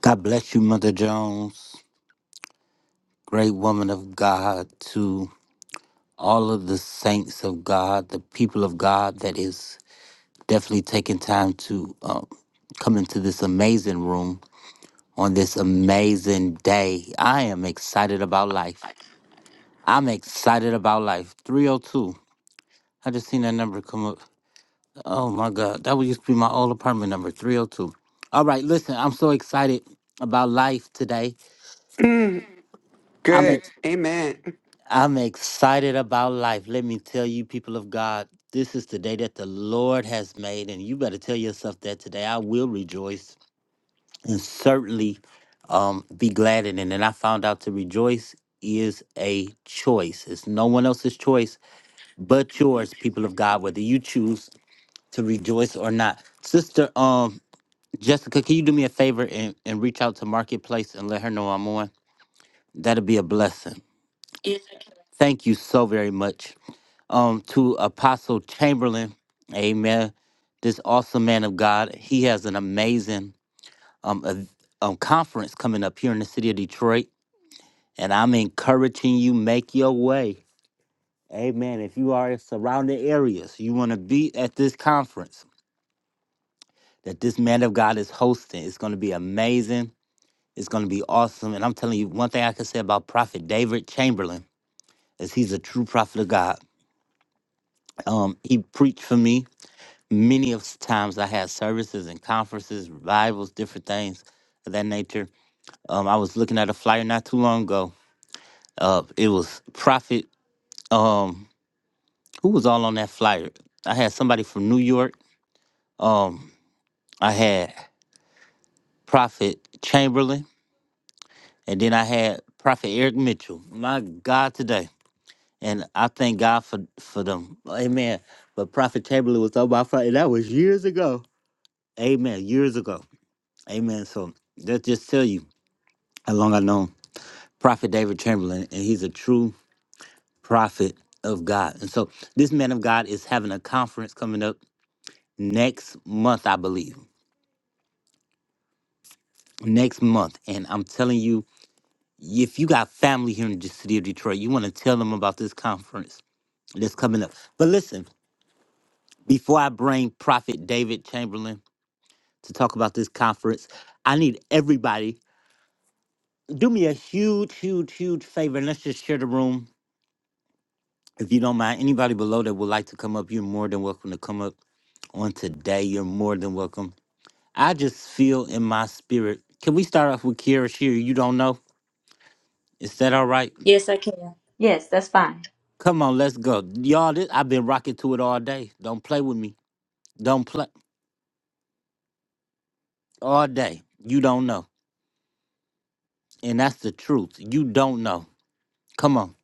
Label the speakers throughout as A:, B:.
A: God bless you, Mother Jones, great woman of God, to all of the saints of God, the people of God that is definitely taking time to um, come into this amazing room on this amazing day. I am excited about life. I'm excited about life. 302. I just seen that number come up. Oh my God. That would used to be my old apartment number, 302. All right, listen, I'm so excited about life today.
B: Mm,
A: I'm ex-
B: good. Amen.
A: I'm excited about life. Let me tell you, people of God, this is the day that the Lord has made, and you better tell yourself that today. I will rejoice and certainly um, be glad in it. And I found out to rejoice is a choice. It's no one else's choice but yours, people of God, whether you choose to rejoice or not. Sister um, Jessica, can you do me a favor and, and reach out to Marketplace and let her know I'm on? That'll be a blessing. Thank you so very much. um, to Apostle Chamberlain. Amen. This awesome man of God. He has an amazing um, ev- um conference coming up here in the city of Detroit. And I'm encouraging you, make your way. Amen. If you are in surrounding areas, you want to be at this conference that this man of God is hosting. It's going to be amazing. It's going to be awesome. And I'm telling you, one thing I can say about Prophet David Chamberlain is he's a true prophet of God. Um, he preached for me many of s- times I had services and conferences, revivals, different things of that nature. Um, I was looking at a flyer not too long ago. Uh, it was Prophet. Um, who was all on that flyer? I had somebody from New York. Um, I had Prophet Chamberlain, and then I had Prophet Eric Mitchell. My God, today, and I thank God for for them. Amen. But Prophet Chamberlain was on my flyer. and That was years ago. Amen. Years ago. Amen. So that just tell you. how long I know Prophet David Chamberlain, and he's a true prophet of God. And so this man of God is having a conference coming up next month, I believe. Next month. And I'm telling you, if you got family here in the city of Detroit, you want to tell them about this conference that's coming up. But listen, before I bring Prophet David Chamberlain to talk about this conference, I need everybody do me a huge, huge, huge favor. And let's just share the room. If you don't mind, anybody below that would like to come up, you're more than welcome to come up on today. You're more than welcome. I just feel in my spirit. Can we start off with Kira Shear? You don't know? Is that all right?
C: Yes, I can. Yes, that's fine.
A: Come on, let's go. Y'all, this, I've been rocking to it all day. Don't play with me. Don't play all day. You don't know. And that's the truth. You don't know. Come on.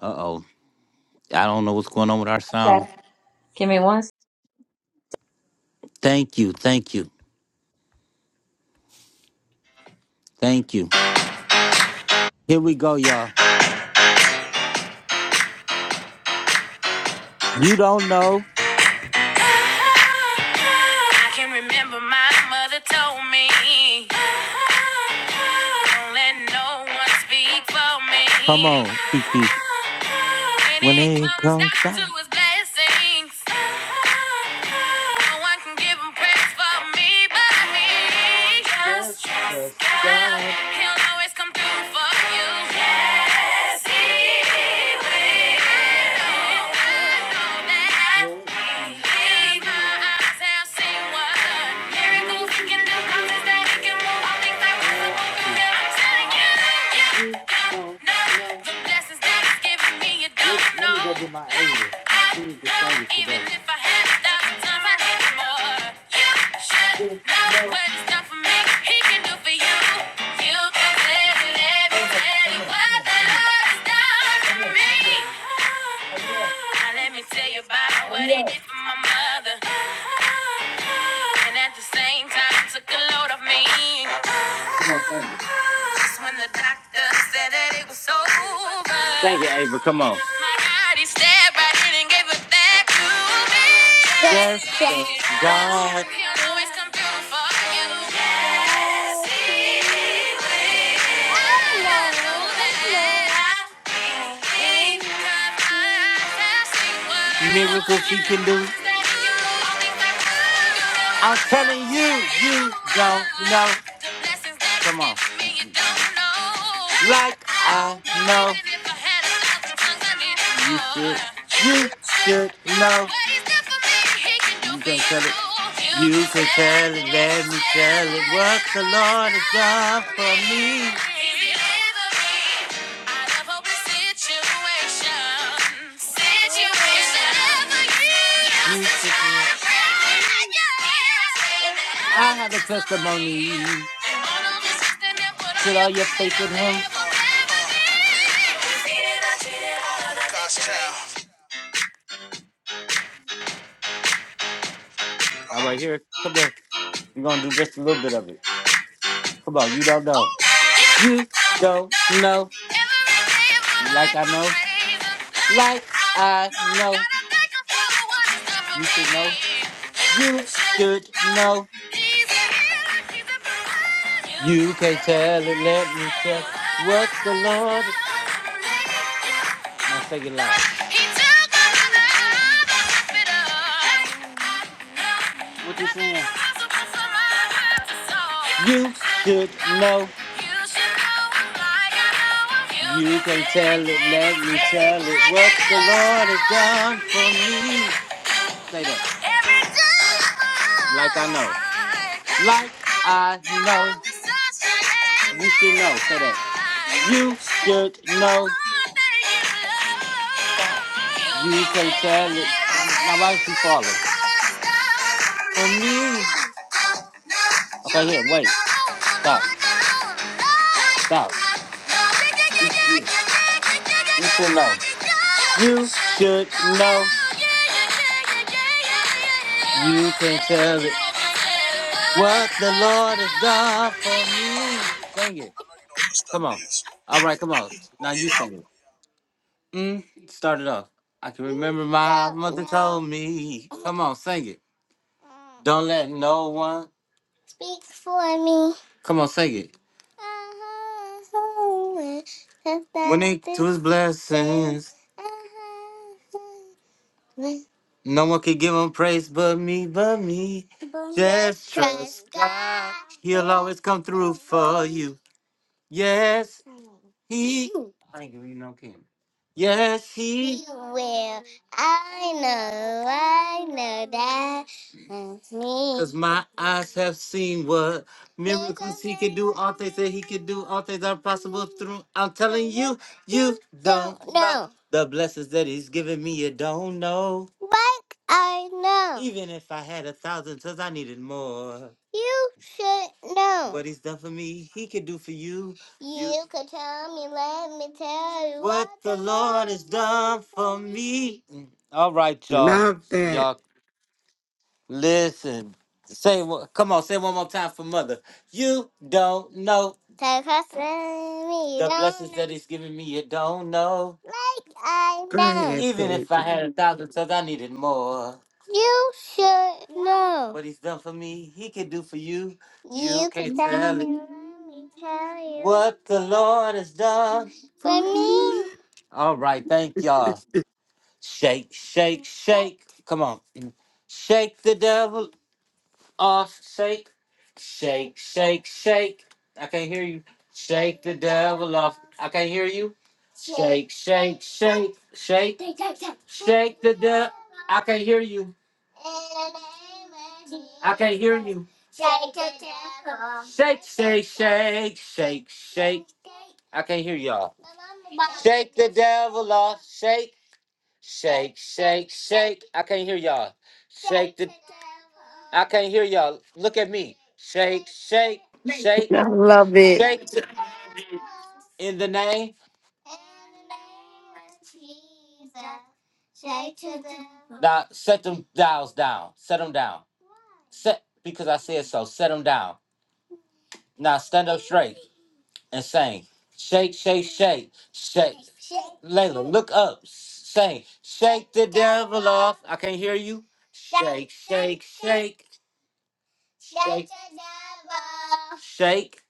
A: Uh oh. I don't know what's going on with our
C: Okay.
A: sound. Okay.
C: Give me one. s-
A: Thank you. Thank you. Thank you. Here we go, y'all. You don't know.
C: I can remember my mother told me, don't let no one speak for
A: Come
C: me.
A: on, Kiki.
C: When
A: When
C: it
A: it
C: comes
A: comes
C: down to
A: down.
C: his blessings, no one can give him praise for me but me. Just trust God, he'll always come through for you. Yes, he will.
A: Look at my Ava. She was the favorite today. You you know,
C: He can do for you. You can let it, let me
A: hold on,
C: tell
A: come
C: you
A: here, come here,
C: what.
A: come here, come here, come here, come here,
C: Now let me tell you about what
A: come
C: he
A: here.
C: did for my mother. And at the same time, took a load of me.
A: Come on, thank you.
C: That's when the doctor said that it was over.
A: Thank you, Ava. Come on.
C: My God, he stared right in and gave it back to me.
A: Yes, thanks
C: Yes,
A: God.
C: he always come through for you.
A: Miracles he can do. I'm telling you, you don't know.
C: The blessings that it's
A: Come on.
C: giving me, you don't know he's
A: Like I
C: Yeah.
A: know. You should. You should know. You can't tell it. You can't tell it. Let me tell it what the Lord has done for me.
C: Out of hopeless situations. Situations. It's never used
A: You
C: to try
A: should.
C: to break me. I stand, the
A: I
C: element of
A: have a
C: testimony.
A: testimony.
C: They put all
A: Put all
C: your
A: your
C: creep in
A: faith
C: a
A: in him.
C: bed forever. Treated, I treated all of that. God's child.
A: All right, here. Come here. We're going to do just a little bit of it. Come on. You don't know.
C: Yeah.
A: You don't know. Like I know. Like I know. You should know. You should know. You can't tell it. Let me tell what the Lord.
C: He took
A: Now say it loud.
C: her to the hospital.
A: What you
C: Nothing
A: saying?
C: impossible for her to solve.
A: You
C: I
A: should
C: know
A: know.
C: you should know, like I know you.
A: You can't tell
C: Take
A: it.
C: it, take
A: Let
C: it,
A: me
C: take
A: tell it. What
C: it,
A: the Lord has done for me. Say
C: yeah.
A: that. Like I know. Like I know. You should know. Say that. You should know. Stop. You can't tell it. Now why is she falling? For me.
C: You
A: Okay, here,
C: really
A: wait.
C: don't own, no, no,
A: Stop.
C: I don't own, no.
A: Stop.
C: No, yeah,
A: You
C: yeah, yeah, yeah,
A: should
C: yeah, yeah, yeah, yeah,
A: you should
C: yeah,
A: know.
C: yeah, yeah. You
A: You
C: should
A: should
C: know
A: know.
C: you, yeah, yeah, yeah, yeah, yeah, yeah, yeah, yeah. You
A: You can't
C: deserve it, you
A: tell it.
C: deserve it.
A: What the Lord has done for me.
C: I
A: Sing it.
C: know you don't wanna stop
A: Come on.
C: niggas,
A: All right, come on.
C: but
A: Now
C: we
A: you
C: out.
A: sing it. Mm, start it off. I can remember my mother told me. Come on, sing it. Don't let no one. Come on, sing it. When they to his blessings, no one can give him praise but me, but me. Just trust God. He'll always come through for you. Yes, he. I ain't giving you no candy. Yes, he. Cause my eyes have seen what miracles he can do, all things that he can do, all things are possible through. I'm telling you, you don't the blessings that he's given me. You don't know. Even if I had a thousand tongues, I needed more. What he's done for me, he can do for you. You, what done for me. me. Mm. All right, y'all.
B: Love that.
A: Y'all Listen, say what? Come on, say it one more time for mother. You don't know the blessings that he's giving me. You don't know.
B: Go ahead,
A: Even
B: baby.
A: if I had a thousand tongues, I needed more. What he's done for me, he can do for you. You can't tell it. you, What the Lord has done.
B: For me.
A: All right, thank y'all. Shake, shake, shake. Come on. Shake the devil off, shake, shake, shake, shake. I can't hear you. Shake the devil off. I can't hear you. Shake, shake, shake, shake, shake the devil. I can't hear you. I can't hear you. Shake, shake, shake, shake, shake. I can't hear y'all. Shake the devil off. Shake. Shake, shake, shake. I can't hear y'all. Shake the. I can't hear y'all. Look at me. Shake, shake, shake,
D: I love it.
A: shake. The, in the name. Now set them dials down. Set them down. Set because I said so. Set them down. Now stand up straight and sing. Shake, shake, shake, shake. Layla, look up. Sing. Shake the devil off. I can't hear you. Shake, shake, shake. Shake. Shake.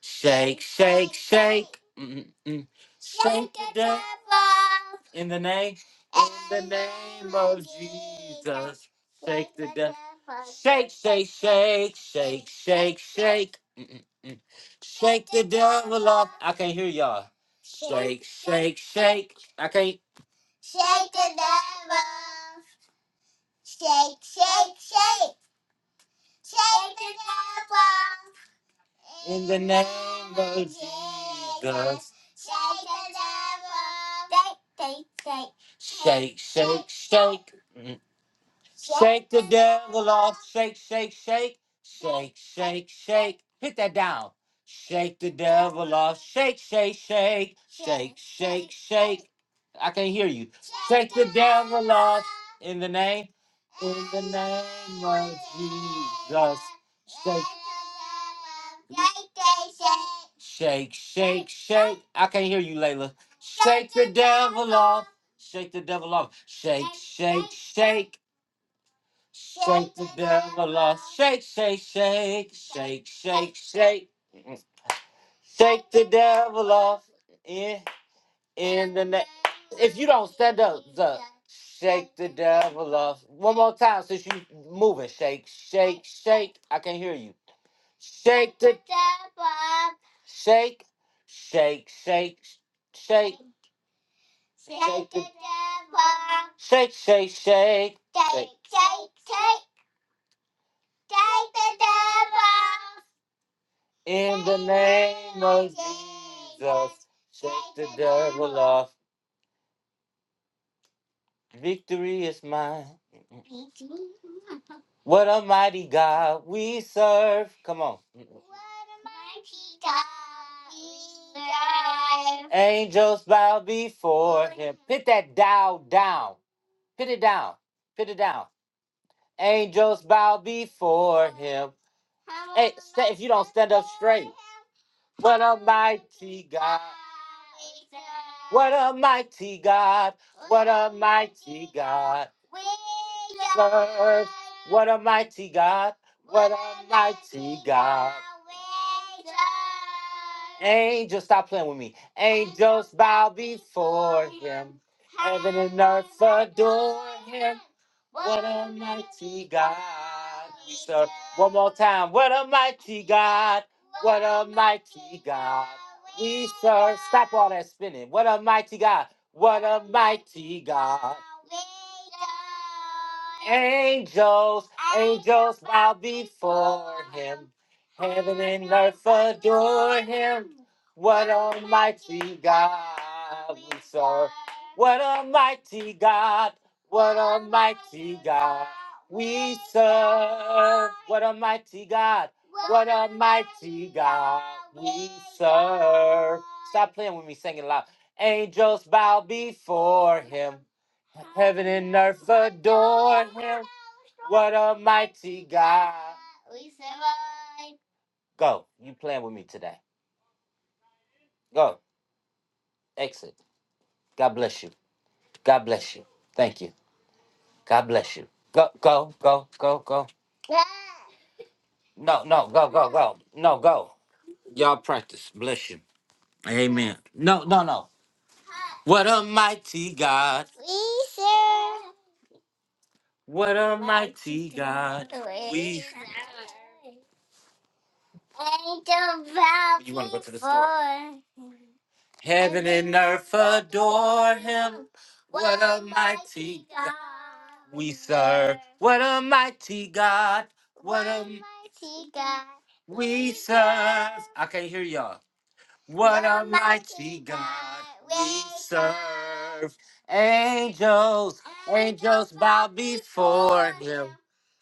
A: Shake, shake, shake. Mm, mm, mm. Shake the devil. In the name. In the name of Jesus. Shake the devil. Shake, shake, shake, shake, shake, shake. Mm, mm, mm. Shake the devil off. I can't hear y'all. Shake, shake, shake. I can't. In the name of Jesus. Shake, shake, shake. Shake the devil off. Shake, shake, shake. Shake, shake, shake. Hit that down. Shake the devil off. Shake, shake, shake. Shake, shake, shake. I can't hear you. Shake the devil off. In the name. In the name of Jesus. Shake. Shake, shake, shake. I can't hear you, Layla. Shake the devil off. Shake the devil off. Shake, shake, shake. Shake the devil off. Shake, shake, shake, shake, shake, shake. Shake the devil off. In, in the neck. If you don't stand up, the shake the devil off. One more time since you moving. Shake, shake, shake. I can't hear you. Shake the devil off. Shake, shake, shake, shake. Shake the devil off. Shake, shake, shake. Shake, shake, shake. In the name of Jesus, shake the devil off. Victory is mine. What a mighty God we serve. Come on. Angels bow before him. Put that dial down. Put it down. Put it down. Angels bow before him. Hey, sta- if you don't stand up straight. What a mighty God. What a mighty God. What a mighty God. Serve. What a mighty God. What a mighty God. Angels, stop playing with me. Angels bow before him. Heaven and earth adore him. What a mighty God. We serve. One more time. What a mighty God. What a mighty God we serve. Stop all that spinning. What a mighty God. What a mighty God. Angels, angels bow before him. Heaven and earth adore him. What a mighty God we serve. What a mighty God. What a mighty God we serve. What a mighty God. What a mighty God we serve. Stop playing with me singing loud. Angels bow before him. Heaven and earth adore him. What a mighty God we serve. Go. You playing with me today. Go. Exit. God bless you. God bless you. Thank you. God bless you. Go, go, go, go, go. No, no, go, go, go. No, go. Y'all practice. Bless you. Amen. No, no, no. What a mighty God. What a mighty God. We You want to go to the store. Heaven and earth adore him. What a mighty God we serve. What a mighty God. What a mighty God we serve. I can't hear y'all. What a mighty God we serve. Angels, angels bow before him.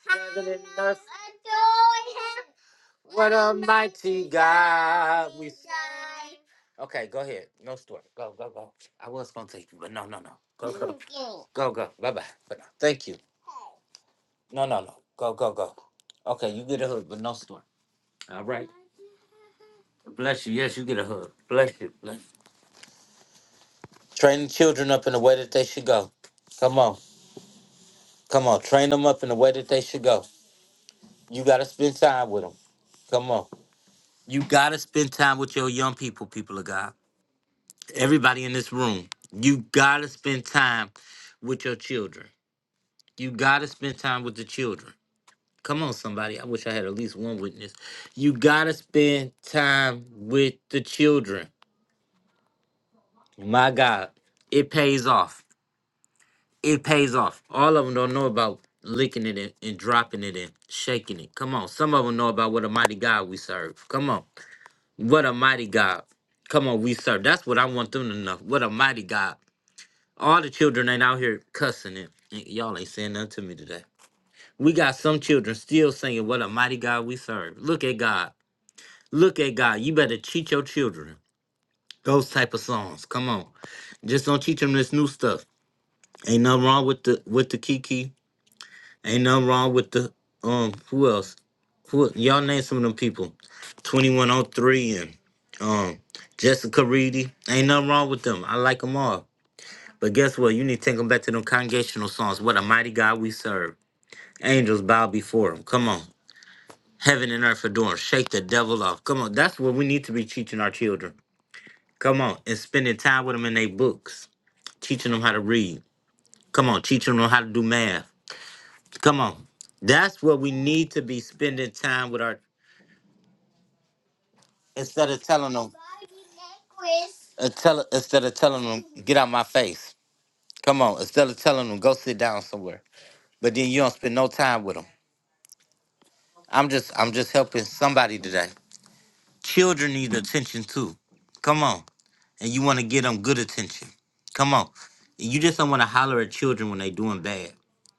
A: Heaven and earth adore him. What a mighty God we serve. Okay, go ahead. No story. Go, go, go. I was going to take you, but no, no, no. Go, go. Go, go. Bye bye. But no, thank you. No, no, no. Go, go, go. Okay, you get a hug, but no story. All right. Bless you. Yes, you get a hug. Bless you. Bless. Train children up in the way that they should go. Come on. Come on. Train them up in the way that they should go. You got to spend time with them. Come on. You got to spend time with your young people, people of God. Everybody in this room, you got to spend time with your children. You got to spend time with the children. Come on, somebody. I wish I had at least one witness. You got to spend time with the children. My God, it pays off. It pays off. All of them don't know about licking it in and dropping it in, shaking it. Come on. Some of them know about what a mighty God we serve. Come on. What a mighty God. Come on, we serve. That's what I want them to know. What a mighty God. All the children ain't out here cussing it. Y- Y'all ain't saying nothing to me today. We got some children still singing, What a mighty God we serve. Look at God. Look at God. You better teach your children those type of songs. Come on. Just don't teach them this new stuff. Ain't nothing wrong with the with the Kiki. Ain't nothing wrong with the um. Who else? Who y'all name some of them people? Twenty one oh three and um Jessica Reedy. Ain't nothing wrong with them. I like them all. But guess what? You need to take them back to them congregational songs. What a mighty God we serve. Angels bow before him. Come on. Heaven and earth adore him. Shake the devil off. Come on. That's what we need to be teaching our children. Come on. And spending time with them in their books. Teaching them how to read. Come on. Teaching them how to do math Come on. That's where we need to be spending time with our instead of telling them uh, tell, instead of telling them get out my face. Come on, instead of telling them go sit down somewhere. But then you don't spend no time with them. I'm just I'm just helping somebody today. Children need attention too. Come on. And you want to give them good attention. Come on. You just don't want to holler at children when they doing bad.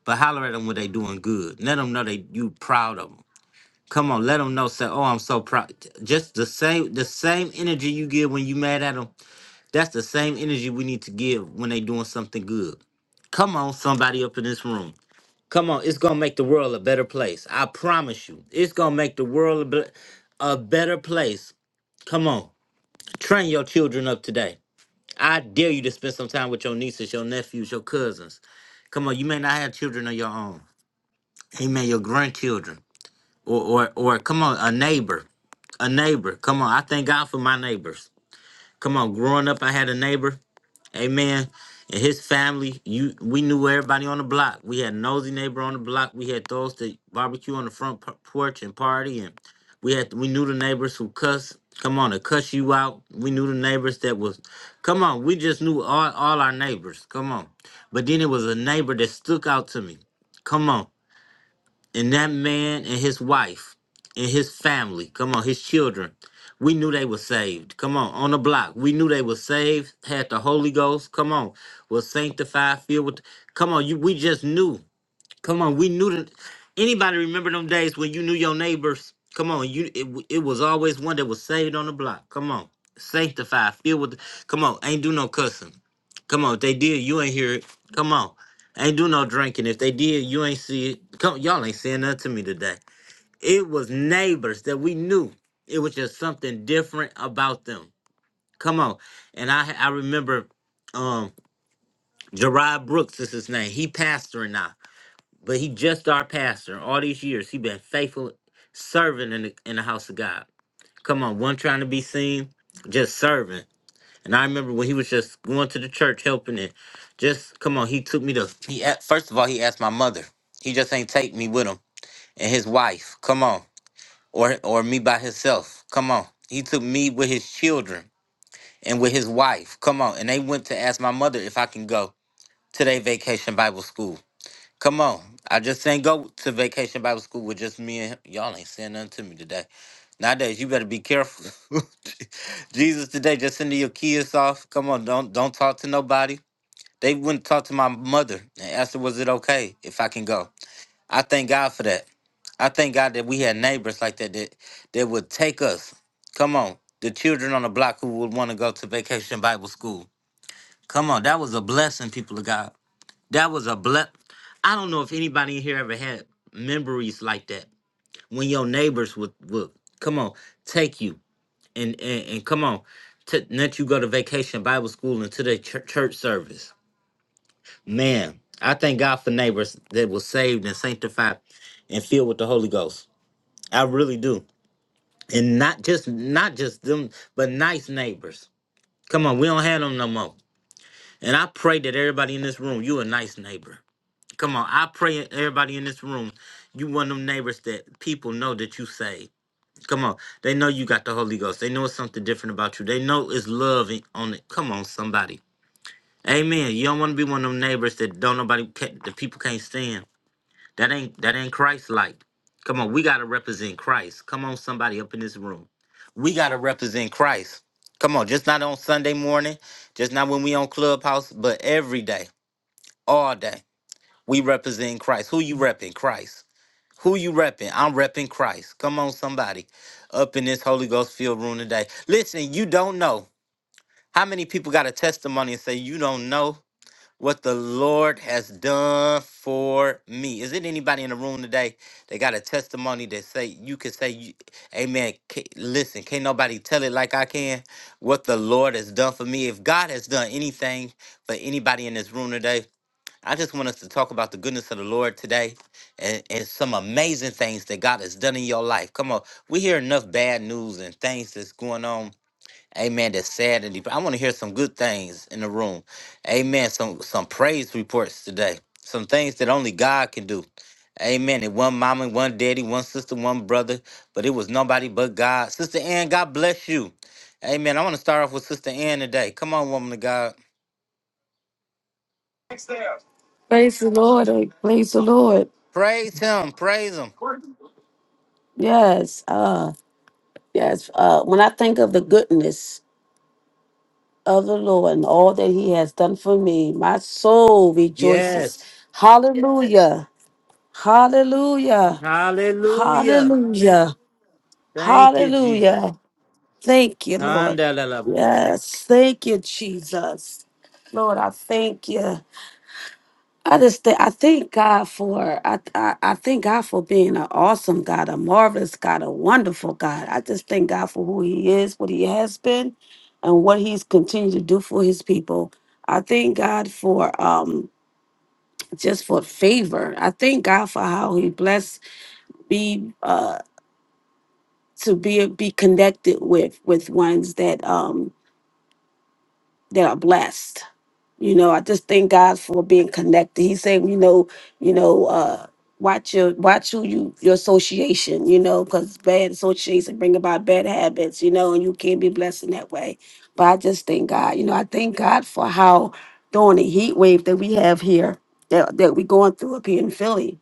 A: But holler at them when they doing good. Let them know that you proud of them. Come on, let them know. Say, oh, I'm so proud. Just the same, the same energy you give when you mad at them. That's the same energy we need to give when they doing something good. Come on, somebody up in this room. Come on, it's gonna make the world a better place. I promise you, it's gonna make the world a, be- a better place. Come on, train your children up today. I dare you to spend some time with your nieces, your nephews, your cousins. Come on, you may not have children of your own. Amen, your grandchildren, or or or come on, a neighbor. a neighbor. Come on, I thank God for my neighbors. Come on, growing up, I had a neighbor, amen, and his family. You, we knew everybody on the block. We had nosy neighbor on the block. We had those that barbecue on the front por- porch and party, and we had we knew the neighbors who cuss. Come on, to cuss you out. We knew the neighbors that was. Come on, we just knew all all our neighbors. Come on, but then it was a neighbor that stuck out to me. Come on. And that man and his wife and his family, come on, his children, we knew they were saved. Come on, on the block, we knew they were saved, had the Holy Ghost, come on, was sanctified, filled with, come on, you, we just knew. Come on, we knew that. Anybody remember them days when you knew your neighbors? Come on, you. It, w- it was always one that was saved on the block. Come on, sanctified, filled with. The, Come on, ain't do no cussing. Come on, if they did, you ain't hear it. Come on, ain't do no drinking. If they did, you ain't see it. Come, y'all ain't saying nothing to me today. It was neighbors that we knew. It was just something different about them. Come on, and I I remember, um, Gerard Brooks is his name. He pastoring now. But he just our pastor. All these years, he been faithful serving in the in the house of God. Come on, one trying to be seen, just serving. And I remember when he was just going to the church helping it. just come on, he took me to he a- first of all he asked my mother. He just ain't take me with him and his wife. Come on. Or or me by himself. Come on. He took me with his children and with his wife. Come on. And they went to ask my mother if I can go to their vacation Bible school. Come on. I just ain't go to vacation Bible school with just me and him. Y'all ain't saying nothing to me today. Nowadays, you better be careful. Jesus today, just sending your kids off. Come on, don't don't talk to nobody. They wouldn't talk to my mother and asked her, was it okay if I can go? I thank God for that. I thank God that we had neighbors like that that, that would take us. Come on, the children on the block who would want to go to vacation Bible school. Come on, that was a blessing, people of God. That was a ble. I don't know if anybody in here ever had memories like that when your neighbors would would come on take you and and, and come on to let you go to vacation Bible school and to the chur- church service. Man, I thank God for neighbors that were saved and sanctified and filled with the Holy Ghost. I really do, and not just not just them, but nice neighbors. Come on, we don't have them no more. And I pray that everybody in this room, you a nice neighbor. Come on, I pray everybody in this room, you one of them neighbors that people know that you saved. Come on, they know you got the Holy Ghost. They know it's something different about you. They know it's love in- on it. Come on, somebody. Amen. You don't want to be one of them neighbors that don't nobody ca- the people can't stand. That ain't that ain't Christ like. Come on, we gotta represent Christ. Come on, somebody up in this room, we gotta represent Christ. Come on, just not on Sunday morning, just not when we on Clubhouse, but every day, all day, we represent Christ. Who you repping? Christ. Who you repping? I'm repping Christ. Come on, somebody. Up in this Holy Ghost filled room today. Listen, you don't know. How many people got a testimony and say, you don't know what the Lord has done for me? Is it anybody in the room today that got a testimony that say you can say, you- Amen. ca- Listen, can't nobody tell it like I can what the Lord has done for me. If God has done anything for anybody in this room today, I just want us to talk about the goodness of the Lord today and, and some amazing things that God has done in your life. Come on, we hear enough bad news and things that's going on. Amen. That's sad and deep. I want to hear some good things in the room. Amen. Some some praise reports today. Some things that only God can do. Amen. And one mama, and one daddy, one sister, one brother, but it was nobody but God. Sister Ann, God bless you. Amen. I want to start off with Sister Ann today. Come on, woman of God.
D: Praise the Lord. eh, Praise the Lord.
A: Praise him. Praise him.
D: Yes. Uh yes. Uh when I think of the goodness of the Lord and all that He has done for me, my soul rejoices.
A: Yes.
D: Hallelujah. Hallelujah.
A: Hallelujah. Mm.
D: Hallelujah.
A: Thank you, Jesus.
D: Hallelujah. Thank you, Lord.
A: Andalala.
D: Yes. Thank you, Jesus. Lord, I thank you. I just think I thank God for I, I I thank God for being an awesome God, a marvelous God, a wonderful God. I just thank God for who He is, what He has been, and what He's continued to do for His people. I thank God for um just for favor. I thank God for how He blessed me uh to be be connected with with ones that um that are blessed. You know, I just thank God for being connected. He said, you know, you know, uh, watch your watch who you your association. You know, because bad association bring about bad habits. You know, and you can't be blessed in that way. But I just thank God. You know, I thank God for how during the heat wave that we have here that that we going through up here in Philly.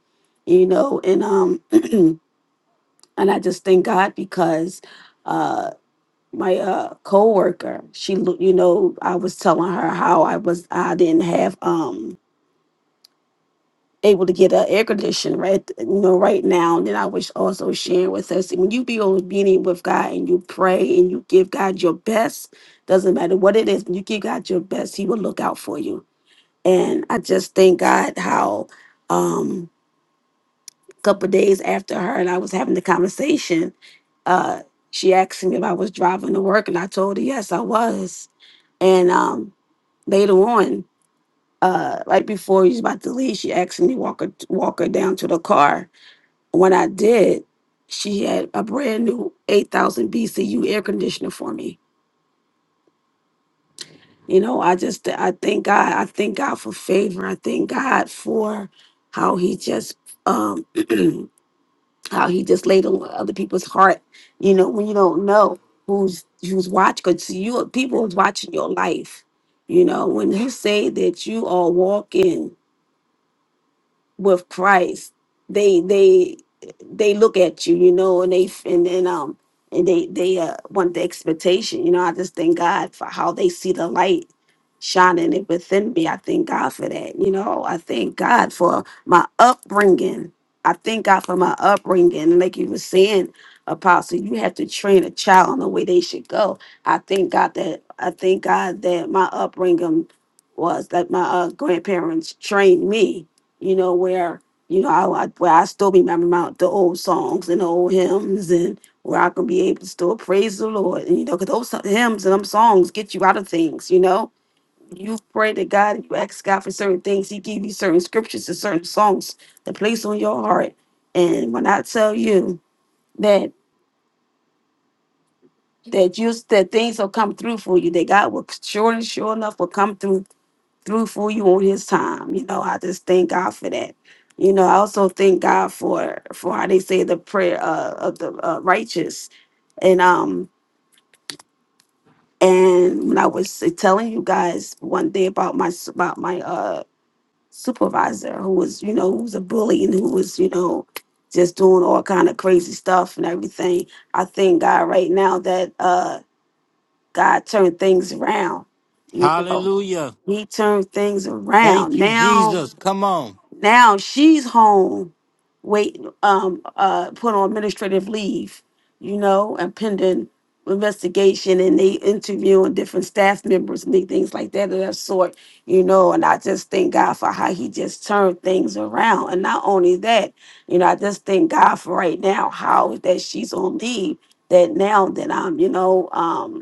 D: You know, and um, and I just thank God because. uh, my uh coworker she lo- you know i was telling her how i was i didn't have um able to get a air conditioner right you know right now and then i was also sharing with us when you be obedient with god and you pray and you give god your best doesn't matter what it is when you give god your best he will look out for you and i just thank god how um couple of days after her and I was having the conversation, uh, she asked me if I was driving to work, and I told her yes, I was. And um, later on, uh, right before he was about to leave, she asked me to walk her walk her down to the car. When I did, she had a brand new eight thousand BCU air conditioner for me. You know, I just I thank God. I thank God for favor. I thank God for how He just um how he just laid on other people's heart. You know, when you don't know who's who's watching, because you people is watching your life. You know, when he say that you are walking with Christ, they they they look at you, you know, and they and then um and they they uh, want the expectation, you know. I just thank God for how they see the light shining it within me. I thank God for that, you know. I thank God for my upbringing. I thank God for my upbringing. and Like you were saying, Apostle, you have to train a child on the way they should go. I thank God that I thank God that my upbringing was that my uh, grandparents trained me you know, where you know I, I- where I still remember my, the old songs and the old hymns, and where I can be able to still praise the Lord, and you know, because those so- hymns and them songs get you out of things, you know. You pray to God, and you ask God for certain things. He give you certain scriptures and certain songs to place on your heart. And when I tell you that that you that things will come through for you, that God will sure and sure enough will come through through for you on his time. You know, I just thank God for that. You know, I also thank God for for how they say the prayer uh, of the uh, righteous. And um and when I was telling you guys one day about my s- about my uh supervisor who was you know who was a bully and who was you know just doing all kind of crazy stuff and everything. I thank God right now that uh God turned things around. You know,
A: Hallelujah.
D: He turned things
A: Thank
D: around
A: you,
D: now
A: Jesus. Come on.
D: Now she's home, wait, um, uh, put on administrative leave, you know, and pending investigation, and they interviewing different staff members and they- things like that of that sort, you know. And I just thank God for how He just turned things around. And not only that, you know, I just thank God for right now how that she's on leave. That now that I'm, you know, um,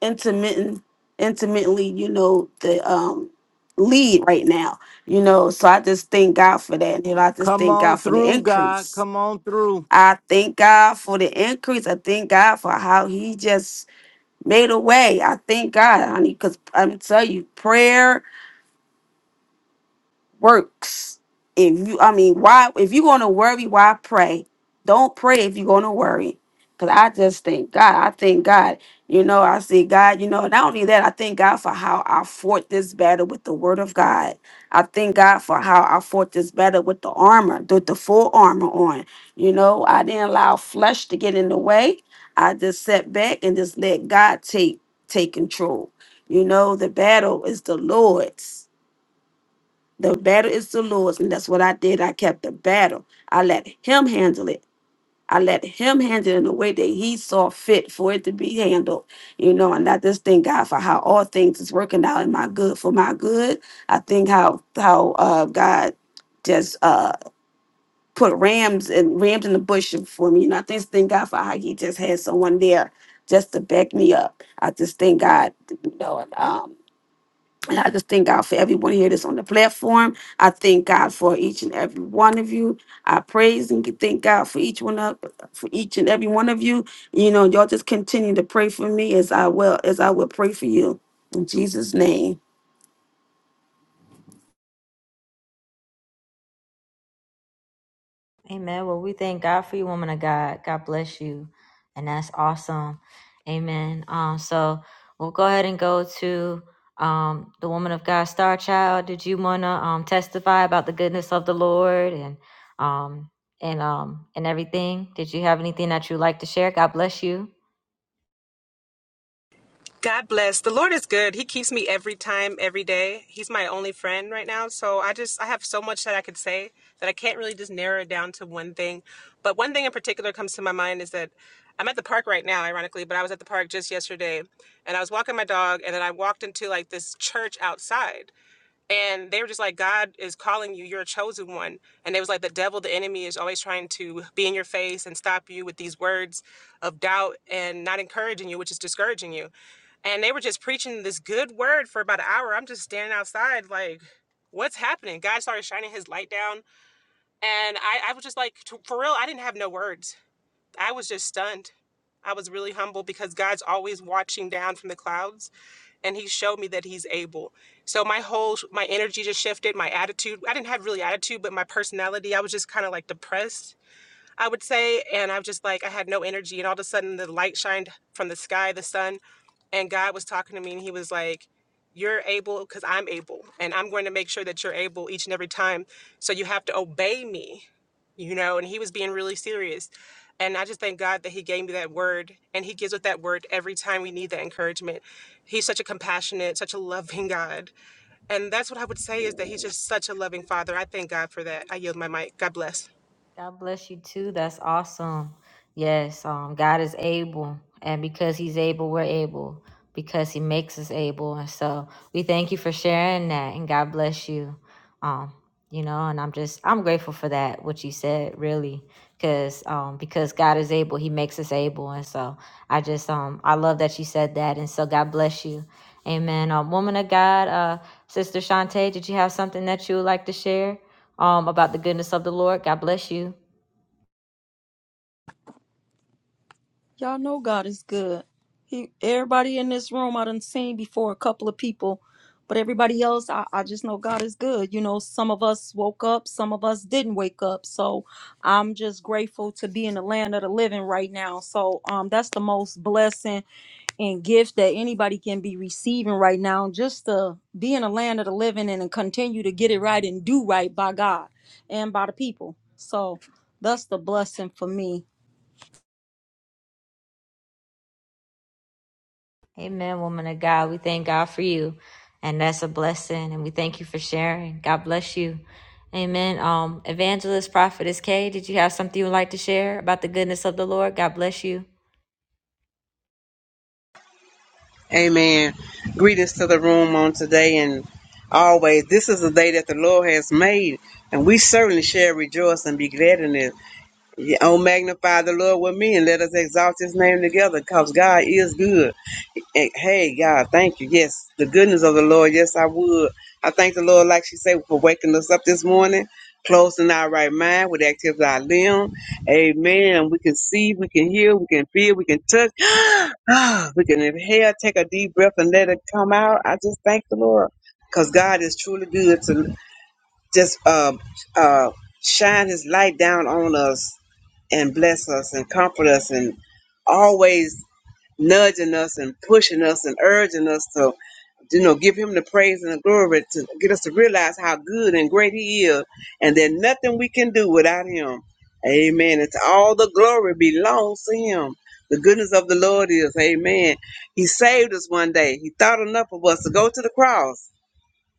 D: intermittent intermittently you know the um lead right now you know so i just thank god for that you know i just
A: Come
D: thank god
A: on
D: for the
A: through, God.
D: increase
A: Come on through.
D: i thank god for the increase i thank god for how he just made a way i thank god honey because i'm tell you prayer works. If you, I mean, why? If you're gonna worry, why pray? Don't pray if you're gonna worry. Cause I just thank God. I thank God. You know, I say God. You know, not only that, I thank God for how I fought this battle with the Word of God. I thank God for how I fought this battle with the armor, with the full armor on. You know, I didn't allow flesh to get in the way. I just sat back and just let God take take control. You know, the battle is the Lord's the battle is the Lord's, and that's what I did. I kept the battle. I let Him handle it. I let Him handle it in the way that He saw fit for it to be handled. You know, and I just thank God for how all things is working out in my good for my good. I think how how uh, God just uh, put rams and rams in the bush for me, and I just thank God for how He just had someone there just to back me up. I just thank God, you know. And I just thank God for everyone here that's on the platform. I thank God for each and every one of you. I praise and thank God for each one of for each and every one of you. You know, y'all just continue to pray for me as I will as I will pray for you in Jesus' name.
C: Amen. Well, we thank God for you, woman of God. God bless you. And that's awesome. Amen. Um, so we'll go ahead and go to um the woman of God, Star Child. Did you wanna um testify about the goodness of the Lord and um and um and everything? Did you have anything that you'd like to share? God bless you. God bless you too. That's awesome. Yes, um, God is able, and because He's able, we're able because He makes us able. And so we thank you for sharing that, and God bless you. Um, you know, and I'm just I'm grateful for that what you said, really, because um, because God is able, He makes us able, and so I just um I love that you said that, and so God bless you. Amen. Um, woman of God, uh, Sister Shantae, did you have something that you would like to share um, about the goodness of the Lord? God bless you.
E: Y'all know God is good. He everybody in this room I done seen before a couple of people, but everybody else I, I just know God is good. You know, some of us woke up, some of us didn't wake up. So I'm just grateful to be in the land of the living right now. So um that's the most blessing and gift that anybody can be receiving right now just to be in the land of the living and to continue to get it right and do right by God and by the people. So that's the blessing for me.
C: Amen, woman of God. We thank God for you. And that's a blessing. And we thank you for sharing. God bless you. Amen. Um, Evangelist, Prophetess Kay, did you have something you would like to share about the goodness of the Lord? God bless you.
F: Amen. Greetings to the room on today and always. This is the day that the Lord has made, and we certainly shall rejoice and be glad in it. Yeah, Oh, magnify the Lord with me and let us exalt his name together because God is good. And, hey, God, thank you. Yes, the goodness of the Lord. Yes, I would. I thank the Lord, like she said, for waking us up this morning, closing our right mind with the activity of our limb. Amen. We can see, we can hear, we can feel, we can touch. Ah, we can inhale, take a deep breath, and let it come out. I just thank the Lord because God is truly good just uh, uh, shine his light down on us and bless us and comfort us and always nudging us and pushing us and urging us to you know give him the praise and the glory to get us to realize how good and great he is and that nothing we can do without him amen it's all the glory belongs to him the goodness of the lord is amen he saved us one day he thought enough of us to go to the cross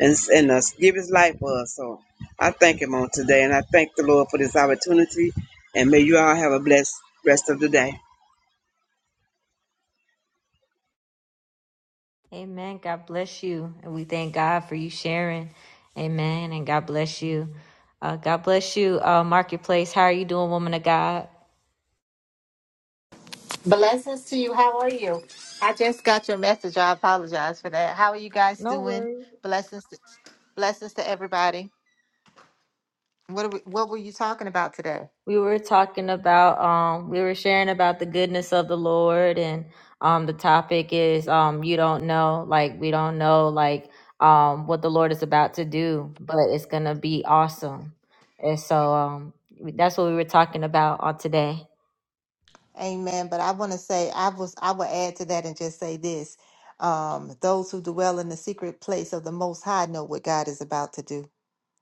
F: and, and uh, give his life for us. So I thank him on today, and I thank the Lord for this opportunity, and may you all have a blessed rest of the day.
C: Amen. God bless you. And we thank God for you sharing. Amen. And God bless you. Uh, God bless you, uh, Marketplace. How are you doing, woman of God?
G: Blessings to you. How are you? I just got your message. I apologize for that. How are you guys
C: No
G: doing?
C: worries.
G: Blessings, to, blessings to everybody. What are we, what were you talking about today?
C: We were talking about um we were sharing about the goodness of the Lord and um the topic is um you don't know like we don't know like um what the Lord is about to do, but it's going to be awesome. And so um we- that's what we were talking about on today.
G: Amen. But I want to say I was I will add to that and just say this: um, those who dwell in the secret place of the Most High know what God is about to do.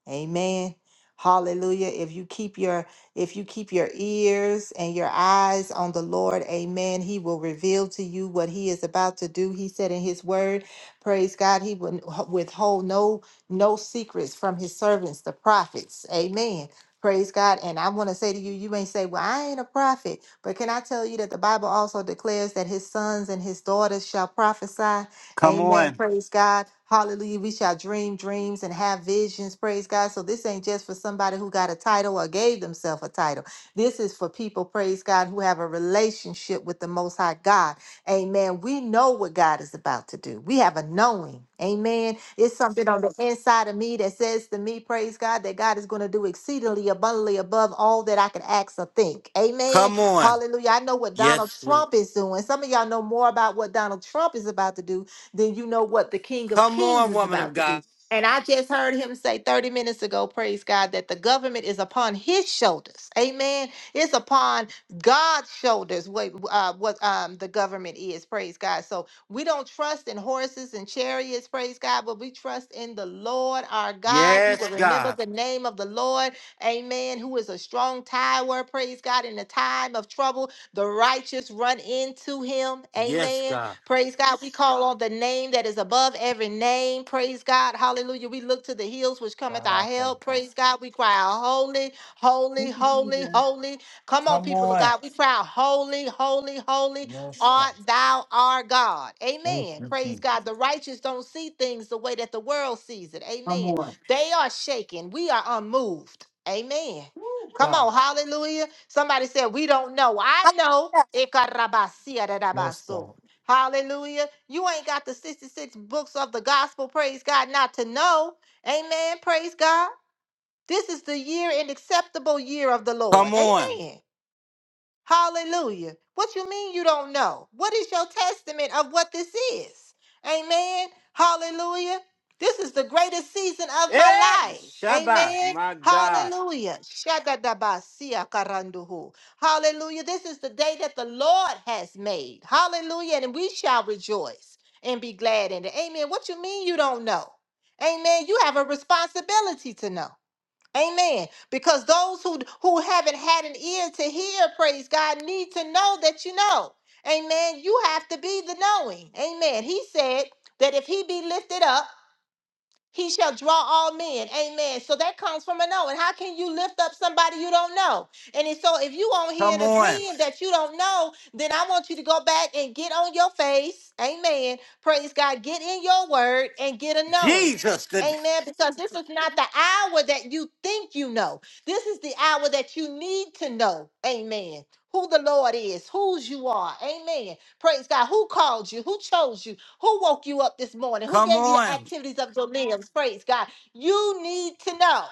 G: Amen. Hallelujah. If you keep your if you keep your ears and your eyes on the Lord, amen, he will reveal to you what he is about to do. He said in his word, praise God, he would withhold no no secrets from his servants, the prophets. Amen. Praise God. And I want to say to you, you may say, Well, I ain't a prophet. But can I tell you that the Bible also declares that his sons and his daughters shall prophesy?
A: Come
G: Amen.
A: on.
G: Praise God. Hallelujah. We shall dream dreams and have visions. Praise God. So this ain't just for somebody who got a title or gave themselves a title. This is for people, praise God, who have a relationship with the Most High God. Amen. We know what God is about to do. We have a knowing. Amen. It's something on the inside of me that says to me, praise God, that God is going to do exceedingly abundantly above all that I can ask or think. Amen.
A: Come on.
G: Hallelujah. I know what Donald
A: Yes, Lord.
G: Trump is doing. Some of y'all know more about what Donald Trump is about to do then you know what the King of
A: Come
G: Kings
A: on,
G: is
A: woman of
G: about to
A: God.
G: do. And I just heard him say 30 minutes ago, praise God, that the government is upon his shoulders. Amen. It's upon God's shoulders what, uh, what um, the government is, praise God. So we don't trust in horses and chariots, praise God, but we trust in the Lord our God. We
A: Yes,
G: will remember
A: God.
G: the name of the Lord, amen, who is a strong tower, praise God, in the time of trouble. The righteous run into him,
A: Yes,
G: amen.
A: God.
G: Praise God. We call on the name that is above every name. Praise God. Hallelujah. We look to the hills which cometh
A: God,
G: our
A: I thank
G: help.
A: you.
G: Praise God. We cry out, holy, holy, holy, holy. Come on,
A: Come
G: people of
A: on.
G: God. We cry out, holy, holy, holy
A: Yes, God.
G: art thou our God.
A: Thank
G: Amen.
A: you,
G: Praise
A: Jesus.
G: God. The righteous don't see things the way that the world sees it.
A: Come
G: Amen.
A: on.
G: They are shaken. We are unmoved. Amen.
A: Woo,
G: Come
A: God.
G: on, hallelujah. Somebody said, We don't know. I know.
H: Hallelujah.
G: Ekarabasia
A: Yes,
G: dadabaso.
A: God.
G: Hallelujah. You ain't got the 66 books of the gospel, praise God, not to know. Amen. Praise God. This is the year and acceptable year of the Lord.
A: Come on.
G: Amen. Hallelujah. What you mean you don't know? What is your testament of what this is? Amen. Hallelujah. This is the greatest season of my
A: Hey,
G: life.
A: Shabbat,
G: Amen.
A: my God.
G: Hallelujah. Shadadabasiakaranduhu. Hallelujah. This is the day that the Lord has made. Hallelujah. And we shall rejoice and be glad in it. Amen. What you mean you don't know? Amen. You have a responsibility to know. Amen. Because those who who haven't had an ear to hear, praise God, need to know that you know. Amen. You have to be the knowing. Amen. He said that if he be lifted up, he shall draw all men. Amen. So that comes from a knowing. How can you lift up somebody you don't know? And it's- so if you on here
A: Come
G: and
A: on.
G: agreeing that you don't know, then I want you to go back and get on your face. Amen. Praise God. Get in your word and get a knowing.
A: Jesus, the,
G: Amen. Because this is not the hour that you think you know. This is the hour that you need to know. Amen. Who the Lord is, whose you are. Amen. Praise God. Who called you? Who chose you? Who woke you up this morning? Who
A: come
G: gave you the
A: on.
G: activities of your limbs? Praise God. You need to know.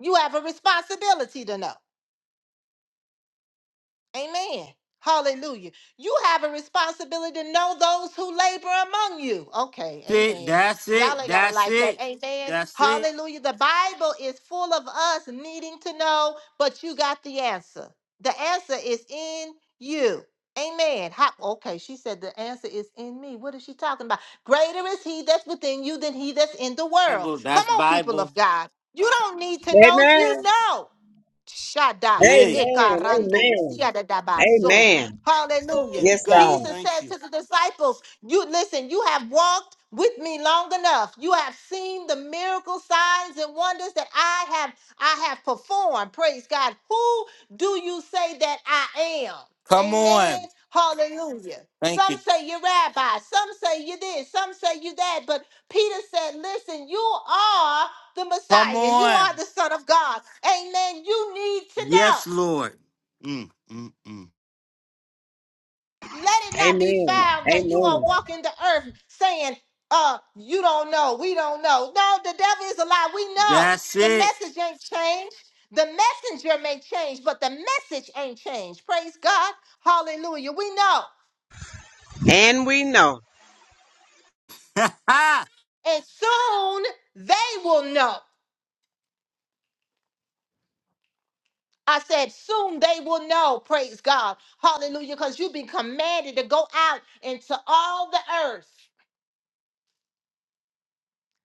G: You have a responsibility to know. Amen. Hallelujah. You have a responsibility to know those who labor among you. Okay.
A: See,
G: Amen.
A: that's
G: Y'all
A: it.
G: ain't got to
A: That's
G: like that.
A: it.
G: Amen.
A: That's it.
G: Hallelujah. The Bible is full of us needing to know, but you got the answer. The answer is in you. Amen. How, okay, she said the answer is in me. What is she talking about? Greater is he that's within you than he that's in the world.
A: Bible.
G: Come
A: That's
G: on, people
A: Bible.
G: of God. You don't need to know.
F: Amen.
G: You know. Shaddai,
A: Yeah.
F: Amen.
G: Ekarando,
F: Amen.
G: Siadadabaso.
F: Amen.
G: Hallelujah.
A: Ooh,
F: Yes,
A: God,
F: God.
G: Jesus
A: thank
G: said
A: you.
G: to the disciples, You listen, you have walked with me long enough. You have seen the miracle signs and wonders that I have I have performed. Praise God. Who do you say that I am?
A: Come
G: Amen.
A: on.
G: Hallelujah.
A: Thank
G: Some
A: you.
G: say you're rabbi, some say you this, some say you that. But Peter said, Listen, you are the
A: Come
G: Messiah. You
A: on.
G: are the Son of God. Amen. You need to know.
A: Yes, Lord. Mm, mm, mm.
G: Let it not be
F: Amen.
G: found that you
F: Amen.
G: are walking the earth saying, uh, you don't know, we don't know. No, the devil is a lie. We know
A: That's
G: the
A: it.
G: message ain't changed. The messenger may change, but the message ain't changed. Praise God. Hallelujah. We know.
F: And we know.
G: And soon they will know. I said, soon they will know. Praise God. Hallelujah. Because you've been commanded to go out into all the earth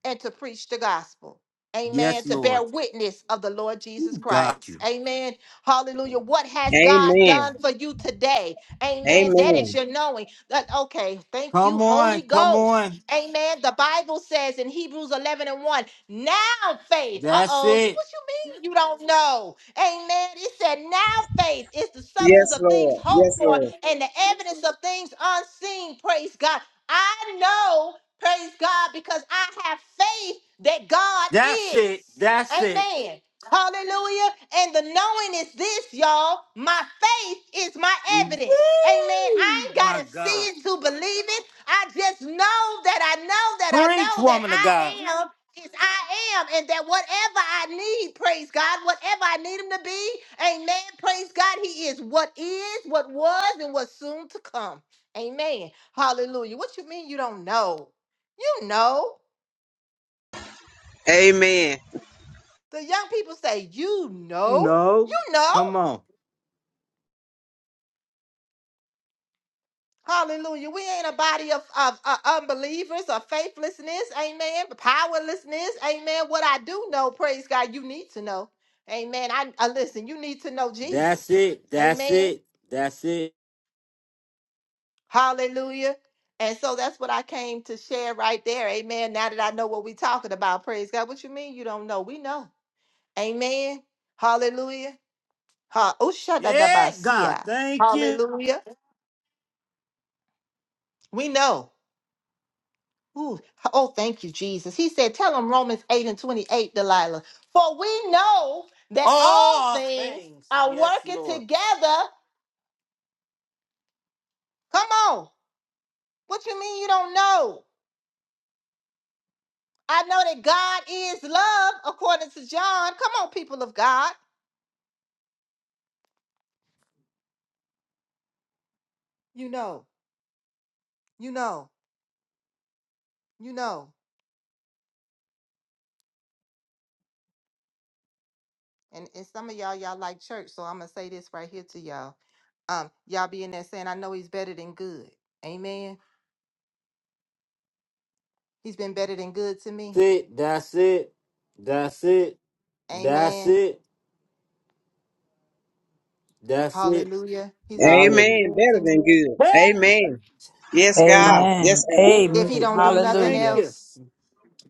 G: and to preach the gospel.
A: yes,
G: Amen. To
A: Lord.
G: bear witness of the Lord Jesus
A: Ooh, Got
G: Christ.
A: you.
G: Amen. Hallelujah. What has God
F: Amen.
G: done for you today? Amen. That is
F: Amen.
G: your knowing. That- okay. Thank you,
A: Come on.
G: Holy
A: Come on.
G: Ghost. Amen. The Bible says in Hebrews 11 and 1, now faith. Uh
A: That's
G: oh. You,
A: it.
G: what you mean you don't know? Amen. It said, now faith is the substance
F: Yes,
G: of things
F: Lord.
G: hoped
F: Yes,
G: for
F: Lord.
G: and the evidence of things unseen. Praise God. I know. Praise God, because I have faith that God
A: That's
G: is.
A: it. That's it.
G: Amen. Hallelujah. And the knowing is this, y'all. My faith is my
A: Mm.
G: evidence. Amen. I
A: Woo!
G: ain't got
A: My
G: to see
A: God.
G: it to believe it. I just know that I know that I
A: Preach,
G: know that
A: woman of God.
G: I am is I am, and that whatever I need, praise God, whatever I need him to be, amen. Praise God, he is what is, what was, and what's soon to come. Amen. Hallelujah. What you mean you don't know? You know.
F: Amen.
G: The young people say, You know. You
A: No,
G: know.
A: come on.
G: Hallelujah. We ain't a body of, of, uh unbelievers or faithlessness. Amen. Powerlessness. Amen. What I do know, praise God, you need to know. Amen. I, I listen, you need to know
A: That's
G: Jesus.
A: it. That's
G: Amen.
A: it. That's it.
G: Hallelujah. And so that's what I came to share right there. Amen. Now that I know what we're talking about, praise God. What you mean you don't know? We know. Amen. Hallelujah. Ha-
A: Yeah, God,
G: Ushadadabasia.
A: thank you.
G: Hallelujah. We know. Ooh, oh, thank you, Jesus. He said, Tell them Romans 8 and 28, Delilah. For we know that all
A: All
G: things
A: things.
G: are
A: Yes,
G: working
A: Lord.
G: together. Come on. What you mean you don't know? I know that God is love, according to John. Come on, people of God. You know, you know, you know. And, and some of y'all, y'all like church, so I'm gonna say this right here to y'all. Um, y'all be in there saying, I know he's better than good. Amen. He's been better than good to me.
A: That's it. That's it. That's it. That's
G: Amen.
A: it. That's it.
G: Hallelujah. He's been better than
F: Amen.
A: Hallelujah.
G: good
F: Better
G: to me.
F: than good.
A: Hey,
F: Amen. Yes,
A: my
F: God. Yes,
I: Amen.
F: God.
G: If he
I: Amen.
A: Woo,
G: don't do
A: God,
G: nothing
A: thank
I: Hallelujah.
A: you.
G: else,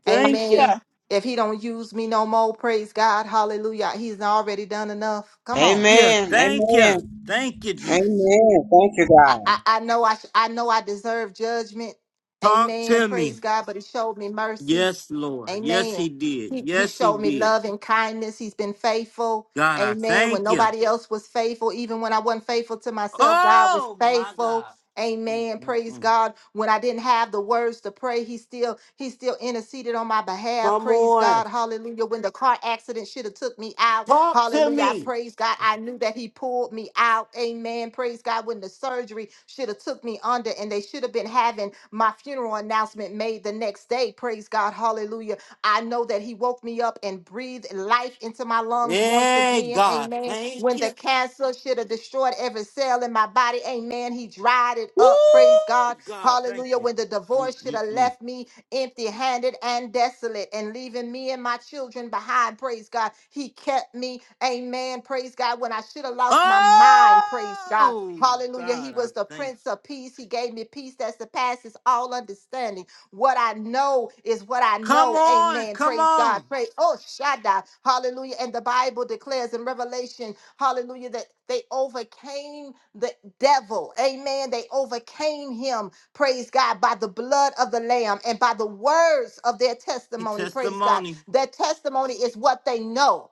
A: Thank you.
G: amen. If he don't use me no more, praise God. Hallelujah. He's already done enough. Come on.
A: Yeah,
F: Amen.
A: thank you.
F: Amen.
A: Thank you, Jesus.
F: Amen. Thank you, God.
G: I, I, I know I sh- I know I deserve judgment.
A: Talk
G: Amen.
A: to me.
G: Praise God, but he showed me mercy.
A: Yes, Lord. Yes, he
G: Amen.
A: did.
G: He, he
A: Yes, he
G: showed me
A: did.
G: love and kindness. He's been faithful.
A: God, I
G: Amen. When
A: thank you.
G: nobody else was faithful, even when I wasn't faithful to myself, God was
A: Oh my
G: faithful.
A: God.
G: Amen. Praise
A: Mm-mm-mm.
G: God. When I didn't have the words to pray, he still he still interceded on my behalf.
A: Come
G: Praise
A: on.
G: God. Hallelujah. When the car accident should have took me out.
A: Talk to
G: Hallelujah. I
A: me.
G: praise God. I knew that he pulled me out. Amen. Praise God. When the surgery should have took me under and they should have been having my funeral announcement made the next day. Praise God. Hallelujah. I know that He woke me up and breathed life into my lungs once
A: Hey,
G: again.
A: God,
G: Amen.
A: thank
G: When
A: you.
G: the cancer should have destroyed every cell in my body, amen. He dried it up. Praise
A: Woo!
G: God.
A: God, thank
G: Hallelujah.
A: you.
G: When the divorce should have
A: Mm-mm-mm.
G: left me empty handed and desolate and leaving me and my children behind. Praise God. He kept me. Amen. Praise God. When I should have lost my mind. Praise God.
A: Oh,
G: Hallelujah.
A: God,
G: He
A: I
G: was the
A: thank you.
G: Prince of Peace. He gave me peace that surpasses all understanding. What I know is what I
A: Come
G: know.
A: on.
G: Amen.
A: Come
G: Praise God.
A: on.
G: Pray. Oh, Shaddai. Hallelujah. And the Bible declares in Revelation, hallelujah, that they overcame the devil. Amen. They overcame him. Praise God. By the blood of the Lamb and by the words of their testimony. Praise God.
A: Testimony.
G: Their testimony is what they know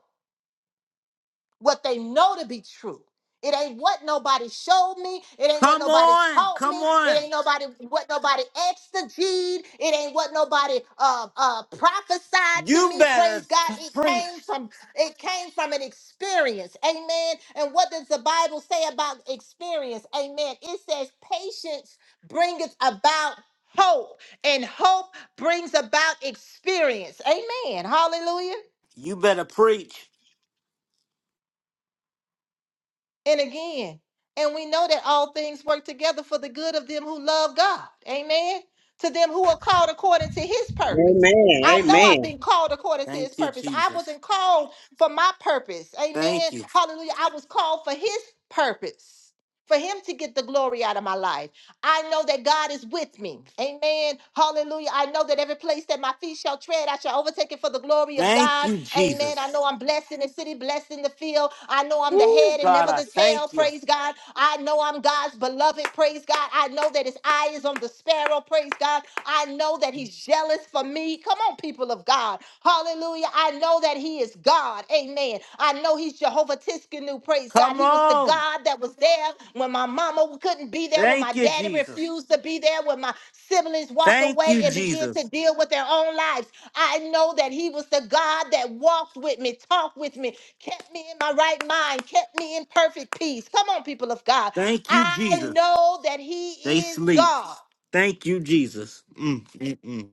G: what they know to be true. It ain't what nobody showed me. It ain't what
A: Come
G: nobody
A: on.
G: taught me.
A: Come
G: It
A: on.
G: ain't nobody what nobody exegete. It ain't what nobody uh, uh, prophesied to
A: You
G: me.
A: better
G: Praise God!
A: t-
G: It
A: preach.
G: came from it came from an experience. Amen. And what does the Bible say about experience? Amen. It says patience bringeth about hope, and hope brings about experience. Amen. Hallelujah.
A: You better preach.
G: and again. And we know that all things work together for the good of them who love God. Amen. To them who are called according to his
F: Amen.
G: purpose. I know
F: Amen.
G: I've been called according to his
A: Thank you,
G: purpose. I
A: Jesus.
G: wasn't called for my purpose.
A: Thank
G: Amen.
A: you.
G: Hallelujah. I was called for his purpose, for him to get the glory out of my life. I know that God is with me. Amen. Hallelujah. I know that every place that my feet shall tread, I shall overtake it for the glory of
A: Thank
G: God.
A: you,
G: Amen. I
A: Jesus.
G: know I'm blessed in the city, blessed in the field. I know I'm the
A: Woo,
G: head and
A: God,
G: never
A: I
G: the tail.
A: thank you.
G: Praise God. I know I'm God's beloved. Praise God. I know that his eye is on the sparrow. Praise God. I know that he's jealous for me. Come on, people of God. Hallelujah. I know that he is God. Amen. I know he's Jehovah Tiskanu. Praise God.
A: Come
G: He was the
A: on.
G: God that was there when my mama couldn't be there, when my
A: Thank you,
G: daddy
A: Jesus.
G: refused to be there, when my siblings walked
A: Thank
G: away
A: you,
G: and began to
A: Jesus.
G: deal with their own lives. I know that he was the God that walked with me, talked with me, kept me in my right mind, kept me in perfect peace. Come on, people of God.
A: Thank you,
G: I
A: Jesus.
G: know that he
A: They
G: is
A: sleep.
G: God.
A: Thank you, Jesus. Mm, mm, mm.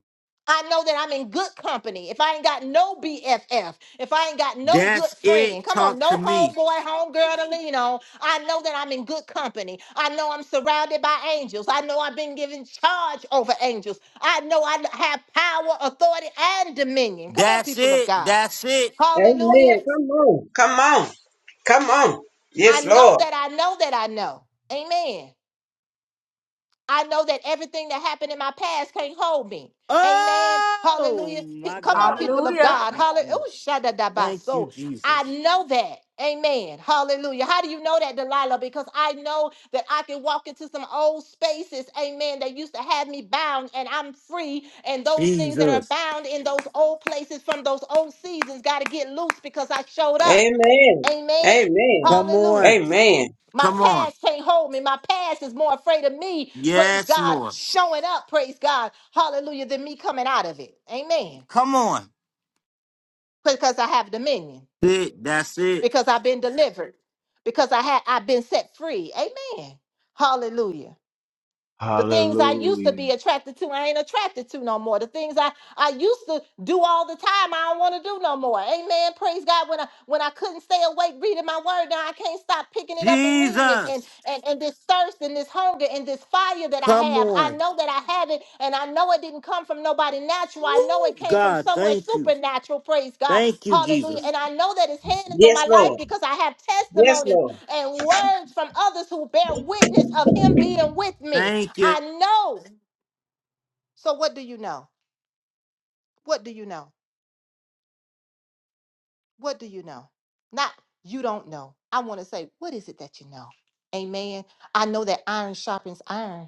G: I know that I'm in good company. If I ain't got no BFF, if I ain't got no good
A: That's
G: friend,
A: it.
G: come on,
A: Talk to
G: no
A: me.
G: homeboy, homegirl to lean on, I know that I'm in good company. I know I'm surrounded by angels. I know I've been given charge over angels. I know I have power, authority, and dominion. Come on,
A: That's
G: people of
A: it.
G: God.
A: That's it.
G: Hallelujah.
F: Amen. Come on. Come on. Come on.
G: I
F: Yes,
G: know
F: Lord.
G: that I know that I know. Amen. I know that everything that happened in my past can't hold me. Amen.
A: Oh,
G: Hallelujah. P-
A: my
G: Come on,
A: God.
G: people of
A: Mm,
C: Hallelujah.
G: God.
A: mm, mm.
G: Hallelujah.
A: Thank you,
G: So I
A: Jesus.
G: know that. Amen. Hallelujah. How do you know that, Delilah? Because I know that I can walk into some old spaces, amen, that used to have me bound, and I'm free. And those things that are
A: Jesus.
G: bound in those old places from those old seasons got to get loose because I showed up.
F: Amen.
G: Amen.
F: Amen.
A: Come
G: Hallelujah.
A: on.
F: Amen.
G: My
A: Come on.
G: past can't hold me. My past is more afraid of me, praise
A: Yes,
G: God,
A: Lord.
G: showing up, praise God, hallelujah, than me coming out of it. Amen.
A: Come on.
G: Because I have dominion,
A: It, that's it.
G: because I've been delivered, because I had I've been set free. Amen. Hallelujah. The things I used to be
J: Hallelujah.
G: attracted to, I ain't attracted to no more. The things I, I used to do all the time, I don't want to do no more. Amen. Praise God. When I when I couldn't stay awake reading my word, now I can't stop picking it up and reading it. And
A: Jesus.
G: and, and this thirst and this hunger and this fire that I
A: Come
G: have. I
A: on.
G: know that I have it, and I know it didn't come from nobody natural. I know
A: Woo,
G: it came from
A: God,
G: somewhere
A: thank you.
G: supernatural. Praise God.
A: Thank you,
G: Hallelujah.
A: Jesus.
G: And I know that his hand is on
F: Yes,
G: my life
F: Lord.
G: because I have
F: Yes,
G: testimonies
F: Lord.
G: and words from others who bear witness of him being with me.
A: Thank you.
G: I know. So what do you know? What do you know? What do you know? Not you don't know. I want to say, what is it that you know? Amen. I know that iron sharpens iron.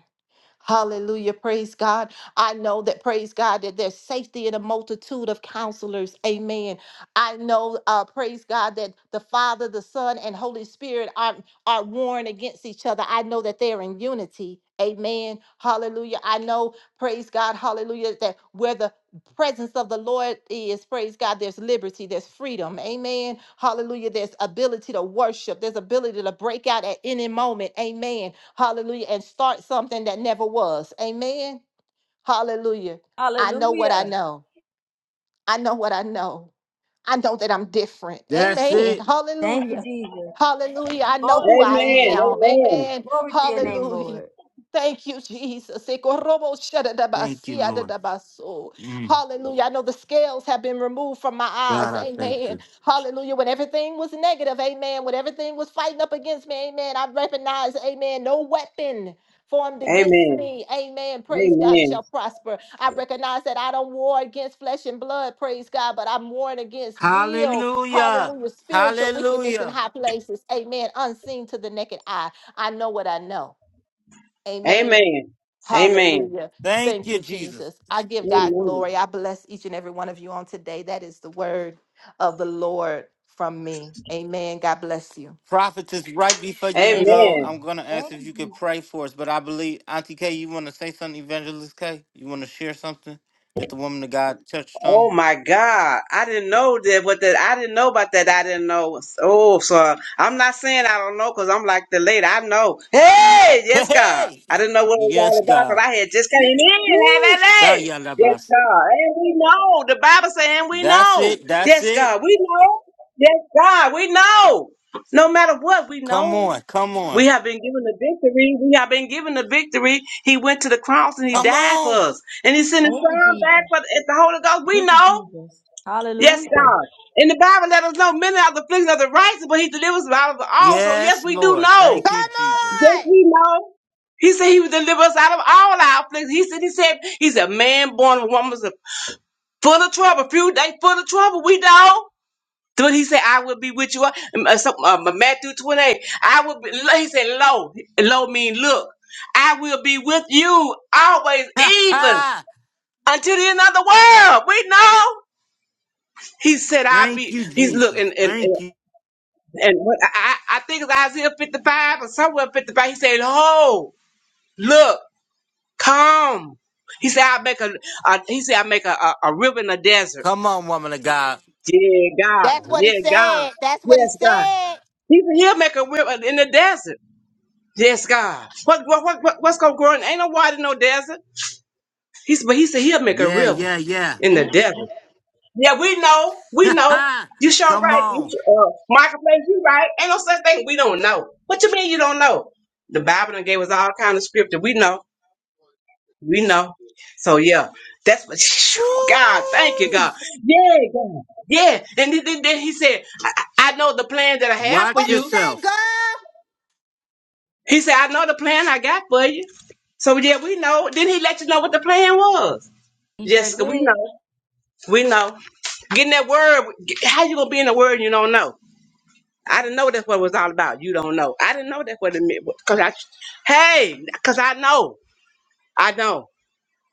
G: Hallelujah. Praise God. I know that, praise God, that there's safety in a multitude of counselors. Amen. I know, uh, praise God, that the Father, the Son, and Holy Spirit are, are warring against each other. I know that they're in unity. Amen. Hallelujah. I know, praise God, hallelujah, that where the presence of the Lord is, praise God, there's liberty, there's freedom. Amen. Hallelujah. There's ability to worship, there's ability to break out at any moment. Amen. Hallelujah. And start something that never was. Amen. Hallelujah. I know what I
C: Hallelujah.
G: know. I know what I know. I know that I'm different.
A: That's
G: Amen.
A: it.
C: Thank you
G: Hallelujah.
C: Jesus.
G: Hallelujah. I know
C: Glory
G: who
C: to
G: I
C: your name,
F: Amen.
C: Lord.
G: am.
F: Amen.
G: Amen.
C: Glory to your name,
G: Hallelujah.
C: Lord.
G: Thank you, Jesus.
A: Thank you, Lord.
G: Ekorobo-shadadabasia-dadabaso.
A: Mm,
G: Hallelujah. I know the scales have been removed from my
A: God,
G: eyes.
A: I thank
G: Amen.
A: you.
G: Hallelujah. When everything was negative, amen. When everything was fighting up against me, amen. I recognize, amen. No weapon formed against
F: Amen.
G: me. Amen. Praise God
F: Amen.
G: shall prosper. I recognize that I don't war against flesh and blood, praise God, but I'm warring against real,
A: Hallelujah.
G: hallelujah, spiritual wickedness in
A: Hallelujah.
G: high places. Amen. Unseen to the naked eye. I know what I know. Amen.
F: Amen. Amen.
G: Hallelujah.
A: Thank
G: Thank
A: you,
G: you,
A: Jesus.
G: Jesus. I give God
F: Amen.
G: glory. I bless each and every one of you on today. That is the word of the Lord from me. Amen. God bless you.
A: Prophetess, right before you
C: Amen.
A: go,
F: Amen.
A: I'm going to ask
C: Thank
A: if
C: you
A: you
C: Jesus.
A: could pray for us. But I believe, Auntie K, you want to say something, Evangelist K? You want to share something that the woman of God touched
F: Oh
A: on?
F: my God. I didn't know that what that I didn't know about that. I didn't know. Oh, so I'm not saying I don't know because I'm like the lady. I know. Hey, yes, God.
A: Hey!
F: I didn't know what it was
A: Yes,
F: all about because
A: God.
F: I had just came in. Hey,
A: Woo!
F: hey, hey. Yes,
A: Shayalabas.
F: God. And we know. The Bible saying we
A: That's
F: know.
A: it. That's
F: Yes,
A: it.
F: God. We know. Yes, God. We know. No matter what, we
A: Come
F: know.
A: on. Come
F: We
A: on.
F: have been given the victory. We have been given the victory. He went to the cross and he
A: Come
F: died for
A: on.
F: us. And he sent his
C: Thank you
F: son
C: Jesus.
F: back for the, at the Holy Ghost. We
C: Thank you,
F: know.
C: Jesus.
F: Yes,
C: Hallelujah.
F: God. In the Bible, let us know many are the afflictions of the righteous, but he delivers us out of all. So, yes,
A: Yes,
F: we do
A: Lord.
F: know.
A: Thank
G: Come
A: you, Jesus.
F: Yes,
G: on!
F: we know. He said he would deliver us out of all our afflictions. He said, he said, he's a man born of woman's full of trouble. Few days full of trouble. We know. What he said, I will be with you. Um, uh, some- um, uh, Matthew 28. I will be, he said, Lo, Lo mean look. I will be with you always, even
A: Thank
F: until the end of the world. We know. He said, I'll be,
A: you,
F: he's look, and,
A: Jesus.
F: and, and,
A: Thank you.
F: and what- I, I I think it's Isaiah 55 or somewhere 55. He said, Ho, look, come. He said, I'll make a, a he said, I'll make a, a, a river in the desert.
A: Come on, woman of God.
F: Yeah, God.
G: That's what he
F: Yeah, God.
G: said. That's what he
F: Yes, God.
G: said.
F: He said, He'll make a river in the desert. Yes, God. What what what, what what's gonna grow? in- Ain't no water, in no desert. He said, but he said he'll make a
A: Yeah,
F: river
A: yeah, yeah.
F: in
C: Thank
F: the
C: you.
F: desert. Yeah, we know, we know. You sure
A: come
F: right. You
A: on.
F: sure, uh, marketplace, you right. Ain't no such thing. We don't know. What you mean you don't know? The Bible done gave us all kind of scripture. We know, we know. So yeah, that's what. God, thank you, God. Yeah, God. Yeah, and then, then then he said, I, I I know the plan that I have for
A: Watch
G: What he
F: you.
G: say,
A: yourself.
G: girl?
F: He said, I know the plan I got for you. So yeah, we know. Then he let you know what the plan was.
C: He sure
F: Jessica, we
C: did.
F: know. We know. Getting that word, get- how you gonna be in the word and you don't know? I didn't know that's what it was all about. You don't know. I didn't know that's what it meant. Cause I, hey, cause I know. I know.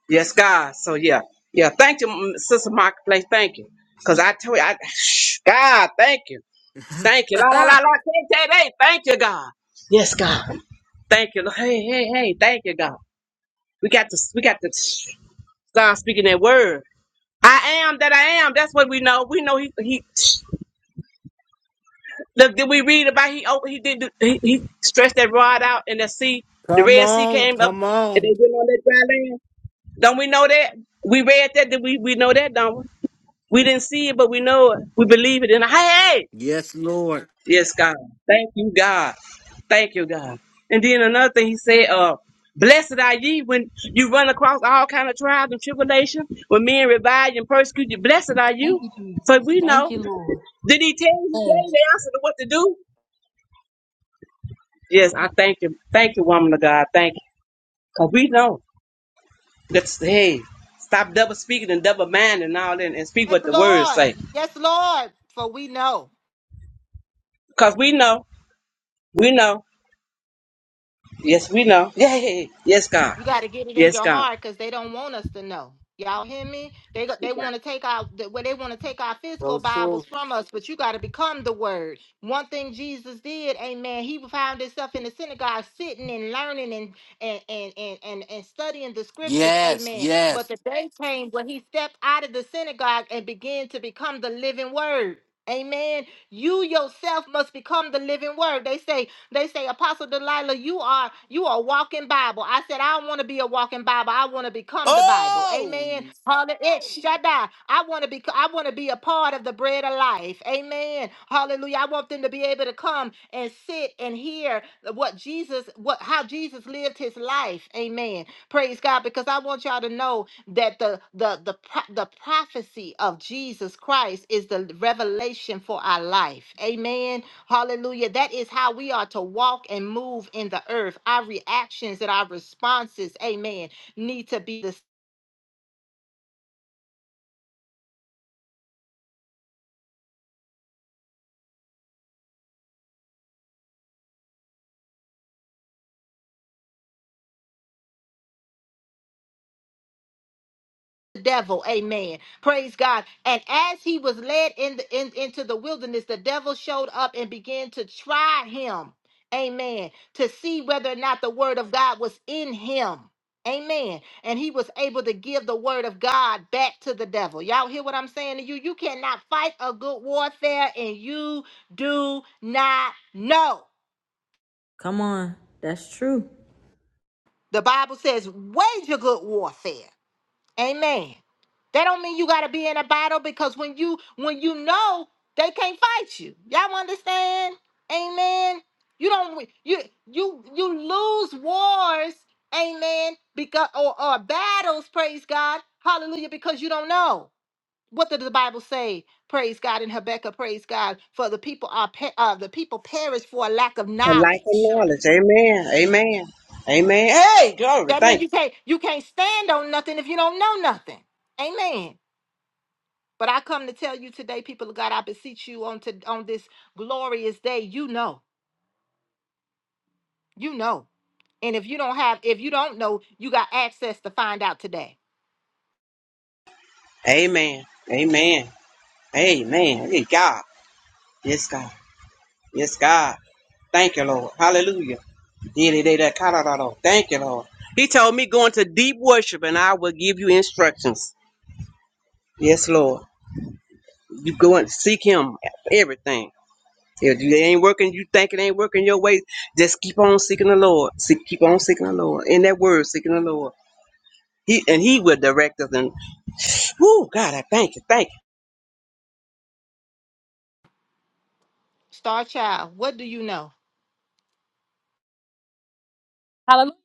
F: Yes, God. So yeah, yeah. Thank you, M- Sister Marketplace. Thank you. Cause I tell you, I, God, thank you, thank you. La la la
A: come
F: la. Thank you, thank you, God. Yes, God. Thank you. Hey, hey, hey. Thank you, God. We got to we got to start speaking that word. I am that I am. That's what we know. We know he he. Look, did we read about he opened he did he, he stretched that rod out and the sea, the Red Sea
A: on.
F: came up
A: Come
F: and
A: on.
F: they went on that dry land. Don't we know that? We read that. Did we we know that? Don't we? We didn't see it, but we know it. We believe it. And hey, hey!
A: Yes, Lord.
F: Yes, God. Thank you, God. Thank you, God. And then another thing he said, uh, blessed are ye when you run across all kind of trials and tribulation, when men revile you and persecute you. Blessed are
C: Thank
F: you.
C: you,
F: So
C: Jesus.
F: we
C: Thank
F: know.
C: you, Lord.
F: Did he tell you he
C: Yes.
F: gave the answer to what to do? Yes, I thank you. Thank you, woman of God. Thank you. Because we know that's hey, stop double speaking and double minding and all that and speak
G: Hey,
F: what the words
G: Lord.
F: say.
G: Yes, Lord. For we know.
F: Because we know, we know, yes, we know. Yeah, yeah, yeah. yes, God.
G: You got to get it in
F: Yes,
G: your
F: God.
G: heart because they don't want us to know. Y'all hear me? They go- they want to take out the well, they want to take our physical
A: So true.
G: Bibles from us, but you got to become the Word. One thing Jesus did, Amen. He found himself in the synagogue, sitting and learning and and and and and, and studying the Scriptures,
A: Yes,
G: Amen. But
A: yes.
G: the day came when he stepped out of the synagogue and began to become the living Word. Amen. You yourself must become the living word. They say they say, Apostle Delilah, you are you are walking Bible. I said, I don't want to be a walking Bible. I want to become the Bible.
A: Oh,
G: Amen. Hallelujah. Shaddai. I want to be I want to be a part of the bread of life. Amen. Hallelujah. I want them to be able to come and sit and hear what Jesus, what how Jesus lived his life. Amen. Praise God. Because I want y'all to know that the the the pro- the prophecy of Jesus Christ is the revelation for our life. Amen. Hallelujah. That is how we are to walk and move in the earth. Our reactions and our responses, amen, need to be the the devil. Amen. Praise God. And as he was led in the in, into the wilderness, the devil showed up and began to try him. Amen. To see whether or not the word of God was in him. Amen. And he was able to give the word of God back to the devil. Y'all hear what I'm saying to you? You cannot fight a good warfare and you do not know.
C: Come on. That's true.
G: The Bible says, wage a good warfare. Amen. That don't mean you gotta be in a battle because when you when you know they can't fight you. Y'all understand? Amen. You don't wi- you you you lose wars, amen, because or, or battles, praise God, hallelujah, because you don't know. What did the Bible say? Praise God in Habakkuk, praise God, for the people are pe- uh, the people perish for a lack of
F: For life and
G: knowledge.
F: knowledge. Amen. Amen. Amen. Hey, glory.
G: That means
F: Thank
G: you can't you can't stand on nothing if you don't know nothing. Amen. But I come to tell you today, people of God, I beseech you on to on this glorious day. You know, you know. And if you don't have, if you don't know, you got access to find out today.
F: you. Amen. Amen. Amen. Hey, God. Yes, God. Yes, God. Thank you, Lord. Hallelujah. Did it, did it, kind of, Lord. Thank you, Lord. He told me, go into deep worship and I will give you instructions. Yes, Lord. You go and seek him for everything. If it ain't working, you think it ain't working your way, just keep on seeking the Lord. Seek, keep on seeking the Lord. In that word, seeking the Lord. He and he will direct us and. Woo, God, I thank you. Thank you.
G: Star Child, what do you know?
H: Hallelujah.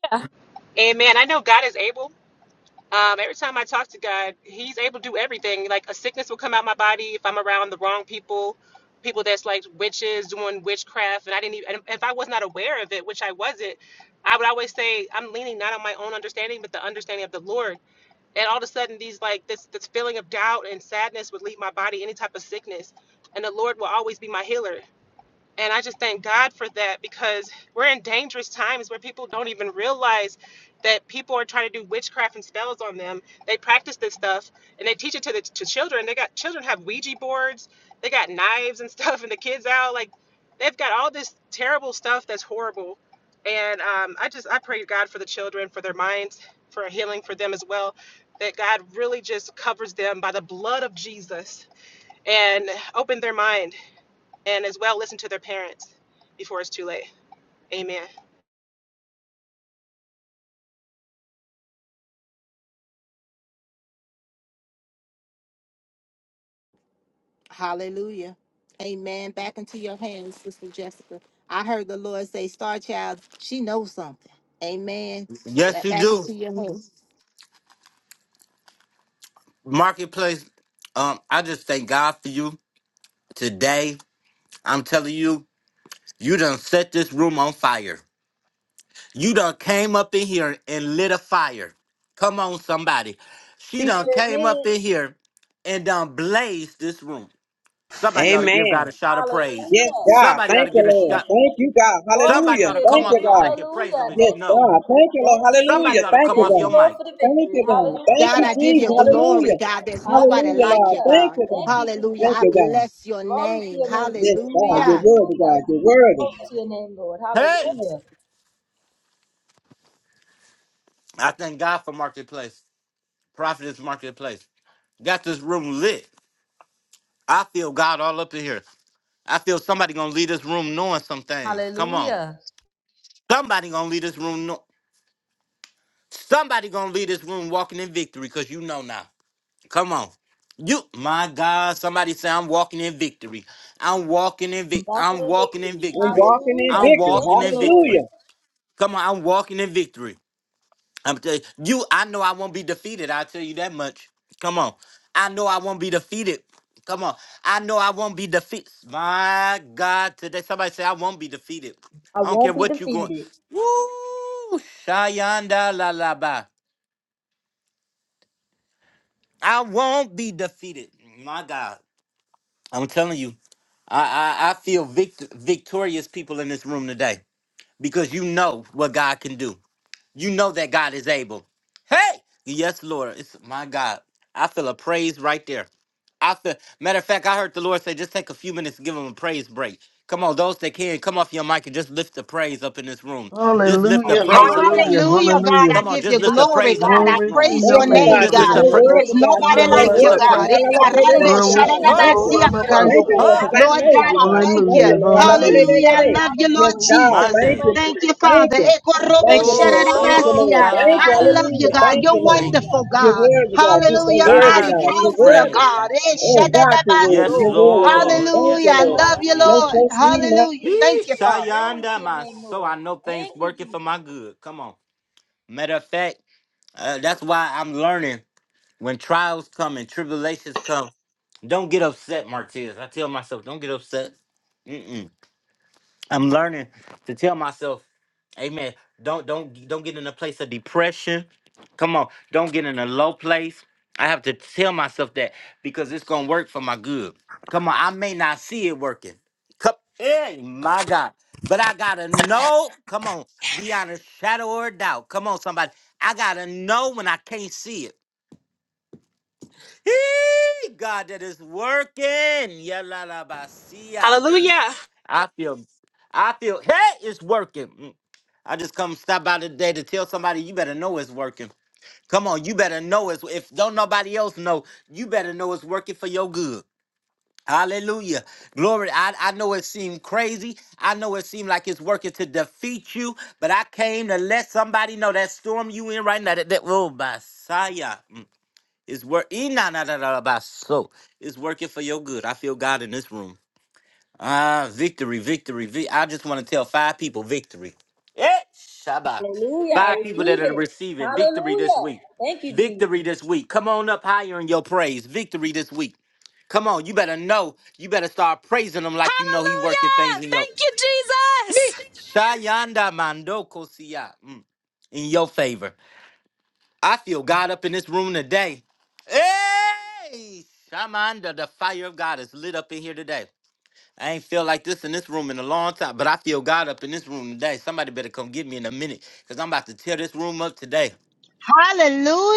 G: Hallelujah. Amen. Back into your hands, Sister Jessica. I heard the Lord say, Star Child, she knows something. Amen. So
A: yes,
G: that
A: you
G: back
A: do.
G: into your hands.
A: Marketplace. Um, I just thank God for you today. I'm telling you, you done set this room on fire. You done came up in here and lit a fire. Come on, somebody. She
C: She
A: done
C: sure
A: came up
C: did.
A: in here and done blazed this room. Somebody ought to give
F: Amen.
A: God a shout of praise.
F: Yes,
C: Hallelujah.
F: God.
A: Somebody ought
F: Thank
C: Thank
A: to
F: you,
C: you,
A: get a
F: Lord.
A: shot.
C: Jesus.
F: Thank you, God.
C: Glory
A: Somebody
F: Hallelujah.
C: to
A: ought to
C: your
F: Thank
A: come
F: you,
A: off
C: name.
A: your
F: God.
A: mic and praise
C: Hallelujah.
A: him if you
F: Yes,
C: Thank
A: know.
C: you.
F: God. Thank you, Lord.
C: Thank you,
F: Hallelujah.
A: Somebody ought
C: Jesus.
A: to
F: Thank
A: come
F: you,
C: Thank
A: off
C: you,
F: God.
A: your
C: Lord,
A: mic.
C: for the
F: Thank
C: victory.
F: you, God. Thank
G: God,
C: Hallelujah.
F: you,
G: I give
F: Jesus.
G: you
C: Thank you,
G: glory,
C: Jesus.
F: Hallelujah.
G: God. There's nobody
F: Hallelujah,
G: like
F: Lord.
G: you,
C: Hallelujah.
F: Thank
G: God.
F: you, God.
C: Thank you, Jesus.
G: Hallelujah.
F: Thank
G: I
F: you, God.
G: bless your
C: Glory to
G: name.
C: your name,
F: Yes,
C: Lord.
F: God. You're
G: Hallelujah.
F: worthy,
C: Hallelujah.
F: God. You're worthy.
C: To your name, Lord.
A: Hey,
C: Hallelujah.
A: I thank God for Marketplace. Prophetess Marketplace. Got this room lit. I feel God all up in here. I feel somebody gonna leave this room knowing some things. Come on.
C: Hallelujah.
A: Somebody gonna leave this room. Somebody gonna leave this room walking in victory, cause you know now. Come on. You my God, somebody say I'm walking in victory. I'm walking in vic
C: Walk it
A: I'm walking in
F: I'm
A: victory.
F: walking in
C: Hallelujah.
A: I'm
F: victory.
C: Thank
A: walking
C: you,
A: in
C: Lord.
F: Hallelujah.
A: victory. Come on, I'm walking in victory. I'm tell you, you, I know I won't be defeated. I'll tell you that much. Come on. I know I won't be defeated. Come on. I know I won't be defeated. My God, today somebody say I won't be defeated.
C: I
A: I don't care
C: won't be
A: what you going.
C: defeated.
A: Woo! Shayanda la la ba. I won't be defeated. My God. I'm telling you, I, I, I feel vict- victorious people in this room today because you know what God can do. You know that God is able. Hey, yes, Lord. It's my God. I feel a praise right there. I feel, matter of fact, I heard the Lord say, just take a few minutes and give him a praise break. Come on, those that can, come off your mic and just lift the praise up in this room. Just lift the
C: Hallelujah.
K: Hallelujah,
A: praise up in this
K: hallelujah,
A: room.
G: Hallelujah,
C: Thank
G: God.
C: you,
K: hallelujah.
G: I
A: Come on,
G: give
C: Jesus.
A: just
G: you
A: lift the
G: glory,
A: praise up
C: Hallelujah.
G: God.
A: in
G: I
A: this
K: Glory
A: room.
K: to
C: Thank
G: praise
C: you,
G: your
F: Thank
K: your
F: you,
K: name,
C: Lord.
G: name,
F: God.
A: Just
F: You're
A: lift
K: Father.
G: God.
A: the
F: so
C: Thank you,
A: praise.
G: There's
F: worthy,
C: Jesus.
F: God.
G: nobody
F: You're so
A: Just
G: like
A: lift
G: you,
A: the
F: worthy,
C: Hallelujah.
A: praise.
F: God.
G: God.
K: Rabakoshandarabasi,
F: Hallelujah! love
C: Wonderful
G: Ekarando
C: is the name, Lord.
A: Oh!
K: Raboshiko
F: Thank you.
G: shadadabasia
C: Glory to your
F: Thank
C: name,
F: you,
K: Rababasa.
G: karanduhu.
C: Lord.
F: Lord,
A: Oh,
F: because I
G: Lord
F: know
C: Hallelujah.
G: God,
F: you,
G: I
F: God.
C: Thank
F: I
G: thank
C: you.
F: know
G: you.
F: you,
K: Hallelujah,
F: Lord. Hallelujah!
C: Thank
A: woo,
C: you.
K: hallelujah.
G: Hallelujah.
C: Jesus.
G: I
A: Shia.
G: love you, Lord
F: Yes,
C: Hallelujah.
F: God.
C: Thank
G: Jesus.
C: you,
F: Thank
A: Monday.
F: you,
C: Lord, for
G: Thank
C: the
G: you,
F: Jesus.
C: victory.
F: Thank
G: Father.
F: you.
C: Thank you,
F: Thank
G: Ekorobo
F: you,
C: Jesus.
F: Lord. Thank you,
A: Oh,
F: Lord.
C: Hallelujah.
G: shadadabasia.
F: Thank
C: Thank
F: you.
G: I
C: you.
G: love
A: God.
G: you,
F: Hallelujah.
G: God.
A: God,
F: Thank
G: You're
F: you,
A: we
F: Lord.
A: thank
C: Hallelujah.
G: wonderful,
A: you.
F: You're
C: Wonderful
G: God.
C: is the
F: worthy, God.
C: name,
F: You're so
C: Lord.
G: Hallelujah,
C: Thank you.
F: worthy,
G: mighty
A: God,
F: God.
A: we
F: You're
G: counselor,
F: worthy.
A: praise
C: Hallelujah.
G: God.
A: you.
G: Eh,
C: Thank you.
F: Oh, God, you're worthy.
A: Yes,
F: You're
G: shadadabaso.
F: worthy,
C: Hallelujah.
F: God.
A: Lord.
F: Thank
G: Hallelujah.
F: you,
A: Yes,
G: I
C: Lord.
F: Lord.
G: love
A: Lord.
G: you,
A: Mm.
F: No
G: Lord.
C: Hallelujah.
F: trust me,
C: Thank
F: no.
C: you,
G: Hallelujah.
C: Jesus.
A: Ee,
G: Thank you, Father.
C: Glory to
A: Shayanda,
C: your
A: my
C: name,
A: soul. I
C: Lord.
A: know things
C: Thank you,
A: working for
C: Jesus.
A: my good. Come on. Matter of fact, uh, that's why I'm learning when trials come and tribulations come. Don't get upset, Martez. I tell myself, don't get upset. Mm-mm. I'm learning to tell myself, Amen. Don't don't don't get in a place of depression. Come on, don't get in a low place. I have to tell myself that because it's gonna work for my good. Come on, I may not see it working. Come, hey, my God. But I gotta know. Come on, beyond a shadow or a doubt. Come on, somebody. I gotta know when I can't see it. Hey, God, that is working. Yalalabasia. Mm. I feel, I feel, hey, it's working. Mm. I just come stop by today to tell somebody you better know it's working. Come on, you better know it's if don't nobody else know, you better know it's working for your good. Hallelujah. Glory. I, I know it seemed crazy. I know it seemed like it's working to defeat you, but I came to let somebody know that storm you in right now. That, that oh Messiah. It's work so it's working for your good. I feel God in this room. Ah, victory, victory, victory. I just want to tell five people victory. Eh, Shabbat.
C: Hallelujah. I
A: Five people
C: receive
A: that are
C: it.
A: receiving victory this
C: Hallelujah.
A: week.
C: Thank you,
A: Victory
C: Jesus.
A: this week. Come on up higher in your praise. Victory this week. Come on, you better know. You better start praising him like you know he working things in
H: Hallelujah.
A: your
H: Thank you,
A: Eh,
H: Jesus.
A: Shayanda Mandoko Siya mm, in your favor. I feel God up in this room today. Hey, Shamanda, the fire of God is lit up in here today. I ain't feel like this in this room in a long time, but I feel God up in this room today. Somebody better come get me in a minute, cause I'm about to tear this room up today.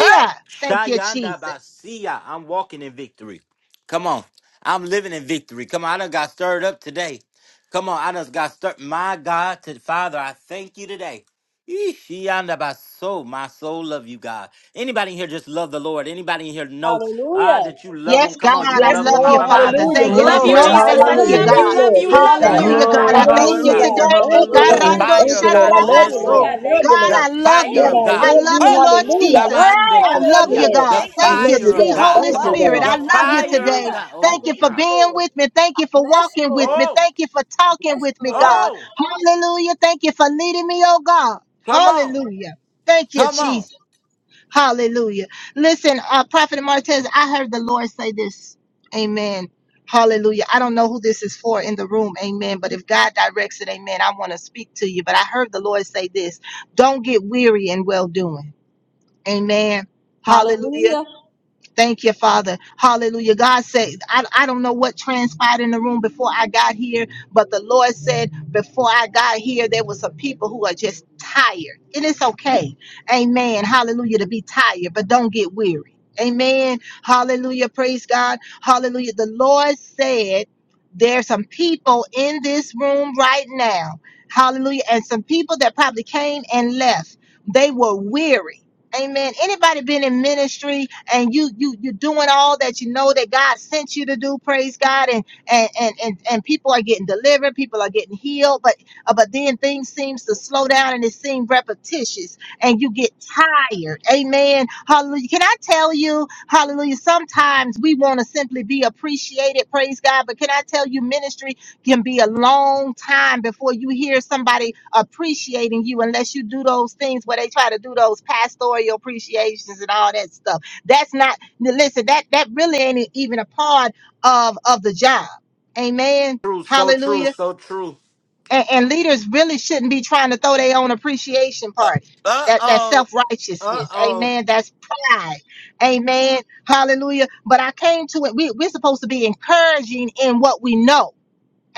A: Oh,
G: Thank you,
A: Shayanda
G: Jesus.
A: Basia. I'm walking in victory. Come on. I'm living in victory. Come on. I done got stirred up today. Come on. I done got stirred. My God, to Father, I thank you today. Yee, Shayanda Baso. My soul love you, God. Anybody in here just love the Lord? Anybody in here know ah,
C: Hallelujah.
A: that you love
C: Thank
A: him?
G: Yes,
C: you,
A: Come on.
G: God,
A: You
C: Jesus.
G: I
F: Yes,
A: love him.
G: love
A: My,
G: you,
A: my
F: Lord.
C: Lord, I
A: mind
G: Father.
C: love
F: Hallelujah.
G: Thank you.
C: you.
A: say.
F: Yes,
G: There's
A: Mm.
K: Glory,
F: Lord.
C: Lord,
G: nobody
C: I
G: like
C: love
G: you,
F: Hallelujah.
C: you.
K: hallelujah.
F: Yes,
G: God.
F: Lord.
A: Yee,
C: Lord,
F: Yes,
C: I love you,
G: Hallelujah,
A: Shayanda
G: God.
C: Father.
K: Glory,
F: Lord.
G: I
C: I
G: thank
C: thank
G: you
C: you.
A: Babasa.
K: hallelujah,
G: today.
A: The
C: Glory to
K: hallelujah.
C: your
G: Ekarando
C: name,
A: fire of
F: Lord,
C: Lord.
A: God is in this
G: shanarabaso.
C: Hallelujah. I
A: room.
C: Thank you.
G: God,
A: The
F: you.
G: I love
C: Thank
A: fire
F: Lord,
G: you.
C: you,
A: of
G: I
A: God.
C: Jesus.
G: love you,
A: Oh,
G: Lord
F: I
C: Hallelujah.
G: Jesus.
F: love
A: Shamande
G: I love
A: Kosia.
G: you,
C: Hallelujah.
A: The
G: God.
C: Thank you,
G: Thank you,
C: Jesus.
A: fire of
G: sweet
C: I
A: God.
G: Holy
A: Come
C: love
A: on.
C: you,
G: Spirit.
A: The
G: I
C: Lord.
G: love you
A: fire of
G: today.
C: Hallelujah.
A: God.
C: I
G: Thank
A: Oh,
G: you
C: thank
G: for
C: you,
A: God.
G: being
C: Lord.
G: with me. Thank
C: I
G: you for
C: bless you,
G: walking with
C: Lord.
G: me.
A: Oh,
G: Thank you for
C: I
G: talking
C: bless
G: with
C: you,
G: me,
C: Lord.
G: God.
A: oh,
G: Hallelujah. Thank you for leading me, oh God.
A: come on.
G: Hallelujah. Thank you,
A: Come
G: Jesus.
A: on.
G: Hallelujah. Listen, uh, Prophet Martez, I heard the Lord say this. Amen. Hallelujah. I don't know who this is for in the room. Amen. But if God directs it, amen, I want to speak to you. But I heard the Lord say this don't get weary in well doing. Amen. Hallelujah.
C: Hallelujah.
G: Thank you, Father. Hallelujah. God said, I, I don't know what transpired in the room before I got here, but the Lord said, before I got here, there was some people who are just tired. And it's okay. Amen. Hallelujah. To be tired, but don't get weary. Amen. Hallelujah. Praise God. Hallelujah. The Lord said, there's some people in this room right now. Hallelujah. And some people that probably came and left. They were weary. Amen. Anybody been in ministry and you you you're doing all that you know that God sent you to do, praise God, and and and and, and people are getting delivered, people are getting healed, but uh, but then things seems to slow down and it seems repetitious and you get tired. Amen. Hallelujah. Can I tell you, hallelujah, sometimes we want to simply be appreciated, praise God, but can I tell you ministry can be a long time before you hear somebody appreciating you unless you do those things where they try to do those pastoral appreciations and all that stuff. That's not listen, that that really ain't even a part of of the job. Amen.
A: True, so true,
G: Hallelujah.
A: so true.
G: And, and leaders really shouldn't be trying to throw their own appreciation party.
A: Uh
G: That that
A: oh. Uh
G: self-righteousness.
A: oh.
G: Amen. That's pride. Amen. Hallelujah. But I came to it. We, we're supposed to be encouraging in what we know.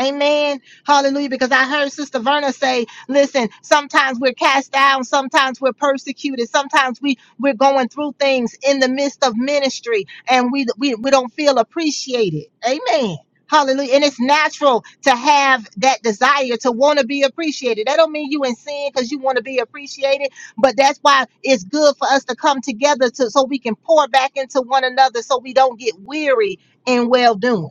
G: Amen. Hallelujah. Because I heard Sister Verna say, listen, sometimes we're cast down, sometimes we're persecuted, sometimes we, we're going through things in the midst of ministry and we, we, we don't feel appreciated. Amen. Hallelujah. And it's natural to have that desire to want to be appreciated. That don't mean you in sin because you want to be appreciated, but that's why it's good for us to come together to so we can pour back into one another so we don't get weary in well doing.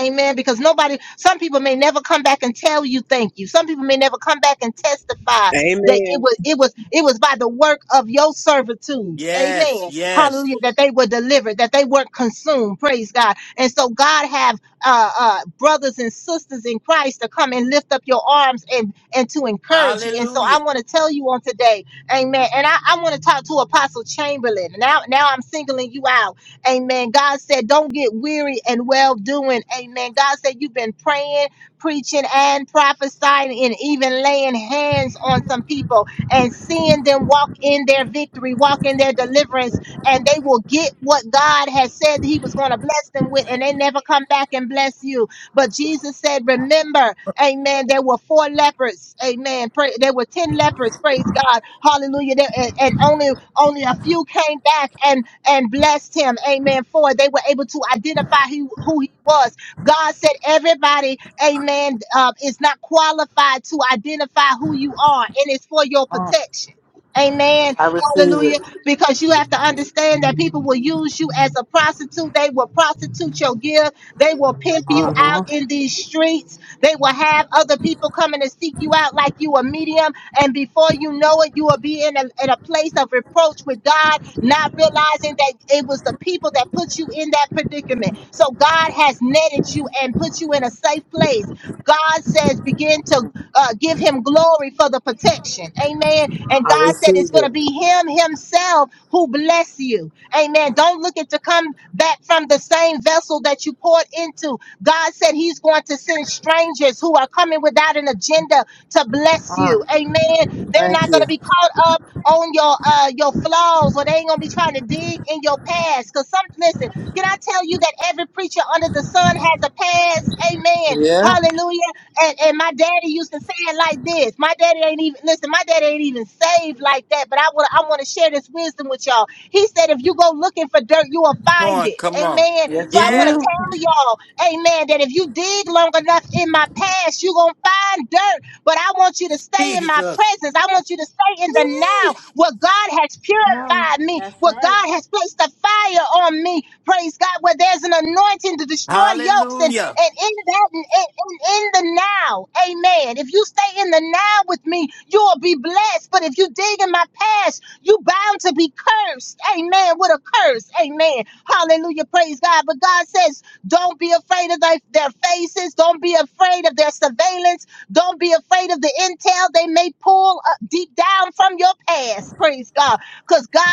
G: Amen. Because nobody, some people may never come back and tell you thank you. Some people may never come back and testify
F: you.
G: that it
F: Amen.
G: was, it was, it was by the work of your servitude.
A: Yes,
G: Amen.
A: yes.
G: Hallelujah. That they were delivered, that they weren't consumed. Praise God. And so God have uh, uh, brothers and sisters in Christ to come and lift up your arms and and to encourage you. And so I
A: Hallelujah.
G: want to tell you on today, Amen. And I, I want to talk to Apostle Chamberlain. Now, now I'm singling you out. Amen. God said, don't get weary and well doing. Amen. God said, you've been praying, preaching, and prophesying, and even laying hands on some people and seeing them walk in their victory, walk in their deliverance, and they will get what God has said that He was going to bless them with, and they never come back and bless you. But Jesus said, remember, amen, there were four lepers. Amen. Pray, there were 10 lepers. Praise God. Hallelujah. There- And, and only only a few came back. and and blessed him. Amen. For they were able to identify who, who he was. God said, everybody, amen, uh, is not qualified to identify who you are, and it's for your
L: Uh,
G: protection. Amen.
L: I receive it.
G: Hallelujah. Because you have to understand that people will use you as a prostitute. They will prostitute your gift. They will pimp
L: Uh
G: you out
L: huh.
G: in these streets. They will have other people coming to seek you out like you a medium. And before you know it, you will be in a, in a place of reproach with God, not realizing that it was the people that put you in that predicament. So God has netted you and put you in a safe place. God says, begin to uh, give him glory for the protection. Amen. And
L: I
G: God said
L: receive
G: it's going to be
L: it.
G: him himself who bless you. Amen. Don't look at to come back from the same vessel that you poured into. God said he's going to send strangers who are coming without an agenda to bless
L: Uh,
G: you. Amen. They're
L: thank
G: not going
L: you.
G: to be caught up on your uh, your flaws or they ain't going to be trying to dig in your past. Because some, listen, can I tell you that every preacher under the sun has a past? Amen.
L: Yeah.
G: Hallelujah. And and my daddy used to say it like this. My daddy ain't even listen. My daddy ain't even saved like that. But I want I want to share this wisdom with y'all. He said, if you go looking for dirt, you will
A: Come
G: find
A: on,
G: it.
A: come on.
G: Amen.
L: Yes,
G: So
L: you
G: I want to
A: Yeah,
L: will.
G: tell y'all, Amen, that if you dig long enough in my past, you gonna find dirt. But I want you to stay in my
A: Jesus.
G: presence. I want you to stay in the now. What God has
C: Come on.
G: purified me.
C: That's
G: What
C: right.
G: God has placed a fire on me. Praise God. Where there's an anointing to destroy yokes
A: Hallelujah.
G: and in that, in, in, in the now, amen. If you stay in the now with me, you'll be blessed. But if you dig in my past, you bound to be cursed, amen, with a curse, amen. Hallelujah, praise God. But God says, don't be afraid of thy- their faces. Don't be afraid of their surveillance. Don't be afraid of the intel they may pull uh, deep down from your past, praise God. Because God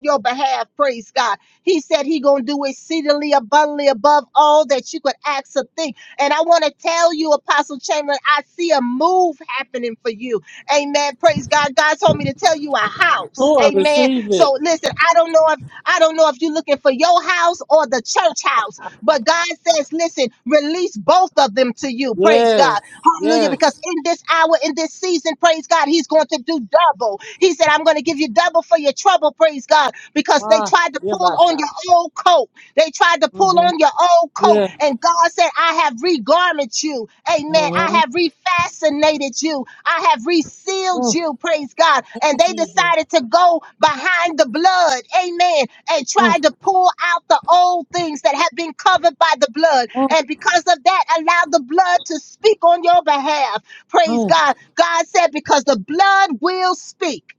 G: your behalf. Praise God. He said he gonna do exceedingly abundantly above all that you could ask or think. And I want to tell you, Apostle Chamberlain, I see a move happening for you. Amen. Praise God. God told me to tell you a house.
L: Oh, I
G: Amen.
L: receive it.
G: So listen, I don't know if I don't know if you're looking for your house or the church house, but God says, listen, release both of them to you. Praise God.
L: Yes.
G: Hallelujah.
L: Yes.
G: Because in this hour, in this season, praise God, He's going to do double. He said, I'm going to give you double for your trouble, praise God, because they
L: Ah,
G: tried to
L: yeah,
G: pull
L: my
G: on
L: shot.
G: your old coat. They tried to pull
L: Mm-hmm.
G: on your old coat.
L: Yeah.
G: And God said, I have regarmented you. Amen. I
L: Mm-hmm.
G: have refascinated you. I have resealed
L: Oh.
G: you, praise God.
C: Thank
G: And
C: you,
G: they
C: Jesus.
G: decided to go behind the blood, amen, and
L: Oh.
G: tried to pull out the old things that have been covered by the blood.
L: Oh.
G: And because of that, allow the blood to speak on your behalf. Praise
L: Oh.
G: God. God said, because the blood will speak.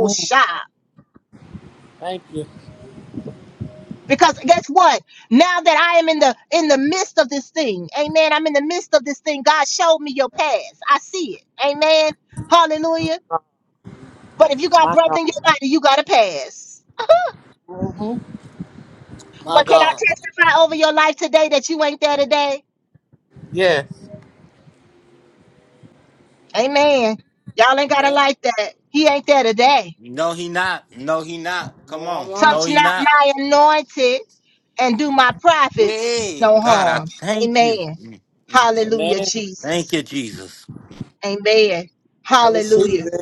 L: Oh. Thank you.
G: Because guess what? Now that I am in the in the midst of this thing, amen. I'm in the midst of this thing. God showed me your past. I see it. Amen. Hallelujah.
L: Oh,
G: But if you got
L: my
G: breath
L: God.
G: in your body, you gotta pass.
L: Mm-hmm. My
G: But can I
L: God.
G: testify over your life today that you ain't there today?
L: Yes.
G: Amen. Y'all ain't got to
L: Amen.
G: like that. He ain't there today.
A: No, he not. No, he not. Come
L: Mama.
A: on.
L: All right.
A: No,
G: touch
A: he
G: not
A: not.
G: my anointed and do my prophets
A: Hey,
G: no
A: God, I
G: harm.
A: thank you.
G: Amen.
A: Mm, mm, mm.
G: Hallelujah,
L: Amen.
A: Thank
G: Jesus.
A: you, Jesus.
G: Amen.
L: I
G: Hallelujah.
L: receive it.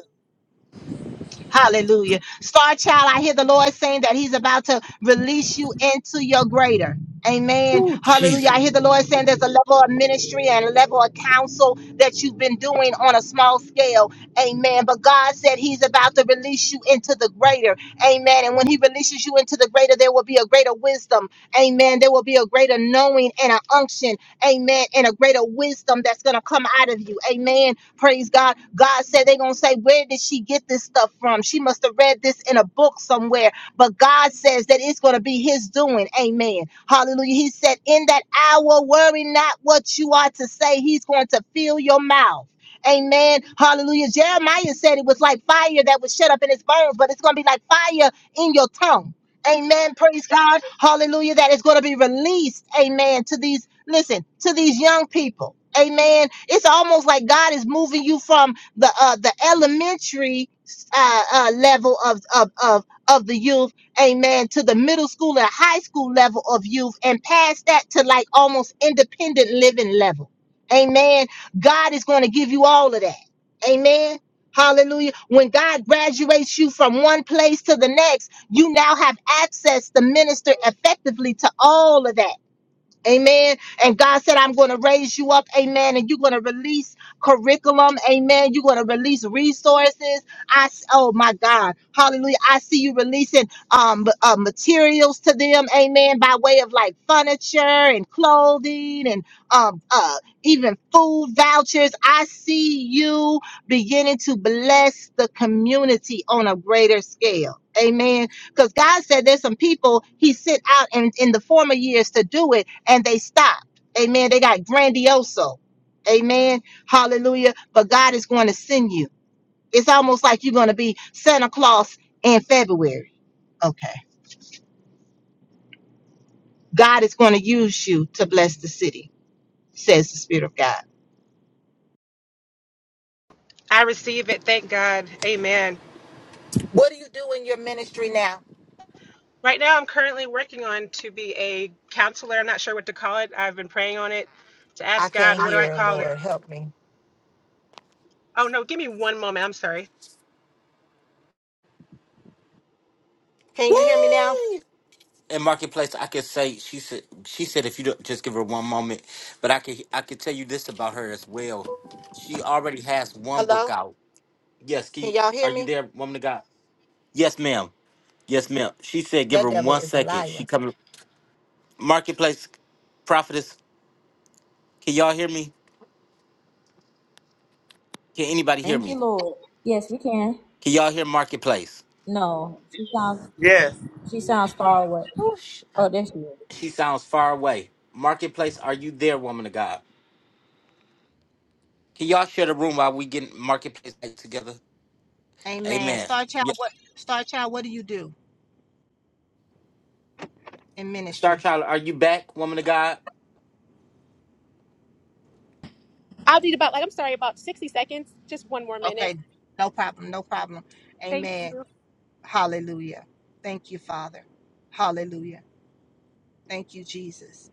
G: Hallelujah. Star child, I hear the Lord saying that He's about to release you into your greater. Amen.
A: Ooh,
G: Hallelujah.
A: Jesus.
G: I hear the Lord saying there's a level of ministry and a level of counsel that you've been doing on a small scale. Amen. But God said He's about to release you into the greater. Amen. And when He releases you into the greater, there will be a greater wisdom. Amen. There will be a greater knowing and an unction. Amen. And a greater wisdom that's going to come out of you. Amen Praise God. God said they're going to say, Where did she get this stuff from? She must have read this in a book somewhere. But God says that it's going to be His doing. Amen. Hallelujah. He said, In that hour, worry not what you are to say. He's going to fill your mouth. Amen. Hallelujah. Jeremiah said it was like fire that was shut up in his bones, but it's going to be like fire in your tongue. Amen. Praise God. Hallelujah. That is going to be released. Amen. To these listen to these young people amen it's almost like god is moving you from the uh the elementary uh, uh level of of of of the youth amen to the middle school and high school level of youth and past that to like almost independent living level amen god is going to give you all of that amen Hallelujah. When God graduates you from one place to the next, you now have access to minister effectively to all of that. Amen. And God said, I'm going to raise you up. Amen. And you're going to release curriculum. Amen. You're going to release resources. I, s- oh my God. Hallelujah. I see you releasing um, b- uh, materials to them. Amen. By way of like furniture and clothing and um, uh, even food vouchers. I see you beginning to bless the community on a greater scale. Amen. Because God said there's some people He sent out in, in the former years to do it, and they stopped. Amen. They got grandioso. Amen. Hallelujah. But God is going to send you. It's almost like you're going to be Santa Claus in February. Okay. God is going to use you to bless the city, says the Spirit of God. What do you do in your ministry now? I can't hear her, Lord. Help me. Can you hear me now?
A: Woo! In marketplace, I could say she said she said if you don't just give her one moment, but I could I could tell you this about her as well. She already has one book
G: Hello?
A: out. Yes, can
G: Can
A: you,
G: y'all
A: are
G: hear
A: you
G: me?
A: there, woman of God? Yes, ma'am. Yes, ma'am. She said give
G: That
A: her
G: devil
A: one
G: is a
A: second. She
G: liar.
A: coming. Marketplace prophetess, can y'all hear me? Can anybody hear
C: Thank
A: me?
C: you, Lord. Yes, we can.
A: Can y'all hear marketplace?
C: No.
L: Yes.
C: She sounds far away.
G: Ooh.
C: Oh, there she is.
A: She sounds far away. Marketplace, are you there, woman of God? Can y'all share the room while we get marketplace back together?
G: Amen.
A: Amen.
G: Star
A: Yeah.
G: Child, what Star Child, what do you do in
A: Star
G: ministry?
A: Child, are you back, woman of God?
G: Okay, no problem, no problem. Amen. Hallelujah. Thank you, Father. Hallelujah. Thank you, Jesus.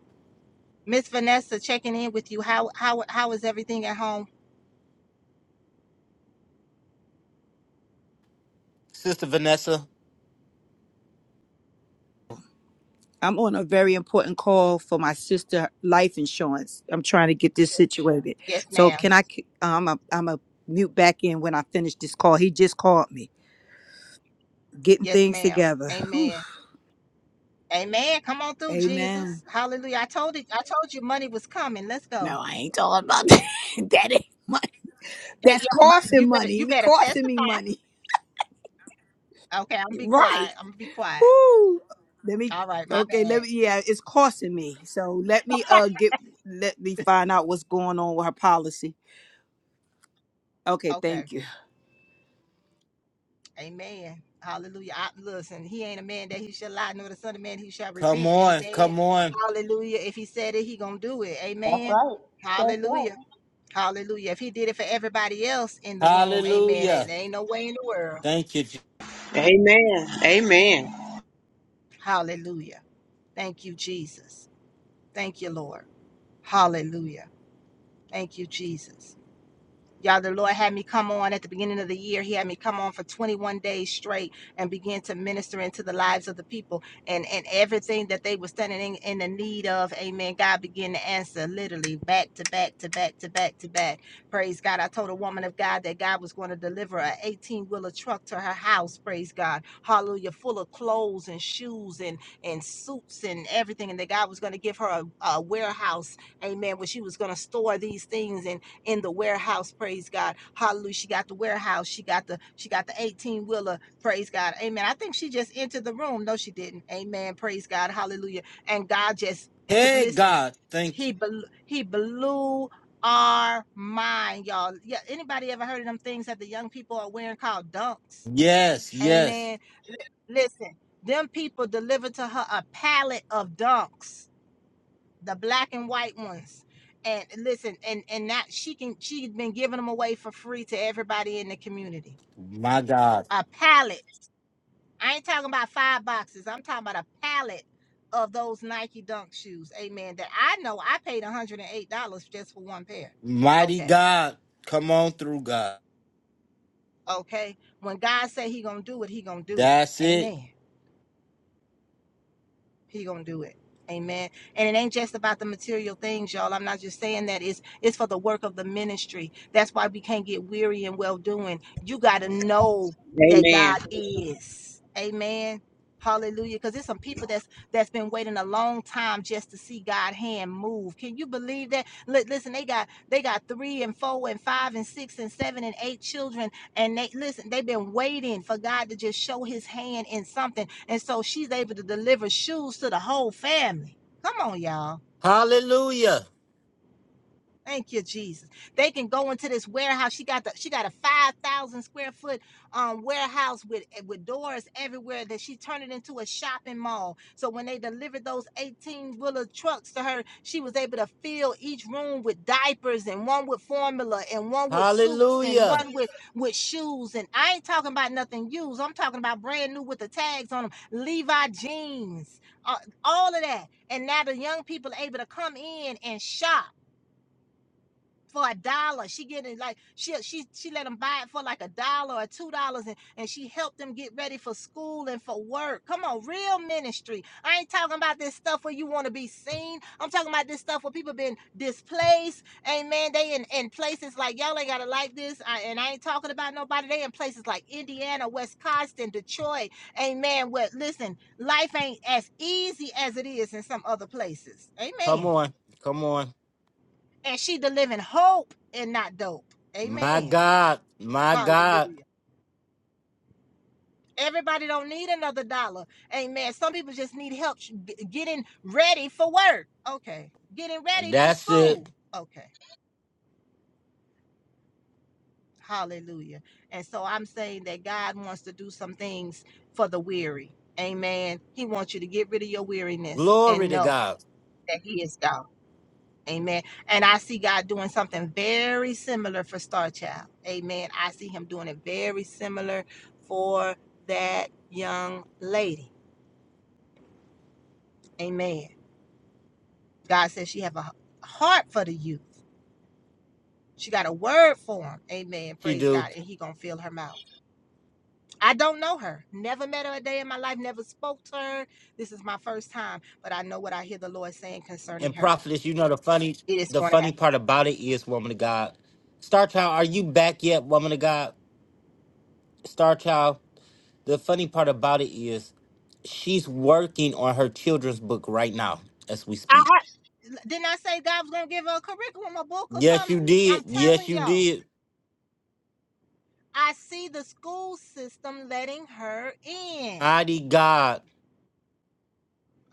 G: Miss Vanessa checking in with you. How how how is everything at home?
A: Sister Vanessa,
I: I'm on a very important call for my sister life insurance. I'm trying to get this situated.
G: Yes,
I: So
G: ma'am.
I: can I? c- I'm a, I'm a mute back in when I finish this call. He just called me. Getting
G: Yes,
I: things
G: ma'am.
I: together. Whew.
G: Amen. Amen. Come on through,
I: Amen.
G: Jesus. Hallelujah. I told it, I told you money was coming. Let's go.
I: No, I ain't talking about that. that ain't money.
G: Eh,
I: That's
G: yeah, my-
I: costing
G: you better
I: money.
G: you
I: Me
G: better
I: costing me
G: testify.
I: money.
G: Okay, I'm gonna be
I: Right.
G: quiet. I'm gonna be quiet.
I: Woo! Let me
G: All right, my
I: okay, let
G: bad.
I: me yeah, it's costing me. So let me uh get let me find out what's going on with her policy. Okay,
G: Okay.
I: thank you.
G: Amen. Hallelujah. I, listen, he ain't a man that he shall lie, nor the son of man he shall
A: come
G: repent.
A: on,
G: Amen.
A: come on.
G: Hallelujah. If he said it, he gonna do it.
C: That's
G: Amen.
C: right. That's right.
G: Hallelujah. Hallelujah. If he did it for everybody else in the room, amen. There
A: Hallelujah.
G: there ain't no way in the world.
A: Thank you. Je-
F: Amen. Amen.
G: Hallelujah. Thank you, Jesus. Thank you, Lord. Hallelujah. Thank you, Jesus. Y'all, the Lord had me come on at the beginning of the year. He had me come on for 21 days straight and begin to minister into the lives of the people and, and everything that they were standing in, in the need of. Amen. God began to answer literally back to back to back to back to back. Praise God. I told a woman of God that God was going to deliver an 18 wheeler truck to her house. Praise God. Hallelujah. Full of clothes and shoes and, and suits and everything. And that God was going to give her a, a warehouse. Amen. Where she was going to store these things. And in the warehouse praise god hallelujah she got the warehouse she got the she got the 18 wheeler praise god amen i think she just entered the room no she didn't amen praise god hallelujah and god just
A: Hey,
G: listen
A: God. Thank
G: he blew, he blew our mind y'all yeah anybody ever heard of them things that the young people are wearing called dunks
A: you. Yes, yes.
G: amen Li- listen them people delivered to her a pallet of dunks the black and white ones. And listen, and and that she can she's been giving them away for free to everybody in the community.
A: My God.
G: A pallet. I ain't talking about five boxes. I'm talking about a pallet of those Nike Dunk shoes. Amen. That I know I paid $108 just for one pair.
A: Mighty
G: Okay.
A: God. Come on through, God.
G: Okay. When God say he going to do it, he going to do it.
A: That's it.
G: Amen. He gonna do it. Amen. And it ain't just about the material things, y'all. I'm not just saying that. It's it's for the work of the ministry. That's why we can't get weary and well doing. You gotta know that
F: Amen.
G: God is. Amen. Hallelujah. Because there's some people that's that's been waiting a long time just to see God's hand move. Can you believe that? Li- listen, they got they got three and four and five and six and seven and eight children and they listen they've been waiting for god to just show his hand in something and so she's able to deliver shoes to the whole family come on y'all
A: Hallelujah.
G: Thank you, Jesus. They can go into this warehouse. She got the she got a five thousand square foot um warehouse with eh, with doors everywhere that she turned it into a shopping mall. So when they delivered those eighteen wheeler trucks to her, she was able to fill each room with diapers and one with formula and one with suits and
A: Hallelujah.
G: one with with shoes. And I ain't talking about nothing used. I'm talking about brand new with the tags on them, Levi jeans, uh, all of that. And now the young people are able to come in and shop for a dollar. She getting like she she she let them buy it for like a dollar or two dollars, and, and she helped them get ready for school and for work. Come on, real ministry. I ain't talking about this stuff where you want to be seen. I'm talking about this stuff where people been displaced. Amen. They in, in places like y'all ain't gotta like this. I, and I ain't talking about nobody. They in places like Indiana, Wisconsin, Detroit. Amen. What listen, life ain't as easy as it is in some other places.
A: Come
G: Amen
A: on. Come on.
G: and she delivering hope and not dope.
A: My
G: Amen.
A: God, my God,
G: Hallelujah. Everybody don't need another dollar. Amen. Some people just need help sh- g- getting ready for work. Okay. Getting ready for
A: that's it.
G: school. Okay. Hallelujah. And so I'm saying that God wants to do some things for the weary. Amen. He wants you to get rid of your weariness
A: Glory
G: and
A: to
G: know
A: God.
G: that He is God. Amen. And I see God doing something very similar for Star Child. Amen. I see him doing it very similar for that young lady. Amen. God says she have a heart for the youth. She got a word for him. Amen.
A: She
G: Praise
A: do.
G: God. And he gonna fill her mouth. I don't know her. Never met her a day in my life. Never spoke to her. This is my first time. But I know what I hear the Lord saying concerning
A: And
G: her.
A: prophetess, you know the funny
G: It is
A: the
G: gonna happen.
A: funny part about it is, woman of God. Star Child, are you back yet, woman of God? Star Child, the funny part about it is she's working on her children's book right now as we
G: I
A: speak.
G: ha- didn't I say God was gonna give her a curriculum, a book, or
A: Yes,
G: something?
A: you did.
G: I'm
A: Yes,
G: telling
A: you
G: y'all,
A: did.
G: I see the school system letting her in.
A: Mighty God.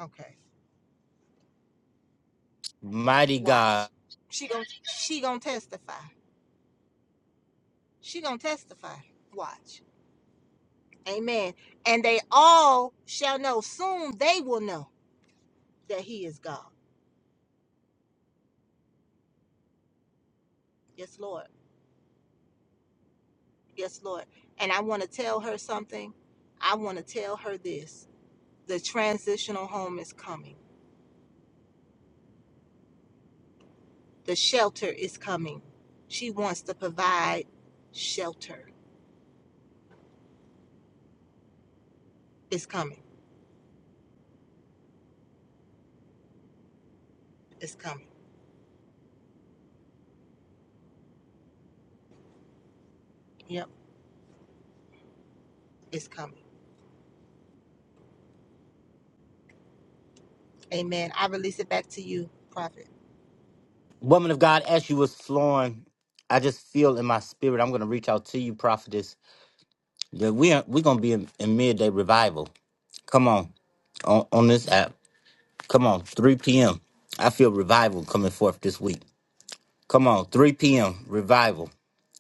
G: Okay,
A: Mighty God.
G: watch. She gonna she gonna testify. She gonna testify. Watch. Amen. And they all shall know. Soon they will know that He is God. Yes, Lord. Yes, Lord. And I want to tell her something. I want to tell her this. The transitional home is coming The shelter is coming. She wants to provide shelter. It's coming. It's coming. Yep, it's coming. Amen. I release it back to you, prophet.
A: Woman of God, as you was flowing, I just feel in my spirit, I'm gonna reach out to you, prophetess Yeah, we are, we're gonna be in, in midday revival. Come on, on on this app. Come on, 3 p.m. I feel revival coming forth this week. Come on, 3 p.m. revival.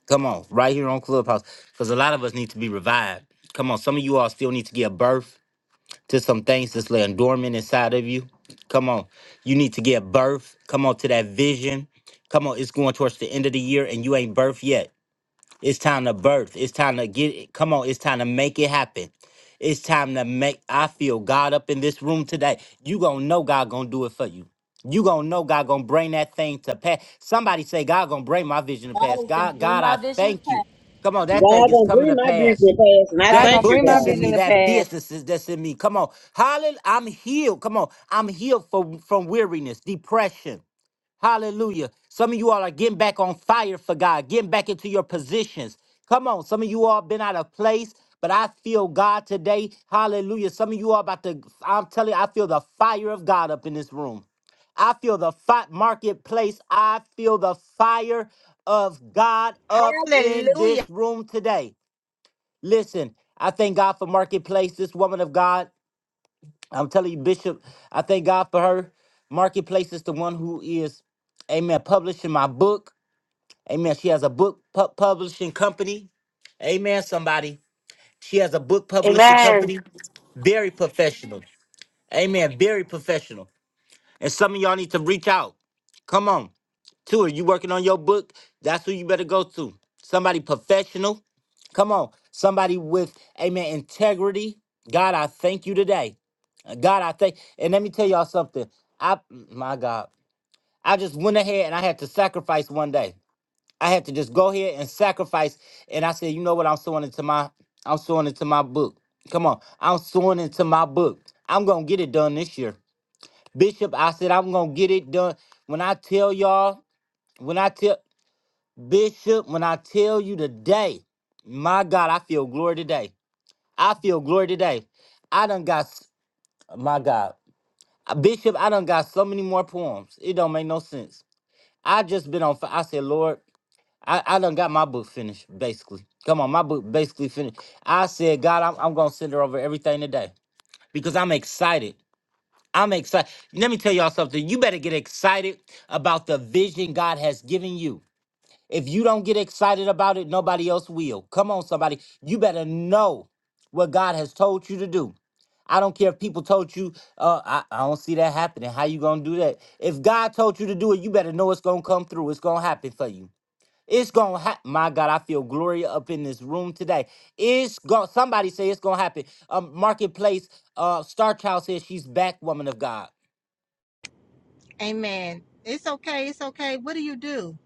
A: Come on, right here on Clubhouse, because a lot of us need to be revived. Come on, some of you all still need to give birth to some things that's laying dormant inside of you. Come on, you need to give birth. Come on to that vision. Come on, it's going towards the end of the year and you ain't birthed yet. It's time to birth. It's time to get it. Come on, it's time to make it happen. It's time to make I feel God up in this room today. You gonna know God gonna do it for you. You gonna know God gonna bring that thing to pass. Somebody say God gonna bring my vision to
C: God
A: pass.
C: is going to
A: God,
C: bring
A: God,
C: my
A: I
C: vision to
A: thank you.
C: pass.
A: Come on, that
F: God
A: thing is
F: gonna
A: coming
F: bring
A: to
F: my
A: pass.
F: business past, and I
M: God
A: That
M: gonna
F: thank you,
A: book
M: bring my
A: that's
F: God.
A: in me,
M: vision to
A: that
M: pass.
A: business is- that's in me. Come on, hallelujah! I'm healed. Come on, I'm healed from from weariness, depression. Hallelujah. Some of you all are getting back on fire for God, getting back into your positions. Come on, some of you all been out of place, but I feel God today. Hallelujah. Some of you all about to, I'm telling you, I feel the fire of God up in this room. I feel the fi- marketplace. I feel the fire of God up in
G: Hallelujah.
A: this room today. Listen, I thank God for marketplace, this woman of God. I'm telling you, Bishop, I thank God for her. Marketplace is the one who is, amen, publishing my book. Amen. She has a book pu- publishing company. Amen, somebody. She has a book publishing company. Very professional. Amen. Very professional. And some of y'all need to reach out. Come on. To her. You working on your book? That's who you better go to. Somebody professional. Come on. Somebody with, amen, integrity. God, I thank you today. God, I thank. And let me tell y'all something. I, my God, I just went ahead and I had to sacrifice one day. I had to just go ahead and sacrifice. And I said, you know what? I'm sewing into my, I'm sewing into my book. Come on, I'm sewing into my book. I'm gonna get it done this year, Bishop. I said I'm gonna get it done. When I tell y'all, when I tell Bishop, when I tell you today, my God, I feel glory today. I feel glory today. I done got, s- my God. Uh, Bishop, I done got so many more poems. It don't make no sense. I just been on. fi- I said, Lord, I, I done got my book finished, basically. Come on, my book basically finished. I said, God, I'm, I'm gonna send her over everything today because I'm excited. I'm excited. Let me tell y'all something. You better get excited about the vision God has given you. If you don't get excited about it, nobody else will. Come on, somebody. You better know what God has told you to do. I don't care if people told you, uh, I, I don't see that happening. How you gonna do that? If God told you to do it, you better know it's gonna come through. It's gonna happen for you. It's gonna happen. My God, I feel glory up in this room today. It's going somebody say it's gonna happen. Um, marketplace, uh, Star Child says she's back, woman of God.
G: Amen. It's okay. It's okay. What do you do?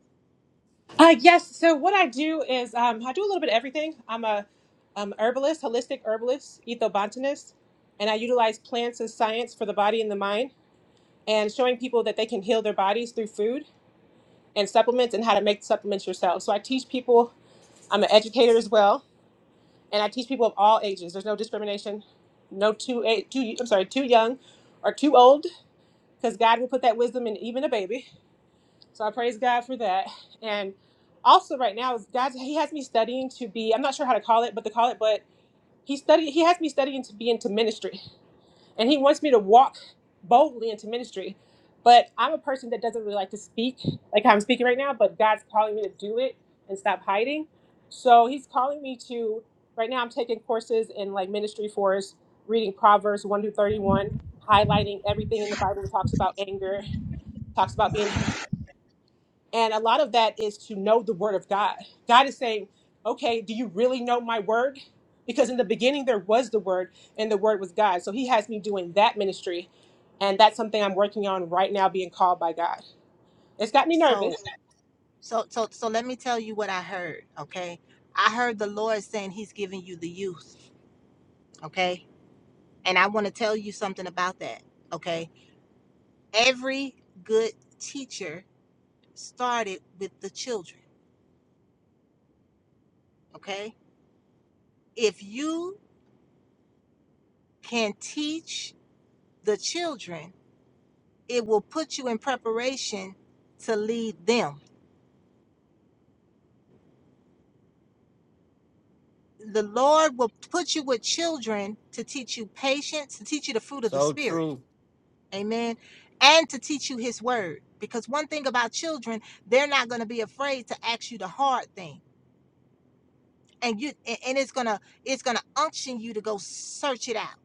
G: So, so, so, so let me tell you what I heard. Okay. I heard the Lord saying he's giving you the youth. Okay. And I want to tell you something about that. Okay. Every good teacher started with the children. Okay. if you can teach the children, it will put you in preparation to lead them. The Lord will put you with children to teach you patience, to teach you the fruit of the
A: So
G: Spirit.
A: true.
G: Amen. And to teach you His word. Because one thing about children, they're not going to be afraid to ask you the hard thing. And you and it's gonna it's gonna unction you to go search it out,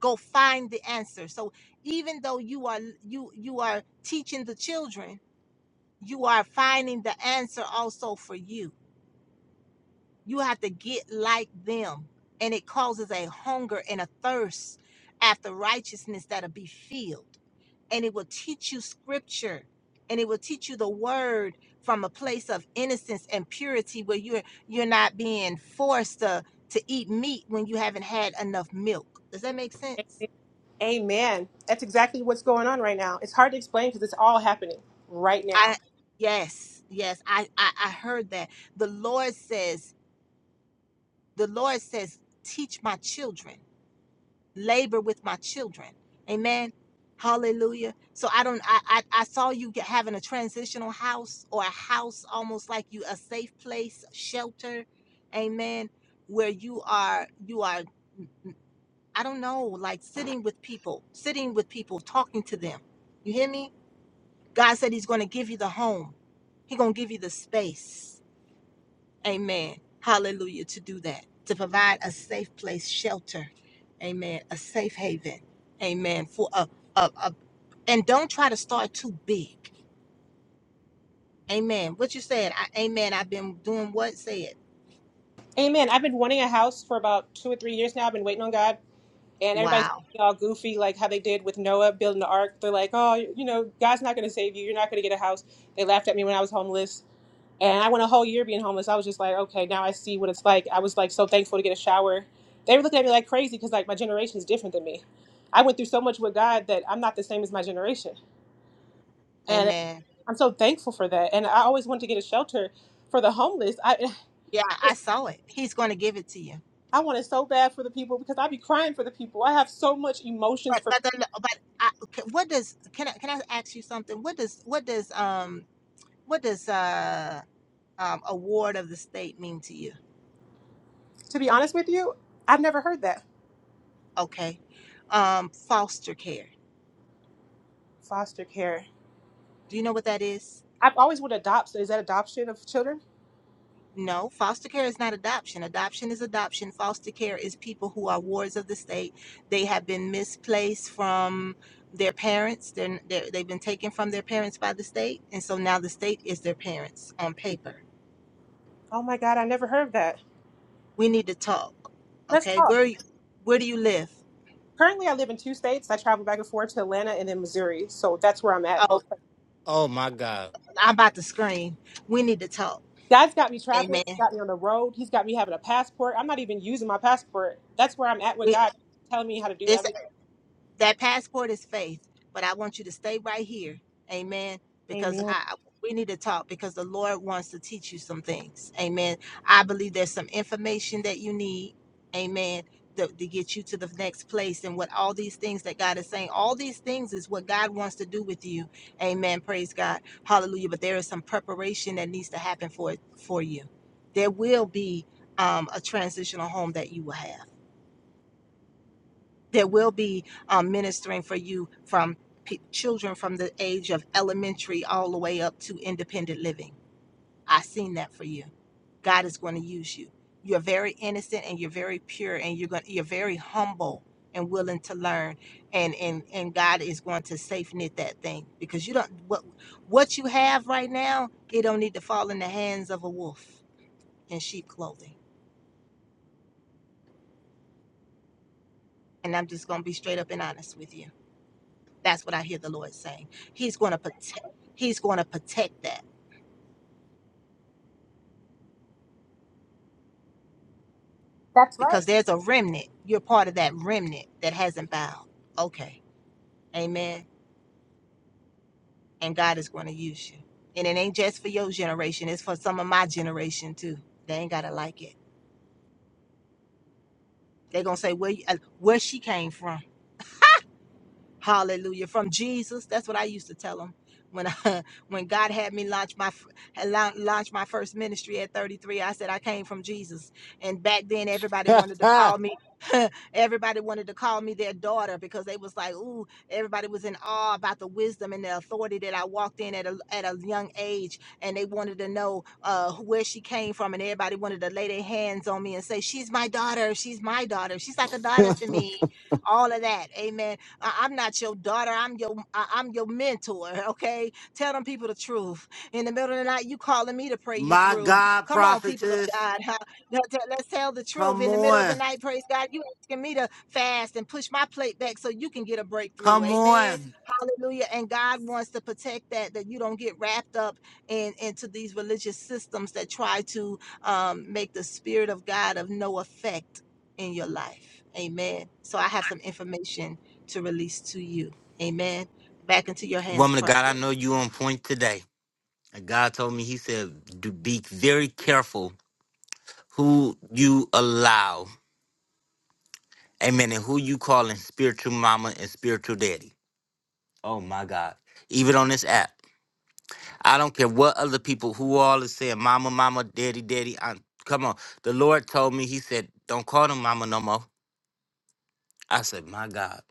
G: go find the answer. So even though you are you you are teaching the children, you are finding the answer also for you. You have to get like them. And it causes a hunger and a thirst after righteousness that'll be filled. And it will teach you scripture and it will teach you the word from a place of innocence and purity where you're you're not being forced to to eat meat when you haven't had enough milk. Does that make sense? I yes, yes, I I, I heard that. The Lord says the Lord says, teach my children, labor with my children. Amen. Hallelujah. So I don't I I, I saw you get, having a transitional house or a house almost like you a safe place, shelter. Amen. Where you are you are I don't know, like sitting with people, sitting with people, talking to them. You hear me? God said he's going to give you the home. He's going to give you the space. Amen. Hallelujah. To do that, to provide a safe place, shelter. Amen. A safe haven. Amen. For a, a, a and don't try to start too big. Amen. What you said, I, amen. I've been doing what said. Wow. Amen. Yeah, I saw it. He's going to give it to you. But but the, but I, okay, what does can I can I ask you something? What does what does um what does uh um award of the state mean to you? Okay. Um foster care. Do you know what that is? No, foster care is not adoption. Adoption is adoption. Foster care is people who are wards of the state. They have been misplaced from their parents. They're, they're, they've been taken from their parents by the state. And so now the state is their parents on paper. We need to talk. Okay. Where, where do you live? Oh,
A: Oh my God.
G: I'm about to scream. We need to talk. Amen. We, it's. that passport is faith but i want you to stay right here amen because i we need to talk because the lord wants to teach you some things amen i believe there's some information that you need amen to, to get you to the next place and what all these things that god is saying all these things is what god wants to do with you amen praise god hallelujah but there is some preparation that needs to happen for it for you there will be um, a transitional home that you will have there will be um, ministering for you from p- children from the age of elementary all the way up to independent living. I seen that for you. God is going to use you. You're very innocent and you're very pure and you're going you're very humble and willing to learn and and and God is going to safe knit that thing because you don't what what you have right now it don't need to fall in the hands of a wolf in sheep clothing. And I'm just going to be straight up and honest with you That's what I hear the Lord saying. He's going to protect. He's going to protect that because there's a remnant. You're part of that remnant that hasn't bowed. Okay, Amen. And God is going to use you. And it ain't just for your generation. It's for some of my generation too. They ain't gotta like it. They're gonna say where you, uh, where she came from. Hallelujah. From Jesus. That's what I used to tell them. When I, when God had me launch my f- had lau- launch my first ministry at 33, I said I came from Jesus. And back then everybody wanted to call me everybody wanted to call me their daughter because they was like, "Ooh, everybody was in awe about the wisdom and the authority that I walked in at a at a young age and they wanted to know uh where she came from and everybody wanted to lay their hands on me and say, "She's my daughter. She's my daughter. She's like a daughter to me." All of that. Amen I- I'm not your daughter. I'm your I- I'm your mentor. Okay, tell them people the truth. In the middle of the night, you calling me to pray you
A: my
G: through.
A: God,
G: Come on, people of
A: prophetess.
G: God. huh? Let- let- Let's tell the truth.
A: Come
G: In the middle of the
A: on.
G: night, praise God. You asking me to fast and push my plate back so you can get a breakthrough.
A: Come
G: Amen.
A: on.
G: Hallelujah. And God wants to protect that that you don't get wrapped up in into these religious systems that try to um, make the spirit of God of no effect in your life. Amen. So I have some information to release to you. Amen. Back into your hands,
A: Woman of God, I
G: prophet.
A: know you on point today. And God told me, He said, "Do be very careful who you allow, amen, and who you calling spiritual mama and spiritual daddy. Oh my God. Even on this app. I don't care what other people who all is saying, mama, mama, daddy, daddy. I, come on. The Lord told me, He said, don't call them mama no more. I said, my God.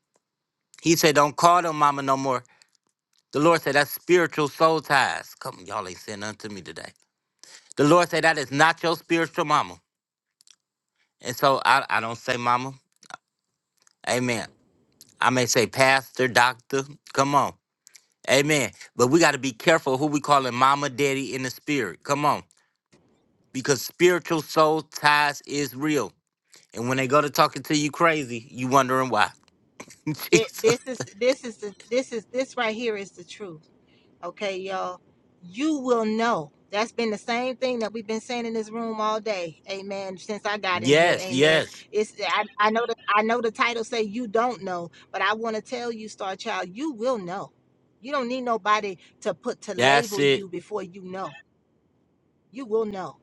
A: He said, don't call them mama no more. The Lord said, that's spiritual soul ties. Come, y'all ain't saying nothing to me today. The Lord said, that is not your spiritual mama. And so I, I don't say mama. Amen. I may say pastor, doctor. Come on. Amen. But we got to be careful who we calling mama, daddy in the spirit. Come on. Because spiritual soul ties is real. And when they go to talking to you crazy, you wondering why.
G: Thi-
A: Jesus.
G: This is this is the this is this right here is the truth. Okay, y'all. You will know. That's been the same thing that we've been saying in this room all day. Amen. Since I got in here,
A: Yes,
G: amen.
A: yes.
G: It's I, I know the I know the title say you don't know, but I want to tell you, Star Child, you will know. You don't need nobody to put to
A: That's
G: label
A: it.
G: you before you know. You will know.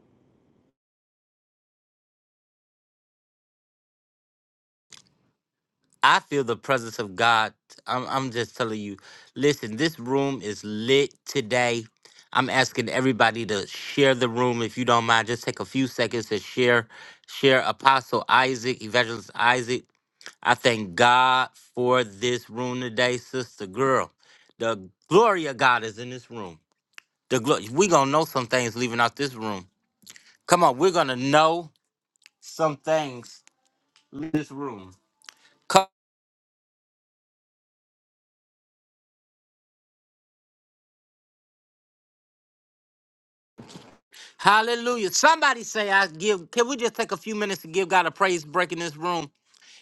A: I feel the presence of God. I'm, I'm just telling you, listen, this room is lit today. I'm asking everybody to share the room. If you don't mind, just take a few seconds to share. Share Apostle Isaac, Evangelist Isaac. I thank God for this room today, sister girl. The glory of God is in this room. The glory we're gonna know some things leaving out this room. Come on, we're gonna know some things in this room. Hallelujah. Somebody say I give can we just take a few minutes to give God a praise break in this room?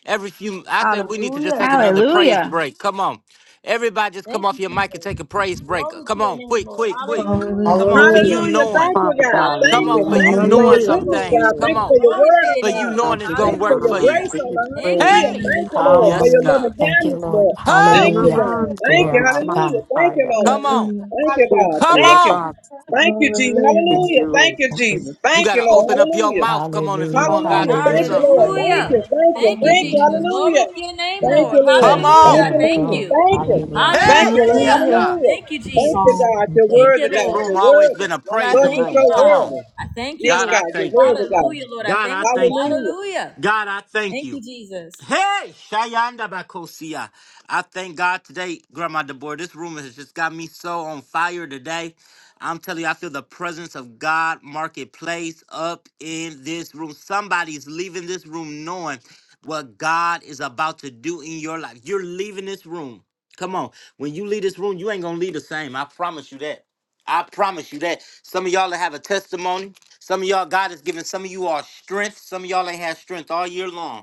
A: Every few I think we need to just
C: Hallelujah.
A: take another praise
N: Hallelujah.
A: break. Come on. Everybody just come
C: Thank
A: off
C: you,
A: your mic and
C: Jesus.
A: take a praise break.
C: Glory to
A: Come
C: your
A: on,
C: name,
A: quick,
C: Lord.
A: quick, quick.
C: Hallelujah.
K: Hallelujah,
A: Come on, for you
L: Hallelujah.
C: Thank
F: Hallelujah.
C: you,
A: knowing.
F: Thank
C: Jesus.
F: you,
B: Father
F: God.
B: God, in the
A: Come
F: Thank
K: hallelujah.
A: on,
F: you.
A: for
B: name
C: Hallelujah.
B: of
K: Hallelujah,
F: Thank
A: you
F: you
B: Jesus,
F: for your
A: knowing
C: Thank
K: hallelujah.
C: you,
A: some
L: Hallelujah.
F: goodness,
C: Lord.
F: God.
A: things. Come
F: Thank you
B: Lord,
F: for
A: on.
F: your
C: Glory to
F: word, oh
C: your
A: For
C: name,
A: you
F: God.
B: I
C: Lord.
A: knowing it's
B: give you
A: gonna
F: Thank you for
A: work for
F: your
B: honor. I
A: you.
C: Hallelujah.
F: grace,
B: give
F: oh
B: you
F: Lord.
C: Thank you,
B: praise.
F: Hallelujah.
A: Hey!
C: Jesus.
F: Thank
O: Only
F: you,
B: Thou
F: Lord, for
B: art
A: Yes,
F: your
P: Hallelujah.
B: for
A: God.
F: loving
P: Thank you,
F: kindness,
P: Lord.
F: Lord. Thank
B: in
A: Oh!
B: a
F: you,
P: Hallelujah.
F: God.
B: man
F: Thank
B: there.
F: you.
P: Glory to
B: I'm on
F: Hallelujah.
P: God.
F: Thank you,
B: fire.
F: Lord.
A: Come on.
F: Thank you, God.
B: Thank
A: Come
F: Thank
B: you,
F: you.
A: on.
B: Father.
F: Thank you, Jesus.
B: Thank
P: Thank
F: Hallelujah.
B: you,
P: you.
F: Thank
B: Lord.
F: you,
P: Thank you.
F: Jesus.
A: You
F: Thank you,
A: gotta
F: Lord.
A: open up your
F: Hallelujah.
A: mouth. Come on, if you
P: Hallelujah.
A: want
O: from
A: God
F: Hallelujah.
A: to do
F: Thank
P: Hallelujah.
F: you,
A: something for
F: Lord.
A: you.
F: Thank
C: Hallelujah.
P: Hallelujah.
F: you. Thank you.
C: Thank you,
P: Thank
F: Thank
P: you,
F: you.
C: Jesus.
O: the
P: Jesus.
C: Glory
F: Hallelujah.
C: to your name,
P: Glory,
F: Thank
C: Lord.
F: you, Lord.
A: Come
P: glory,
F: Thank
A: on.
C: Hallelujah.
F: you,
C: I
P: glory,
C: Thank
F: Lord.
O: Christian
P: glory.
C: you.
F: Thank you.
P: Hallelujah.
F: Thank
A: Hey!
F: you, Lord.
A: Yes,
C: Hallelujah.
K: Hallelujah, hallelujah.
A: God.
F: Hallelujah.
C: Thank you,
F: Thank
C: Jesus.
F: you,
P: Jesus.
F: God.
P: Thank
F: You're
P: you. Lord.
C: Thank
F: worthy,
C: you,
A: This
F: God.
C: Lord.
A: room
F: You're
A: always
F: worthy.
A: been a
C: Lord, I
F: Lord,
A: praising
C: thank
F: you're
C: you,
F: so
A: room. Come
C: Father.
A: on.
F: worthy.
C: I thank you,
F: Yes,
A: God,
C: Lord.
A: I
F: God. You're
A: thank you.
F: worthy, God.
C: Hallelujah, Lord. I
A: God, I
C: thank you.
A: thank you.
F: Hallelujah.
C: Hallelujah.
A: God, I thank
C: Thank
A: you.
C: you, Jesus.
A: Hey, Shayanda Bakosia. I thank God today, Grandma Deborah. This room has just got me so on fire today. I'm telling you, I feel the presence of God marketplace up in this room. Somebody's leaving this room knowing what God is about to do in your life. You're leaving this room. Come on. When you leave this room, you ain't going to leave the same. I promise you that. I promise you that. Some of y'all that have a testimony. Some of y'all, God has given some of you all strength. Some of y'all ain't had strength all year long.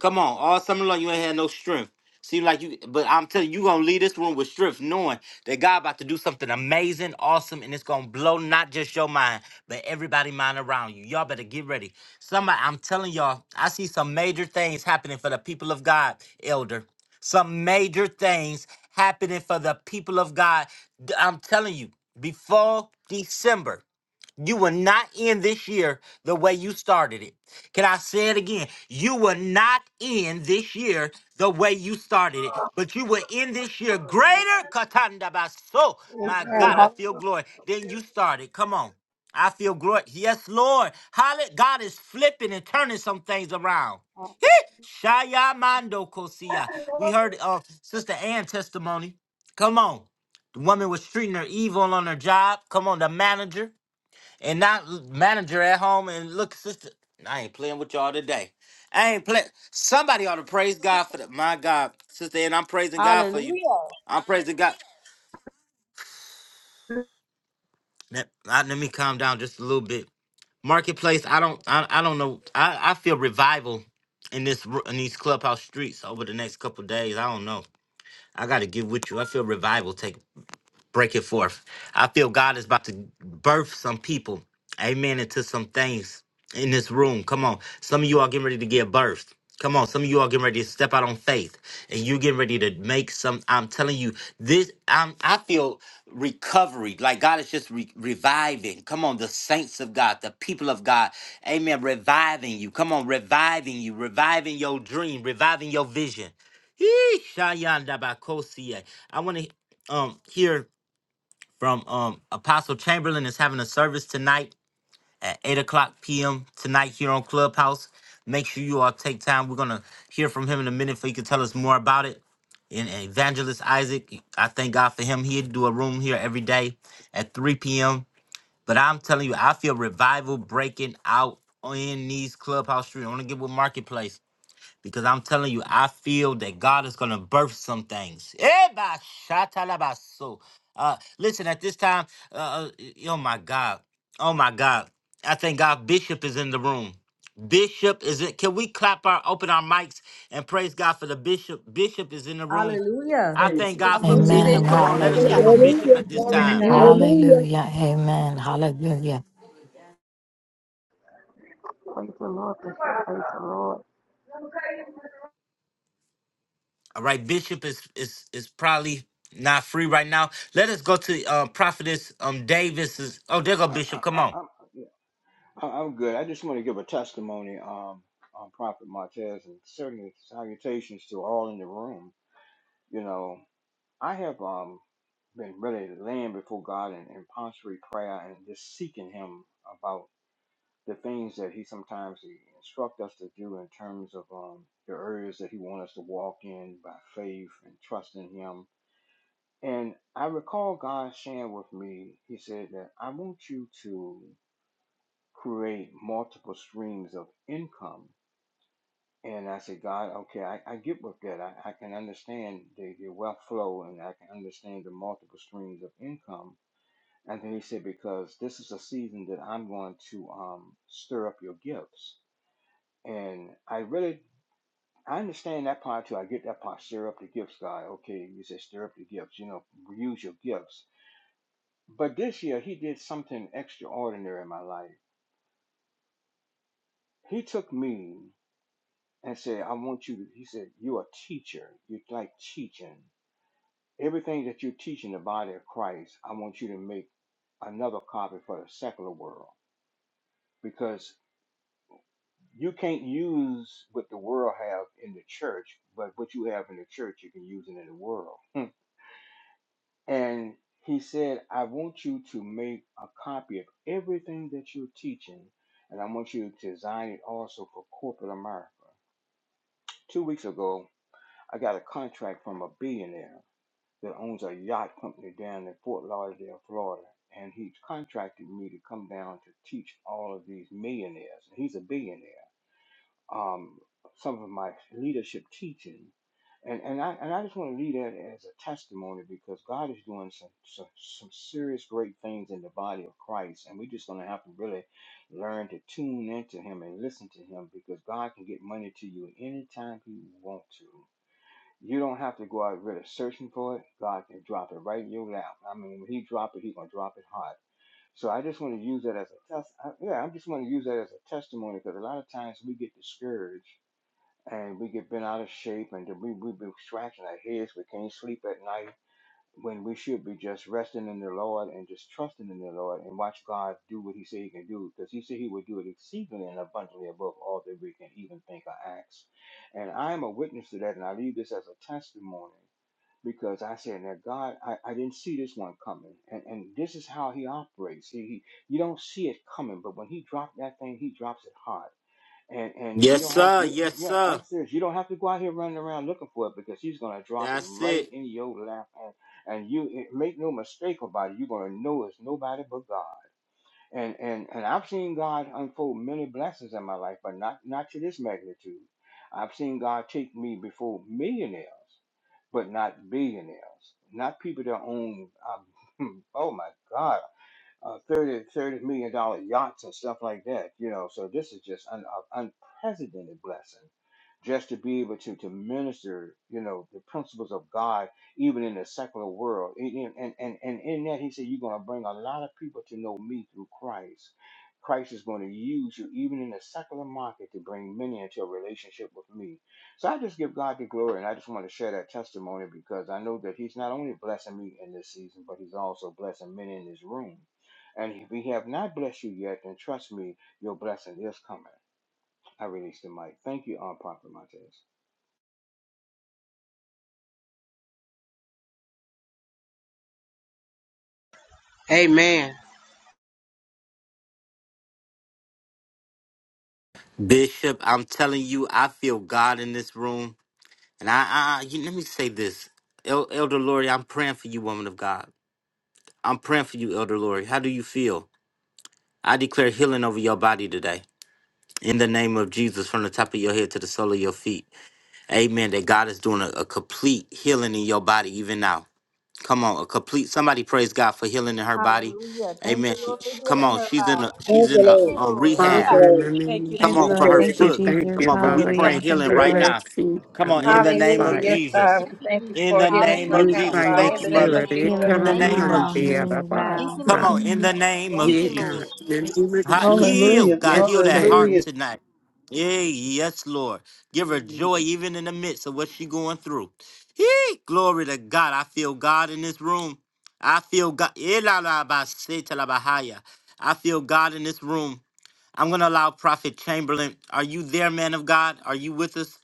A: Come on, all summer long you ain't had no strength. Seem like you, but I'm telling you, you gonna leave this room with strength, knowing that God about to do something amazing, awesome, and it's gonna blow not just your mind, but everybody mind around you. Y'all better get ready. Somebody, I'm telling y'all, I see some major things happening for the people of God, elder. Some major things happening for the people of God. D- I'm telling you, before December, you will not end this year the way you started it. Can I say it again? You will not end this year the way you started it, but you will end this year greater. Katanda baso. My
D: Praise
A: God, I feel glory. Then you started. Come on. I feel glory. Yes, Lord. Hallelujah. God is flipping and turning some things around. Heh. Shaya Mando Kosia. We heard uh, Sister Ann testimony. Come on. The woman was treating her evil on her job. Come on, the manager and not l- manager at home and look, sister, I ain't playing with y'all today. I ain't playing. Somebody ought to praise God for that. My God, sister, and I'm praising God for you.
C: Hallelujah.
A: I'm praising God. Let, let me calm down just a little bit. Marketplace, I don't, I, I don't know. I, I feel revival in this ru- in these clubhouse streets over the next couple days. I don't know. I got to get with you. I feel revival taking break it forth. I feel God is about to birth some people, amen, into some things in this room. Come on. Some of you are getting ready to give birth. Come on, some of you are getting ready to step out on faith, and you getting ready to make some. I'm telling you, this. I'm. I feel recovery, like God is just re- reviving. Come on, the saints of God, the people of God, Amen. Reviving you. Come on, reviving you, reviving your dream, reviving your vision. Yee, Shayandabakosia. I want to um hear from um Apostle Chamberlain is having a service tonight at 8 o'clock p.m. tonight here on Clubhouse. Make sure you all take time. We're gonna hear from him in a minute so he can tell us more about it. And Evangelist Isaac, I thank God for him. He'd do a room here every day at 3 p.m. But I'm telling you, I feel revival breaking out in these clubhouse streets. I want to get with Marketplace. Because I'm telling you, I feel that God is going to birth some things. Eh, ba, sha, ta, la, ba, so. Uh, listen, at this time, uh, uh, oh my God. Oh my God. I thank God Bishop is in the room. Bishop is in. Can we clap our, open our mics and praise God for the Bishop? Bishop is in the room.
C: Hallelujah.
A: I thank God
C: God
A: for
C: bless you,
P: Amen.
A: Bishop.
K: Hallelujah,
A: Come
C: Bishop.
A: on, let us hear
Q: Hallelujah,
A: from
P: Hallelujah.
Q: Jesus.
A: Bishop
F: Hallelujah.
A: at this
Q: Glory to
A: time.
Q: God.
K: hallelujah.
F: Hallelujah.
P: Hallelujah. Amen. Hallelujah.
D: the Lord. Praise the Lord.
A: All right, Bishop is is is probably not free right now. Let us go to uh, Prophetess um Davis. Oh, there go
R: I,
A: Bishop. Come
R: I,
A: on.
R: I'm, yeah, I- I'm good. I just want to give a testimony um, on Prophet Martez and certainly salutations to all in the room. You know, I have um, been really laying before God in, in posture prayer and just seeking Him about the things that He sometimes he instruct us to do in terms of um, the areas that He wants us to walk in by faith and trusting Him. And I recall God sharing with me, He said that I want you to create multiple streams of income. And I said, God, okay, I, I get with that. I, I can understand the, the wealth flow and I can understand the multiple streams of income. And then he said, because this is a season that I'm going to um, stir up your gifts. And I really, I understand that part too. I get that part, stir up the gifts, God. Okay, you said stir up the gifts, you know, use your gifts. But this year, he did something extraordinary in my life. He took me and said, I want you to, he said, you're a teacher. You like teaching. Everything that you're teaching the body of Christ, I want you to make another copy for the secular world because you can't use what the world have in the church, but what you have in the church, you can use it in the world. Hmm. And he said, I want you to make a copy of everything that you're teaching, and I want you to design it also for corporate America. Two weeks ago, I got a contract from a billionaire that owns a yacht company down in Fort Lauderdale, Florida, and he's contracted me to come down to teach all of these millionaires. He's a billionaire. Um, some of my leadership teaching, and and I and I just want to leave that as a testimony because God is doing some some, some serious great things in the body of Christ, and we're just going to have to really learn to tune into Him and listen to Him because God can get money to you anytime He wants to. You don't have to go out really searching for it. God can drop it right in your lap. I mean, when He drop it, He gonna drop it hard. So I just want to use that as a test. I, yeah, I just want to use that as a testimony because a lot of times we get discouraged and we get bent out of shape and we we have been scratching our heads. We can't sleep at night when we should be just resting in the Lord and just trusting in the Lord and watch God do what He said He can do because He said He would do it exceedingly and abundantly above all that we can even think or ask. And I am a witness to that, and I leave this as a testimony because I said, now God, I, I didn't see this one coming. And, and this is how he operates. He, he you don't see it coming, but when he dropped that thing, he drops it hard. And and you
A: Yes,
R: don't have
A: sir.
R: to you-
A: Yes,
R: yeah,
A: sir.
R: I'm serious. You don't have to go out here running around looking for it because he's gonna drop it
A: That's
R: right
A: it.
R: in your lap and, and you make no mistake about it, you're gonna know it's nobody but God. And and and I've seen God unfold many blessings in my life, but not not to this magnitude. I've seen God take me before millionaires, but not billionaires. Not people that own. Um, oh my God uh, 30, thirty million dollar yachts and stuff like that, you know. So this is just an uh, unprecedented blessing just to be able to, to minister, you know, the principles of God, even in the secular world. And, and, and, and and in that, he said, you're going to bring a lot of people to know me through Christ. Christ is going to use you, even in the secular market, to bring many into a relationship with me. So I just give God the glory, and I just want to share that testimony because I know that He's not only blessing me in this season, but He's also blessing many in this room and if we have not blessed you yet, then trust me, your blessing is coming. I release the mic. Thank you, um, Prophet Montez.
F: Amen.
A: Bishop, I'm telling you, I feel God in this room. And I, I you, let me say this. El- Elder Lori, I'm praying for you, woman of God. I'm praying for you, Elder Lori. How do you feel? I declare healing over your body today. In the name of Jesus, from the top of your head to the sole of your feet. Amen. That God is doing a, a complete healing in your body even now. Come on, a complete somebody praise God for healing in her body.
C: Hallelujah. Thank
A: Amen.
C: you,
A: She,
C: Lord, for
A: she- come
C: healing
A: on,
C: her,
A: she's in a
C: Father.
F: Thank
A: she's
F: you,
A: in a,
C: Thank
F: Lord.
C: you,
A: a
F: Thank
C: Lord.
A: rehab.
F: you,
B: Father, in
F: Lord.
B: the name of
A: Come
N: Praise the
A: on,
F: Thank
A: for
F: you,
N: Lord.
A: her
B: Jesus,
N: Thank
F: Lord.
N: you,
B: we
A: foot.
B: thank
N: Jesus.
A: Come
B: you,
A: on, but we
B: Father
A: praying
N: Hallelujah.
B: God,
N: Thank
A: healing
N: you,
F: Thank
B: for
F: you,
A: right
F: Lord.
N: Lord.
B: that
A: now.
B: seed
A: Come
B: of
A: on, in the name
M: Hallelujah.
A: of
B: Messiah.
M: Yes,
A: Jesus.
M: God. We thank you
A: In
M: for
A: the
M: healing
A: name
M: right
A: of
B: Move
C: Hallelujah.
M: now,
B: by
A: Jesus.
M: Father,
B: your
A: Thank
M: in
A: you,
M: the
C: Glory to your
M: name
A: mother.
B: spirit.
M: of
C: name, Lord.
M: Jesus.
N: Healing
A: In
N: is
A: the
C: Thank
O: side,
C: you,
A: name of
N: now.
B: Ekaramande
C: Father.
N: Healing
A: Jesus.
N: is
C: Thank
N: now.
C: you,
A: Come
B: arabasa.
A: on,
C: Lord.
A: in the name of
C: Thank
B: Yeah,
C: you,
B: God.
C: Lord.
A: Jesus.
B: In the name of
A: Ha-
B: Jesus.
A: Heal,
K: Hallelujah, hallelujah,
A: God,
B: Yes,
A: heal that
B: say,
A: heart
K: hallelujah,
B: Lord.
A: tonight. Yeah, yes, Lord. Give her joy even in the midst of what she going through. Hey, glory to God. I feel God in this room. I feel God. I feel God in this room. I'm going to allow Prophet Chamberlain. Are you there, man of God? Are you with us,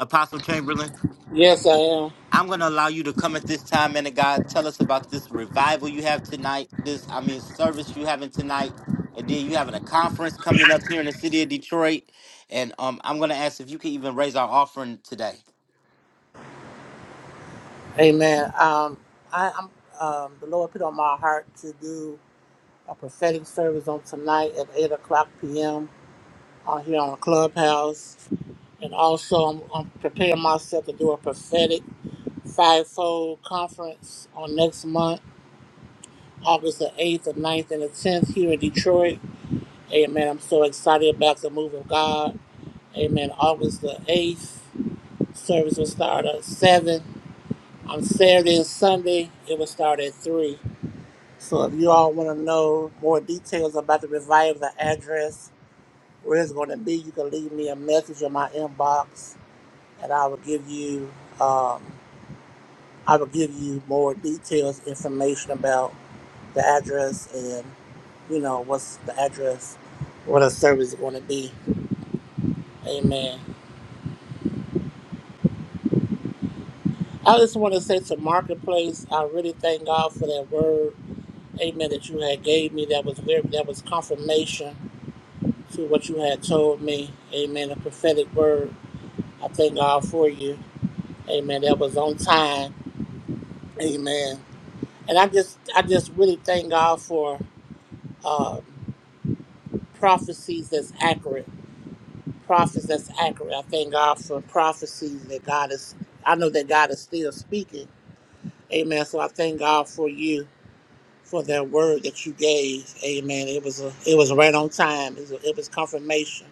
A: Apostle Chamberlain?
L: Yes, I am.
A: I'm going to allow you to come at this time, man of God. Tell us about this revival you have tonight, this, I mean, service you having tonight. And then you having a conference coming up here in the city of Detroit. And um, I'm going to ask if you can even raise our offering today.
L: Amen. Um, I, I'm um, the Lord put on my heart to do a prophetic service on tonight at eight o'clock p.m. on here on the clubhouse, and also I'm, I'm preparing myself to do a prophetic fivefold conference on next month, August the eighth, the ninth, and the tenth here in Detroit. Amen. I'm so excited about the move of God. Amen. August the eighth service will start at seven. On Saturday and Sunday, it will start at three. So if you all want to know more details about the revival, the address, where it's going to be, you can leave me a message in my inbox, and I will give you um, I will give you more details, information about the address, and you know what's the address, what the service is going to be. Amen. I just want to say to Marketplace, I really thank God for that word. Amen. That you had gave me that was very that was confirmation to what you had told me. Amen. A prophetic word. I thank God for you. Amen. That was on time. Amen. And I just, I just really thank God for uh, prophecies that's accurate. Prophets that's accurate. I thank God for prophecies that God is. I know that God is still speaking. Amen. So I thank God for you for that word that you gave. Amen. It was a, it was right on time. It was, it was confirmation.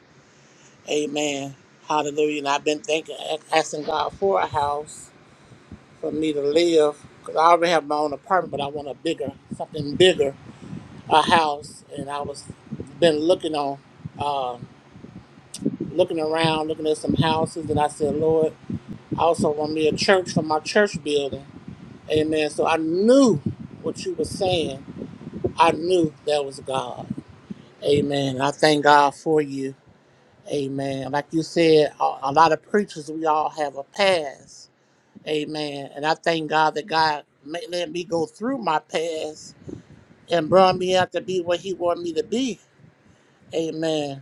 L: Amen. Hallelujah. And I've been thinking, asking God for a house for me to live. Because I already have my own apartment, but I want a bigger, something bigger, a house. And I was been looking on, um, looking around, looking at some houses. And I said, Lord, I also want me a church for my church building. Amen. So I knew what you were saying. I knew that was God. Amen. And I thank God for you. Amen. Like you said, a, a lot of preachers, we all have a past Amen. And I thank God that God ma- let me go through my past and brought me out to be what He wanted me to be. Amen.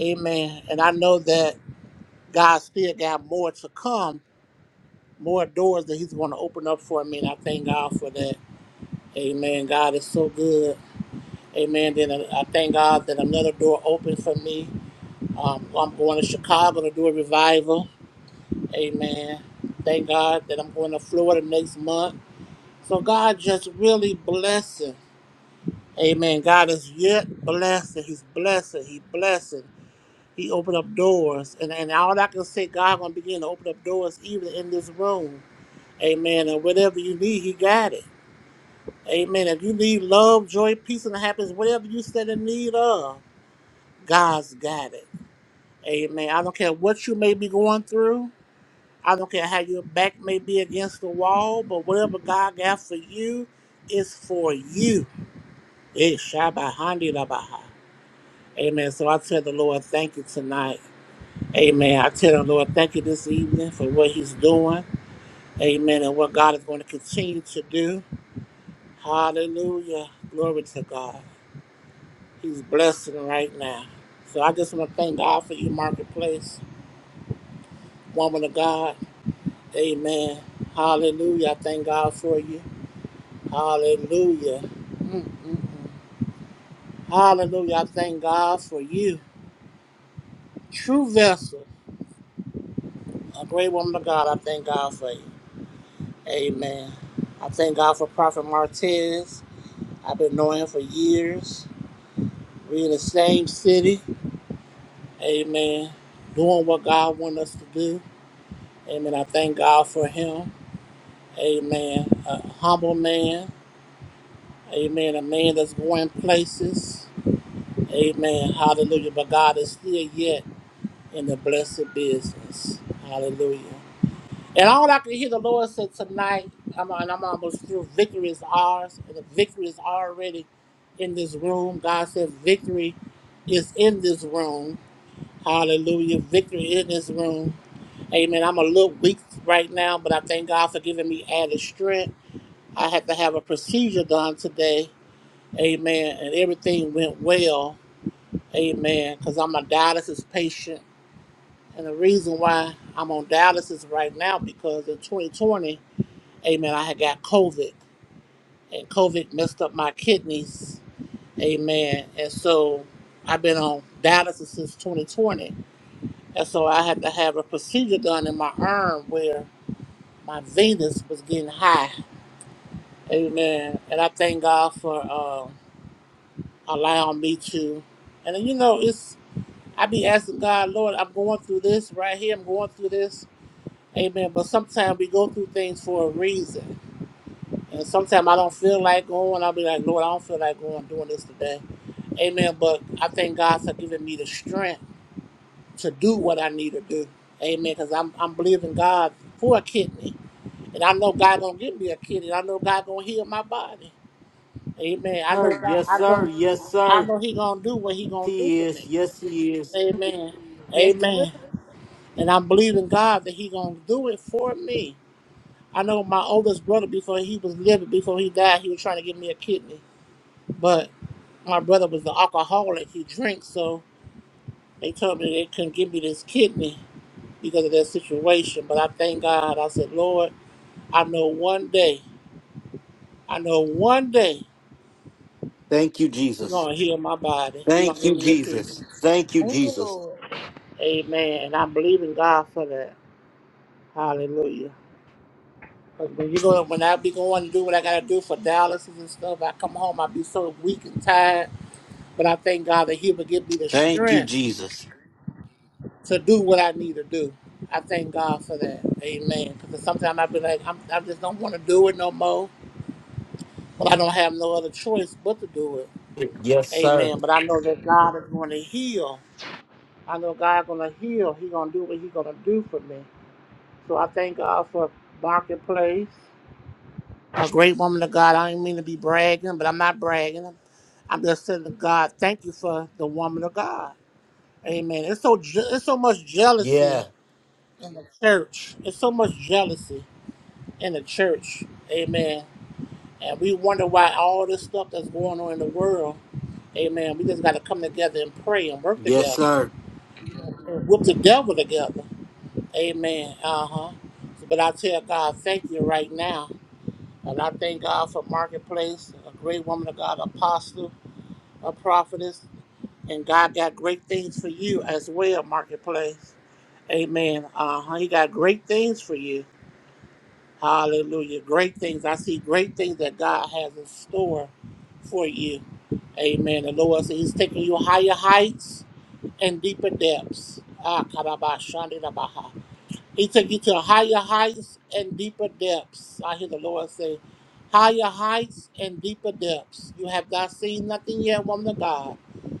L: Amen. And I know that God still got more to come, more doors that He's going to open up for me. And I thank God for that. Amen. God is so good. Amen. Then I I thank God that another door opened for me. Um, I'm going to Chicago to do a revival. Amen. Thank God that I'm going to Florida next month. So God just really blessing. Amen. God is yet blessing. He's blessing. He blessing. He opened up doors. And, and all I can say, God gonna begin to open up doors even in this room. Amen. And whatever you need, he got it. Amen. If you need love, joy, peace, and happiness, whatever you stand in need of, God's got it. Amen. I don't care what you may be going through. I don't care how your back may be against the wall, but whatever God got for you is for you. It's Shabbat Handi Amen. So I tell the Lord, thank you tonight. Amen. I tell the Lord, thank you this evening for what He's doing. Amen. And what God is going to continue to do. Hallelujah. Glory to God. He's blessing right now. So I just want to thank God for you, Marketplace, woman of God. Amen. Hallelujah. I thank God for you. Hallelujah. Mm. Hallelujah. I thank God for you. True vessel. A great woman of God. I thank God for you. Amen. I thank God for Prophet Martez. I've been knowing him for years. We in the same city. Amen. Doing what God wants us to do. Amen. I thank God for him. Amen. A humble man. Amen. A man that's going places. Amen. Hallelujah. But God is still yet in the blessed business. Hallelujah. And all I can hear the Lord said tonight, I'm, and I'm almost through, victory is ours, and the victory is already in this room. God said, victory is in this room. Hallelujah. Victory is in this room. Amen. I'm a little weak right now, but I thank God for giving me added strength. I had to have a procedure done today. Amen. And everything went well. Amen. Because I'm a dialysis patient. And the reason why I'm on dialysis right now, because in 2020, Amen. I had got COVID, and COVID messed up my kidneys. Amen. And so I've been on dialysis since 2020, and so I had to have a procedure done in my arm where my venous was getting high. Amen. And I thank God for uh, allowing me to. And then, you know, it's I be asking God, Lord, I'm going through this right here. I'm going through this. Amen. But sometimes we go through things for a reason. And sometimes I don't feel like going. I'll be like, Lord, I don't feel like going I'm doing this today. Amen. But I thank God for giving me the strength to do what I need to do. Amen. Because I'm, I'm believing God for a kidney. And I know God gonna give me a kidney. I know God gonna heal my body. Amen. I know
A: Sir,
L: God
A: yes,
L: I
A: sir.
L: know
A: Yes,
L: I
A: sir.
L: know He gonna do what He gonna do
A: He
L: for
A: is.
L: me.
A: Yes, he is.
L: Amen.
C: Yes, Lord.
L: Amen.
C: thank
L: And I'm believing God that He gonna do it for me. I know my oldest brother before he was living, before he died, he was trying to give me a kidney. but. my brother was an alcoholic. He drank, so they told me they couldn't give me this kidney because of that situation. But I thank God. I said, Lord, I know one day, I know one day
A: Thank you,
L: you're
A: Jesus.
L: going to heal my body. You're
A: Thank
L: going to
A: you,
L: give me a kidney.
A: Jesus. Thank you,
C: you,
A: Jesus.
C: Lord.
L: Amen. And I believe in God for that. Hallelujah. 'Cause when you go, when I be going to do what I gotta do for dialysis and stuff, I come home, I be so weak and tired. But I thank God that He will give me the
A: Thank you,
L: strength
A: Jesus.
L: to do what I need to do. I thank God for that. Amen. Because sometimes I've been like, I'm, I just don't want to do it no more. Well, I don't have no other choice but to do it.
A: Yes, sir.
L: Amen. But I know that God is going to heal. I know God going to heal. He going to do what He going to do for me. So I thank God for Marketplace, a great woman of God. I don't mean to be bragging, but I'm not bragging. I'm just saying to God, thank you for the woman of God. Amen. It's so je- it's so much jealousy
A: Yeah.
L: in the church. It's so much jealousy in the church. Amen. And we wonder why all this stuff that's going on in the world. Amen. We just got to come together and pray and work
A: Yes,
L: together,
A: sir.
L: and whoop the devil together. Amen. Uh huh. But I tell God, thank you right now. And I thank God for Marketplace, a great woman of God, apostle, a prophetess. And God got great things for you as well, Marketplace. Amen. Uh huh. He got great things for you. Hallelujah. Great things. I see great things that God has in store for you. Amen. The Lord said He's taking you higher heights and deeper depths. Ah, karaba shandi da baha. He took you to higher heights and deeper depths. I hear the Lord say, higher heights and deeper depths. You have not seen nothing yet, woman of God,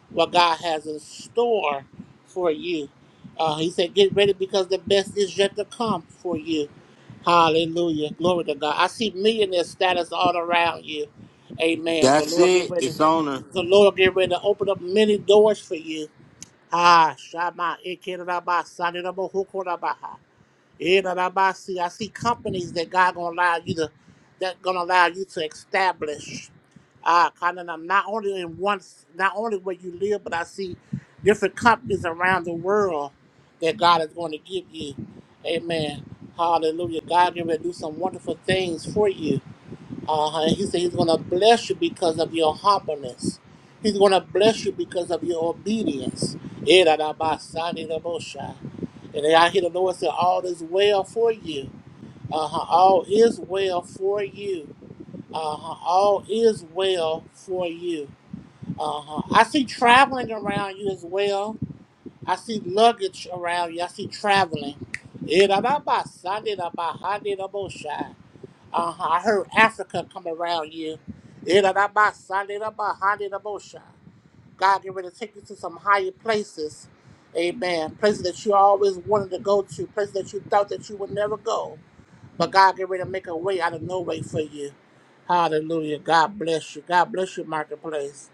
L: what God has in store for you. Uh, he said, get ready because the best is yet to come for you. Hallelujah. Glory to God. I see millionaire status all around you. Amen. The
A: That's
L: Lord get
A: it.
L: ready.
A: It's on her.
L: The Lord get ready to open up many doors for you. Ah, Shama, Ikiraba, Saniraba, Hukorabaha. Yeah, that I buy- see. I see companies that God gonna allow you to, that gonna allow you to establish. Uh, kind of not only in one, not only where you live, but I see different companies around the world that God is going to give you. Amen. Hallelujah. God is going to do some wonderful things for you. Uh-huh. he said he's going to bless you because of your humbleness. He's going to bless you because of your obedience. Eh, da, da, ba, sa, ni, da, bo, sha. And then I hear the Lord say, all is well for you. Uh-huh. All is well for you. Uh-huh. All is well for you. Uh-huh. I see traveling around you as well. I see luggage around you. I see traveling. Eh, da, da, ba, sa, ni, da, ba, ha, ni, da, bo, sha. Uh-huh. I heard Africa come around you. Iraraba, sariraba, harirabosha. God get ready to take you to some higher places. Amen. Places that you always wanted to go to, places that you thought that you would never go. But God get ready to make a way out of no way for you. Hallelujah. God bless you. God bless your marketplace.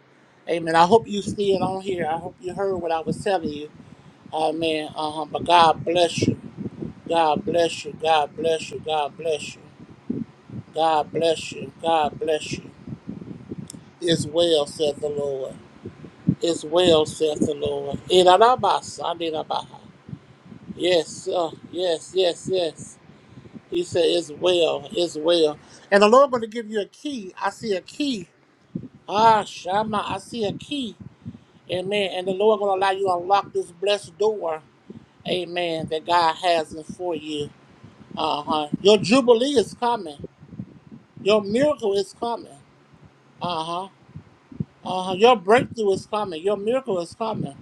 L: Amen. I hope you see it on here. I hope you heard what I was telling you. Amen. Uh-huh. But God bless you. God bless you. God bless you. God bless you. God bless you. God bless you. It's well, saith the Lord. It's well, saith the Lord. Irarabasandirabaha. Yes, uh, yes, yes, yes. He said, It's well, it's well. And the Lord going to give you a key. I see a key. Ah, Shama, I see a key. Amen. And the Lord going to allow you to unlock this blessed door. Amen. That God has in for you. Uh huh. Your jubilee is coming. Your miracle is coming. Uh huh. Uh, your breakthrough is coming. Your miracle is coming.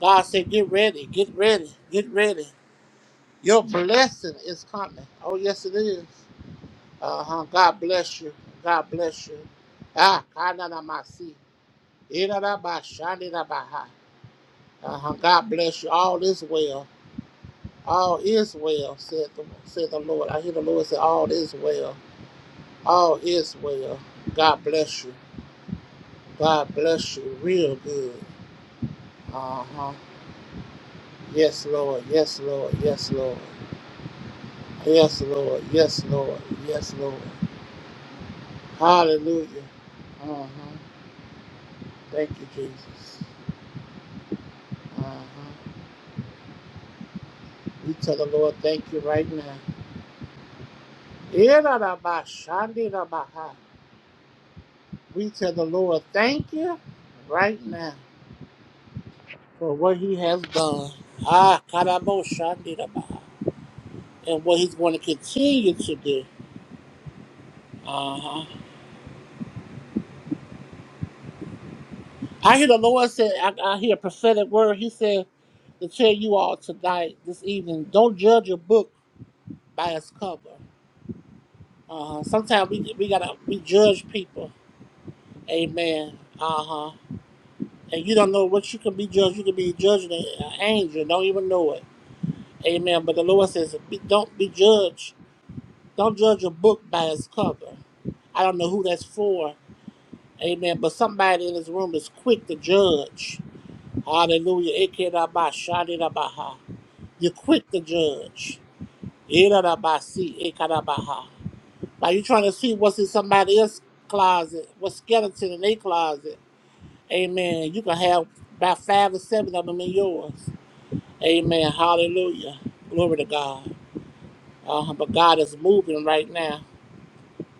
L: God said, get ready, get ready, get ready. Your blessing is coming. Oh, yes, it is. Uh-huh. God bless you. God bless you. Ah, kananamasi. Irarabashanirabaha. Uh-huh. God bless you. All is well. All is well, said the, said the Lord. I hear the Lord say, all is well. All is well. God bless you. God bless you real good. Uh-huh. Yes, Lord. Yes, Lord. Yes, Lord. Yes, Lord. Yes, Lord. Yes, Lord. Hallelujah. Uh-huh. Thank you, Jesus. Uh-huh. We tell the Lord, thank you right now. Irarabashandirabaha. We tell the Lord, thank you right now for what he has done. Ah, karaboshandirabaha. And what he's going to continue to do. Uh-huh. I hear the Lord say, I, I hear a prophetic word. He said. to tell you all tonight, this evening, don't judge a book by its cover. Uh, sometimes we we gotta we judge people. Amen. Uh huh. And you don't know what you can be judged. You can be judging an angel. Don't even know it. Amen. But the Lord says, be, don't be judged. Don't judge a book by its cover. I don't know who that's for. Amen. But somebody in this room is quick to judge. Hallelujah. Ekerabashadirabaha. You're quick to judge. Irarabasi ekarabaha. Like you trying to see what's in somebody else's closet, what skeleton in their closet. Amen. You can have about five or seven of them in yours. Amen. Hallelujah. Glory to God. Uh, but God is moving right now.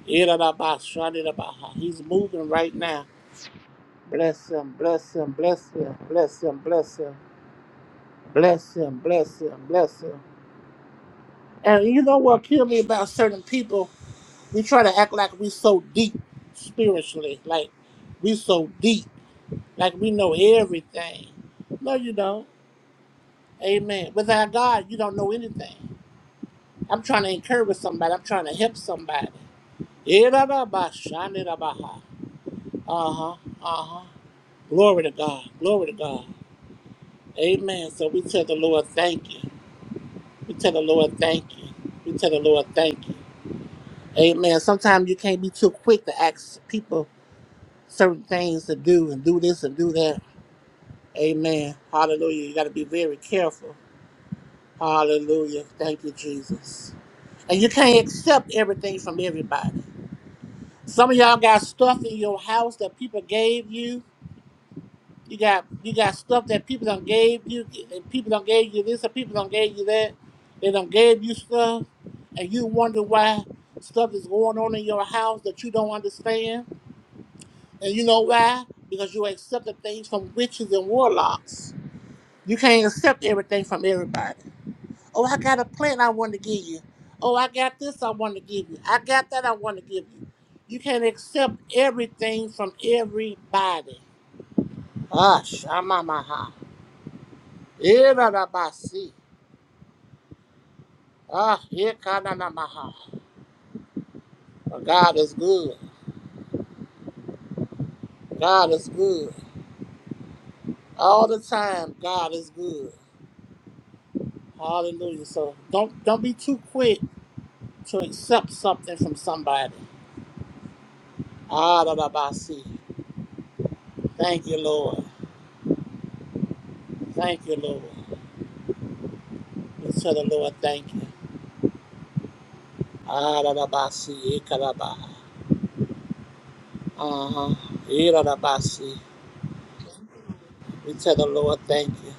L: Irababa, shadidabaha. He's moving right now. Bless him, bless him, bless him, bless him, bless him, bless him, bless him, bless him. And you know what killed me about certain people? We try to act like we so deep spiritually, like we so deep. like we know everything. No, you don't. Amen. Without God, you don't know anything. I'm trying to encourage somebody. I'm trying to help somebody. Irabashanirabaha. Uh-huh. Uh-huh. Glory to God. Glory to God. Amen. So we tell the Lord thank you. We tell the Lord thank you. We tell the Lord thank you. Amen. Sometimes you can't be too quick to ask people certain things to do and do this and do that. Amen. Hallelujah. You got to be very careful. Hallelujah. Thank you, Jesus. And you can't accept everything from everybody. Some of y'all got stuff in your house that people gave you. You got you got stuff that people don't gave you. and People don't gave you this, and people don't gave you that. They don't gave you stuff, and you wonder why stuff is going on in your house that you don't understand. And you know why? Because you accepted things from witches and warlocks. You can't accept everything from everybody. Oh, I got a plant I want to give you. Oh, I got this I want to give you. I got that I want to give you. You can't accept everything from everybody. Ah, shamamaha. Irarabasi. Ah, ikananamaha. God is good. God is good. All the time, God is good. Hallelujah. So don't don't be too quick to accept something from somebody. Ah, da, da, ba, see. Thank you, Lord. Thank you, Lord. We tell the Lord, thank you. Ararabasi, Ikaraba. Uh-huh. Irarabasi. We tell the Lord thank you.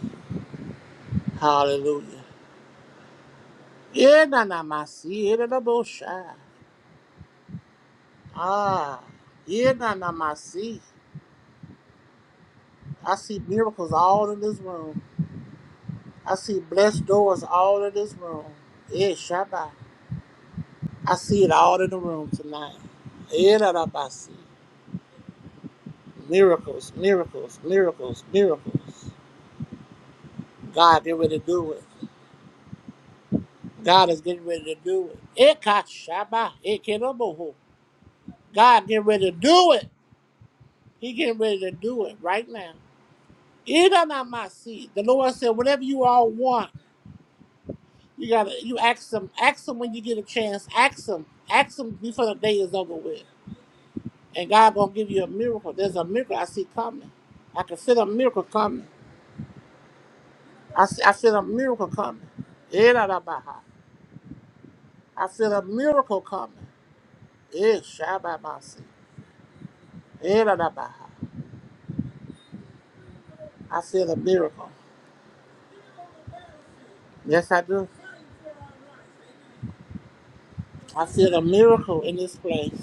L: Hallelujah. Yenanamasi, Irarabosha. Ah. Yenanamasi. I see miracles all in this room. I see blessed doors all in this room. Yeah, Shabbat. I see it all in the room tonight. Irarabasi. Miracles, miracles, miracles, miracles. God, get ready to do it. God is getting ready to do it. Ikashaba, ikiroboho. God getting ready to do it. He getting ready to do it right now. Idanamasi. The Lord said, whatever you all want, you gotta you ask them. Ask them when you get a chance. Ask them. Ask them before the day is over with. And God gonna give you a miracle. There's a miracle I see coming. I can feel a miracle coming. I see, I feel a miracle coming. Idanabaha. I feel a miracle coming. Ishabamasi. Idanabaha. I feel a miracle. Yes, I do. I feel a miracle in this place.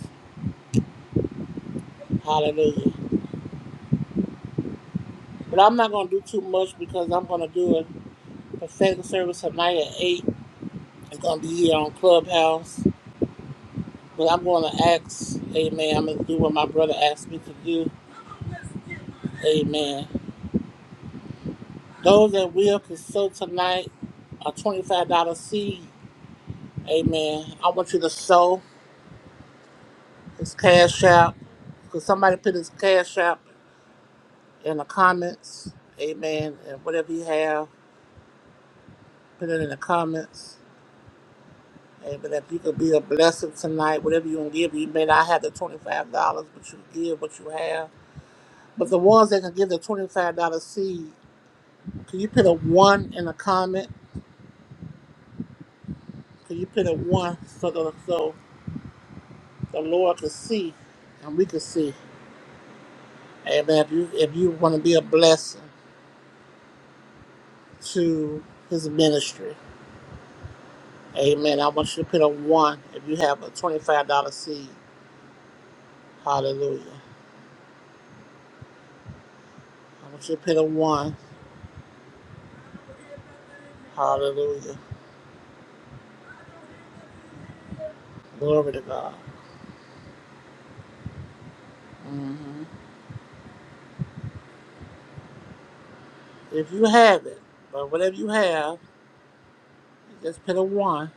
L: Hallelujah. But I'm not going to do too much because I'm going to do a prophetic service tonight at 8. It's going to be here on Clubhouse. But I'm going to ask, amen, I'm going to do what my brother asked me to do. Amen. Those that will can sow tonight a $25 seed. Amen. I want you to sow. It's cash out. Could somebody put his cash out in the comments? Amen. And whatever you have. put it in the comments. Hey, but if you could be a blessing tonight, whatever you can give, you may not have the $25, but you give what you have. But the ones that can give the $25 seed, can you put a one in the comment? Can you put a one so the, so the Lord can see and we can see? Amen. If you, if you want to be a blessing to his ministry, amen. I want you to put a one if you have a $25 seed. Hallelujah. I want you to put a one. Hallelujah. Glory to God. hmm If you have it, but whatever you have, just put a one.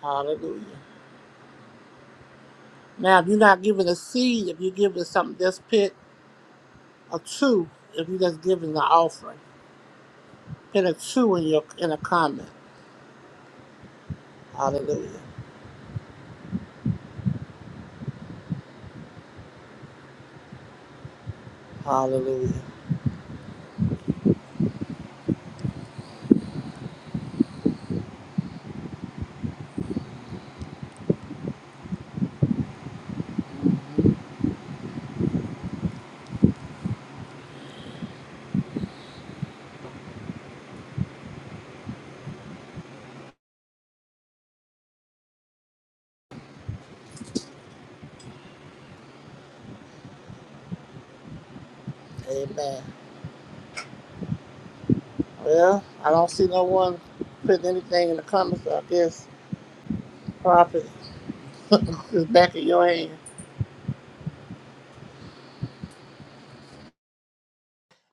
L: Hallelujah. Now, if you're not giving a seed, if you're giving something, just put a two. If you're just giving the offering, put a two in your in a comment. Hallelujah. Hallelujah. Amen. Well, I don't see no one putting anything in the comments. So I guess prophet is back in your hands.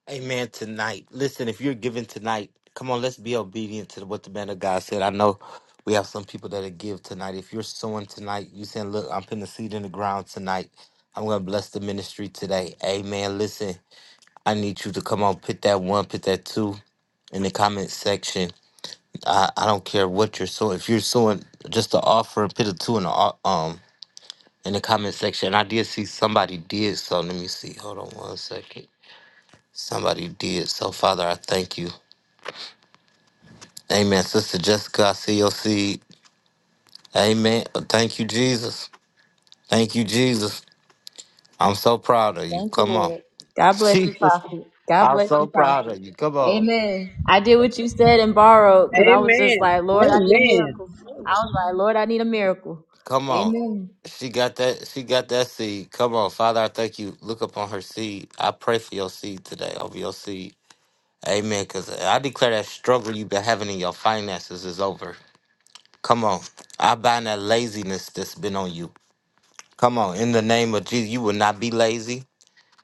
A: Amen. Tonight. Listen, if you're giving tonight, come on, let's be obedient to what the man of God said. I know we have some people that'll give tonight. If you're sowing tonight, you saying, Look, I'm putting a seed in the ground tonight. I'm gonna bless the ministry today. Amen. Listen, I need you to come on, put that one, put that two in the comment section. I, I don't care what you're sowing. If you're sowing just the offer, put a two in the o- um in the comment section. I did see somebody did so. Let me see. Hold on one second. Somebody did so. Father, I thank you. Amen. Sister Jessica, I see your seed. Amen. Thank you, Jesus. Thank you, Jesus. I'm so proud of you.
C: Thank you,
A: Come on.
C: Lord. God bless you,
A: Jesus.
C: Prophet. God
A: I'm
C: bless
A: so
C: you,
A: proud
C: Prophet.
A: of you. Come on.
C: Amen. I did what you said and borrowed because I was just
F: Amen.
C: like, Lord, I need a
F: Amen.
C: miracle. I was like, Lord, I need a miracle.
A: Come on.
C: Amen.
A: She got that. She got that seed. Come on, Father. I thank you. Look upon her seed. I pray for your seed today, over your seed. Amen. Because I declare that struggle you've been having in your finances is over. Come on. I bind that laziness that's been on you. Come on. In the name of Jesus, you will not be lazy.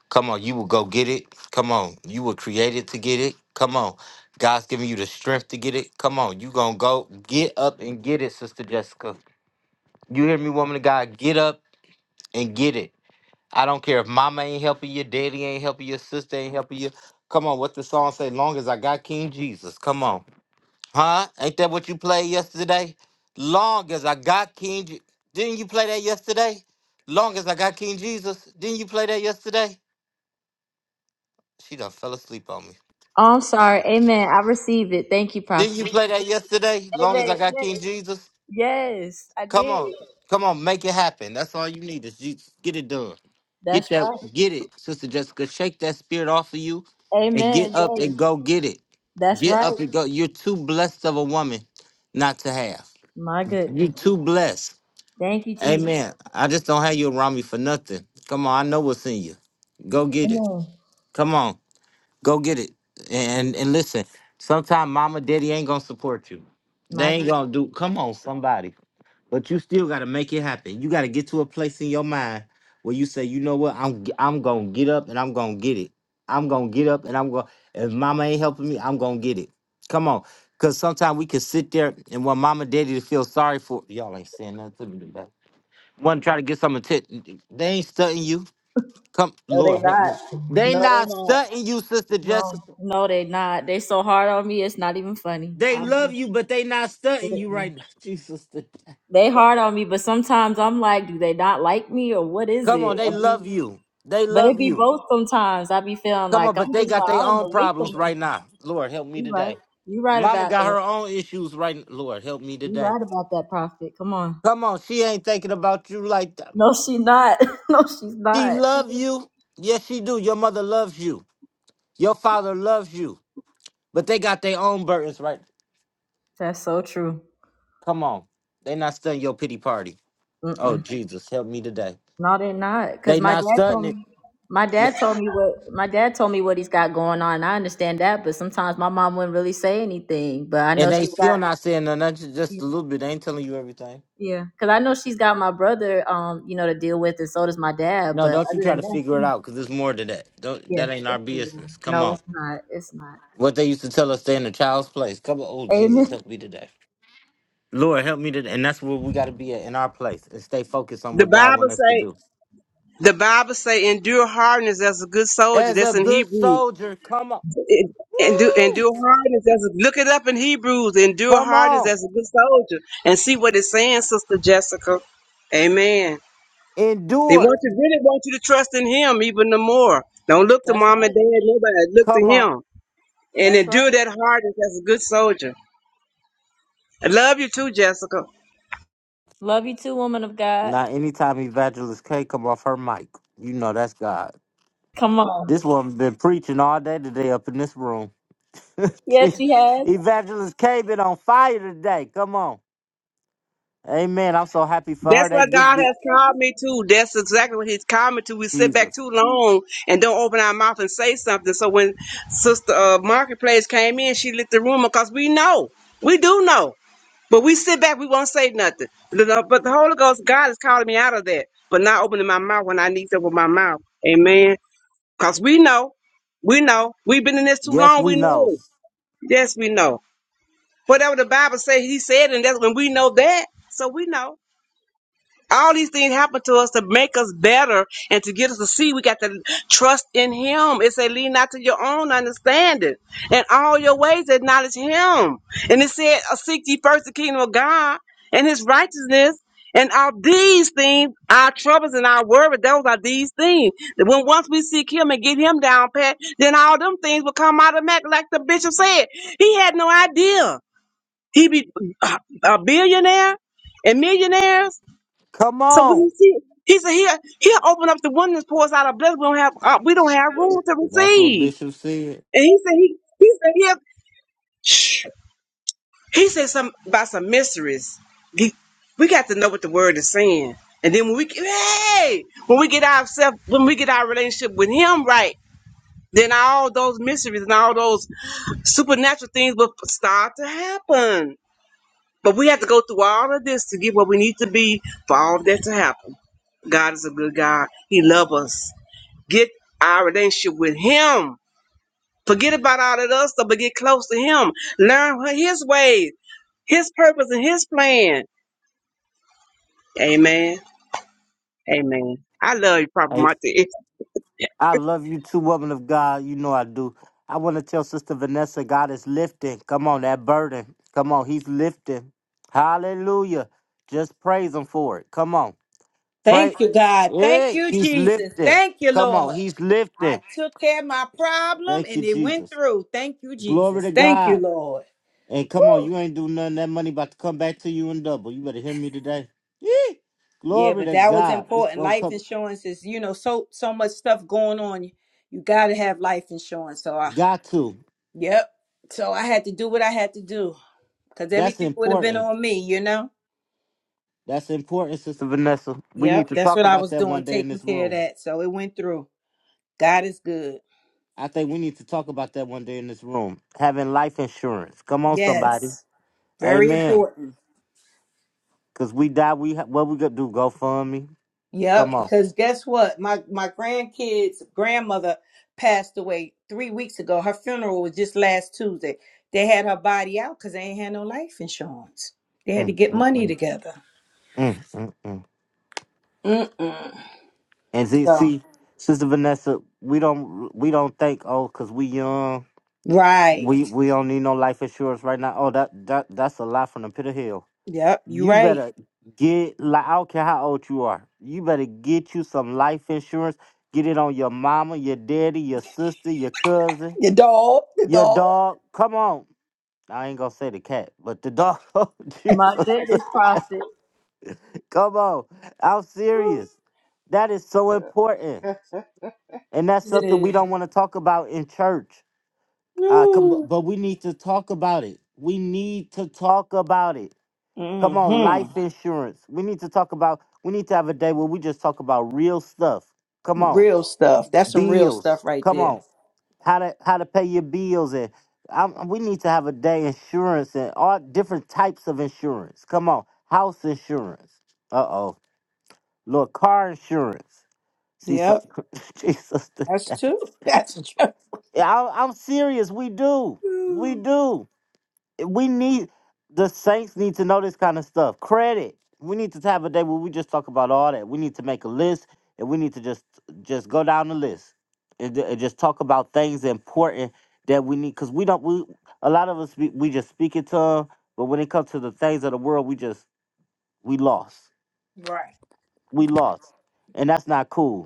A: Come on. You will go get it. Come on. You were created to get it. Come on. God's giving you the strength to get it. Come on. you going to go get up and get it, Sister Jessica. You hear me, woman of God? Get up and get it. I don't care if mama ain't helping you, daddy ain't helping you, sister ain't helping you. Come on. What the song say? Long as I got King Jesus. Come on. Huh? Ain't that what you played yesterday? Long as I got King, Je- didn't you play that yesterday? Long as I got King Jesus, didn't you play that yesterday? She done fell asleep on me.
C: Oh, I'm sorry. Amen. I received it. Thank you,
A: Didn't you
C: Prophet.
A: play that yesterday? Long as
C: Amen.
A: I got
C: Yes,
A: King Jesus,
C: yes I
A: come
C: did.
A: on, come on, make it happen. That's all you need is Jesus. Get it done. Get
C: That's
A: that,
C: right.
A: get it, Sister Jessica. Shake that spirit off of you, and
C: Amen.
A: get up
C: Yes,
A: and go get it.
C: that's
A: Get
C: right.
A: up and go. You're too blessed of a woman not to have.
C: My
A: You're
C: goodness.
A: too blessed.
C: Thank you, Jesus.
A: Amen. I just don't have you around me for nothing. Come on, I know what's in you. Go get it.
C: Amen.
A: Come on, go get it. And and listen, sometimes mama, daddy ain't gonna support you. They
C: My
A: ain't
C: goodness.
A: gonna do. Come on, somebody. But you still gotta make it happen. You gotta get to a place in your mind where you say, you know what, I'm g- I'm gonna get up and I'm gonna get it. I'm gonna get up and I'm gonna. If mama ain't helping me, I'm gonna get it. Come on, cause sometimes we can sit there and want mama, daddy to feel sorry for. Y'all ain't saying nothing to me today want to try to get some attention. They ain't stunting you. Come,
C: No, they
A: Lord, help
C: not.
A: me. They
C: No, No, they
A: not
C: not.
A: stunting you, Sister
C: no,
A: Jessica.
C: no, they not. They so hard on me, it's not even funny.
A: They
C: I'm
A: love
C: just
A: you, but they not stunting you
C: sitting.
A: right now, Jesus.
C: They hard on me, but sometimes I'm like, do they not like me or what is
A: Come on,
C: it?
A: they
C: I be,
A: love you. They
C: but it
A: love
C: be
A: you.
C: both sometimes. I be feeling
A: Come on,
C: like I'm
A: but they
C: just
A: got
C: like, I
A: their
C: don't
A: own
C: know what's
A: problems
C: going on.
A: right now. Lord, help me
C: You right.
A: today.
C: You right
A: Mama
C: about
A: got
C: that.
A: her own issues right now. Lord, help me
C: You
A: today.
C: right about that prophet. Come on.
A: Come on, she ain't thinking about you like that.
C: No, she not. no, she's
A: She
C: not.
A: love you. Yes, she do. Your mother loves you. Your father loves you. But they got their own burdens right
C: That's so true.
A: Come on. They not stunting your pity party. Oh
C: Mm.
A: Jesus, help me today.
C: No, they're not.
A: They
C: Because my
A: not
C: dad
A: stunting
C: told
A: it.
C: me, my dad told me what my dad told me what he's got going on. I understand that, but sometimes my mom wouldn't really say anything. But I
A: And
C: know
A: they
C: she's got,
A: still not saying no, not ju- just a little bit. They ain't telling you everything.
C: yeah, because I know she's got my brother, um, you know, to deal with, and so does my dad.
A: No,
C: But
A: don't you
C: other
A: try
C: than
A: to figure it
C: that,
A: out because there's more to that. Don't
C: yeah,
A: that ain't our
C: it's moving. on.
A: business. Come
C: no,
A: on.
C: it's not. It's not.
A: What they used to tell us stay in a child's place. Come on, oh Jesus,
C: Amen.
A: help me today. Lord, help me today. And that's where we gotta be at in our place and stay focused on
F: The
A: what God
F: Bible
A: wants us to
F: say,
A: do.
F: the Bible say, endure hardness as a good soldier.
A: As a
F: That's in
A: good
F: Hebrew.
A: soldier, come on.
F: It- Endure,
A: Woo!
F: endure hardness as a- look it up in Hebrews. Endure
A: Come
F: hardness
A: on.
F: as a good soldier, and see what it's saying, Sister Jessica. Amen. They
A: Endure.
F: want to really want you to trust in Him even the more. Don't look to
C: That's
F: mom and
C: right.
F: dad, nobody. Look to
A: Come on.
F: Him and
C: That's
F: endure
C: right.
F: that hardness as a good soldier. I love you too, Jessica.
C: Love you too, woman of God.
A: Now, anytime Evangelist K come off her mic, you know that's God.
C: Come on.
A: This woman been preaching all day today up in this room.
C: Yes,
A: Jeez.
C: she has.
A: Evangelist K been on fire today. Come on. Amen. I'm so happy for her.
F: That's what
A: That gift
F: God
A: be
F: has called me to. That's exactly what He's called me to. We sit back
A: Jesus.
F: too long and don't open our mouth and say something. So when Sister uh, Marketplace came in, she lit the room because we know, we do know, but we sit back, we won't say nothing. But the, but the Holy Ghost, God is calling me out of that, but not opening my mouth when I need to with my mouth. Amen. Because we know, we know, we've been in this too
A: Yes,
F: long. We
A: we know.
F: know. Yes, we know. Whatever the Bible says, He said, and that's when we know that. So we know. All these things happen to us to make us better and to get us to see we got to trust in Him. It said, lean not to your own understanding. And all your ways acknowledge Him. And it said, "Uh, seek ye first the kingdom of God and His righteousness. And all these things, our troubles and our worries, those are these things. That When once we seek Him and get Him down pat, then all them things will come automatic, like the bishop said. He had no idea. He be a billionaire and millionaires
A: Come
F: so when he
A: on.
F: see, he said he'll he'll open up the windows, pour us out a blessing. We don't have uh, we don't have room to
A: That's what
F: receive.
A: Bishop said.
F: And he said he he said he shh, he said some about some mysteries. He- we got to know what the word is saying. And then when we hey when we get ourselves when we get our relationship with him right, then all those mysteries and all those supernatural things will start to happen. But we have to go through all of this to get what we need to be for all of that to happen. God is a good God. He loves us. Get our relationship with Him. Forget about all that other stuff, but get close to Him. Learn wh- His ways, His purpose, and His plan. Amen. Amen. I love you, Prophet
A: Hey,
F: Martin.
A: I love you too, woman of God. You know I do. I want to tell Sister Vanessa, God is lifting. Come on, that burden. Come on, He's lifting. Hallelujah. Just praise Him for it. Come on. Pray.
I: Thank you, God. Thank
A: yeah.
I: you,
A: he's
I: Jesus.
A: lifting.
I: Thank you,
A: Come on,
I: Lord.
A: he's lifting.
I: I took care of my problem
A: Thank you,
I: and it went
A: Jesus.
I: through. Thank you,
A: Glory
I: Jesus.
A: to
I: Thank you,
A: God.
I: Lord.
A: And come on,
I: Woo.
A: you ain't do nothing. That money about to come back to you in double. You better hear me today. Yeah.
I: Yeah,
A: Glory
I: but
A: to
I: that was
A: God. It's
I: important.
A: gonna
I: Life
A: come.
I: insurance is, you know, so so much stuff going on. You gotta have life insurance. So I
A: Got to.
I: yep. So I had to do what I had to do. Cause
A: That's
I: everything would have been
A: important.
I: on me, you know?
A: That's important, Sister Vanessa. We need
I: Yep,
A: to
I: that's
A: talk
I: what I
A: about
I: was
A: that
I: doing,
A: one day in
I: taking
A: this
I: care of
A: room.
I: that. So it went through. God is good.
A: I think we need to talk about that one day in this room. Having life insurance. Come on, somebody.
I: Yes. Very
A: Amen.
I: important.
A: Cause we die. We ha- what we gonna do? Go fund me. Come
I: Yep.
A: on.
I: Because guess what? My my grandkids' grandmother passed away three weeks ago. Her funeral was just last Tuesday. They had her body out because they ain't had no life insurance. They had to
A: Mm,
I: get
A: mm,
I: money
A: mm,
I: together.
A: mm, mm, mm.
I: Mm-mm.
A: And see,
I: So
A: see, Sister Vanessa, we don't we don't think oh, cause we young,
I: right.
A: we we don't need no life insurance right now. Oh, that that that's a lie from the pit of hell.
I: Yep, you
A: You
I: right.
A: better get like I don't care how old you are. You better get you some life insurance. Get it on your mama, your daddy, your sister, your cousin,
I: The dog. The
A: your
I: dog.
A: dog. Come on. I ain't gonna say the cat, but the dog. Oh,
C: My
A: Jesus,
C: goodness, prophet.
A: come on. I'm
I: Ooh,
A: serious. That is so important. And that's
I: It
A: something we
I: is.
A: don't want to talk about in church. Uh, com-
I: Ooh.
A: bu- but we need to talk about it. We need to talk about it. Come on,
I: hmm
A: life insurance. We need to talk about, we need to have a day where we just talk about real stuff. Come on,
I: Real stuff. That's some real
A: bills.
I: stuff right
A: Come
I: there.
A: on, how to how to pay your bills. And um, um, we need to have a day insurance and all different types of insurance. Come on, house insurance. Uh oh, Lord, car insurance. See, so,
I: Yep.
A: Jesus,
I: That's true. That's true.
A: I, I'm serious. We do. We
I: Ooh,
A: do. We need the Saints need to know this kind of stuff. Credit. We need to have a day where we just talk about all that. We need to make a list, and we need to just just go down the list and, ju- and just talk about things important that we need. Cause we don't. We a lot of us we, we just speak it to them, but when it comes to the things of the world, we just we lost.
I: Right.
A: We lost, and that's not cool.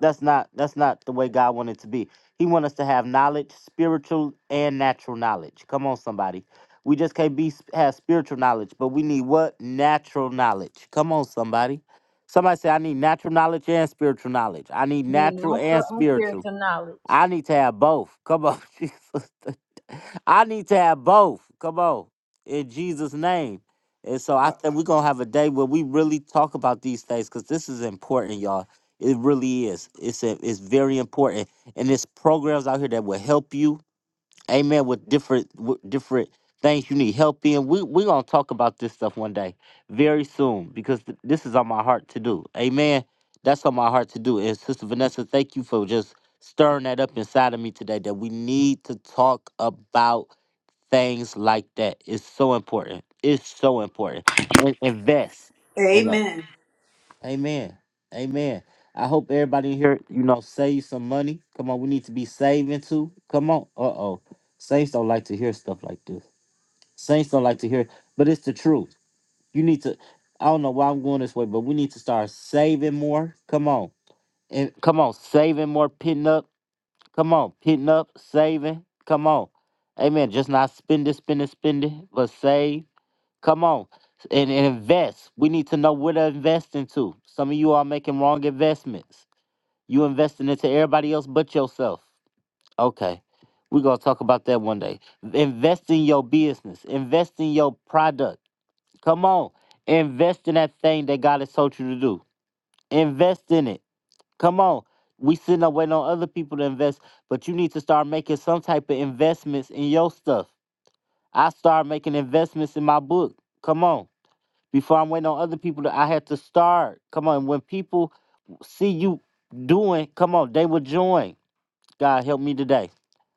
A: That's not that's not the way God wanted it to be. He wants us to have knowledge, spiritual and natural knowledge. Come on, somebody. We just can't be have spiritual knowledge, but we need what natural knowledge. Come on, somebody. Somebody say, I need natural knowledge and spiritual knowledge. I need
C: Need
A: natural
C: natural
A: and
C: and
A: spiritual.
C: spiritual knowledge.
A: I need to have both. Come on, Jesus. I need to have both. Come on, in Jesus' name. And so I think we're gonna have a day where we really talk about these things because this is important, y'all. It really is. It's a, it's very important, and there's programs out here that will help you. Amen. With different with different things you need help in. We we gonna talk about this stuff one day, very soon, because th- this is on my heart to do. Amen. That's on my heart to do. And Sister Vanessa, thank you for just stirring that up inside of me today. That we need to talk about things like that. It's so important. It's so important. And invest.
I: Amen.
A: Amen. Amen. I hope everybody in here, you know, save some money. Come on, we need to be saving too. Come on. Uh oh. Saints don't like to hear stuff like this. Saints don't like to hear, but it's the truth. You need to, I don't know why I'm going this way, but we need to start saving more. Come on. And come on, saving more, pitting up. Come on, pitting up, saving. Come on. Amen. Just not spending, spending, spending, but save. Come on and, and invest. We need to know where to invest into. Some of you are making wrong investments. You investing into everybody else but yourself. Okay. We're gonna talk about that one day. Invest in your business, invest in your product. Come on. Invest in that thing that God has told you to do. Invest in it. Come on. We sitting up waiting on other people to invest, but you need to start making some type of investments in your stuff. I start making investments in my book. Come on. Before I am waiting on other people, that I had to start. Come on, when people see you doing, come on, they will join. God help me today.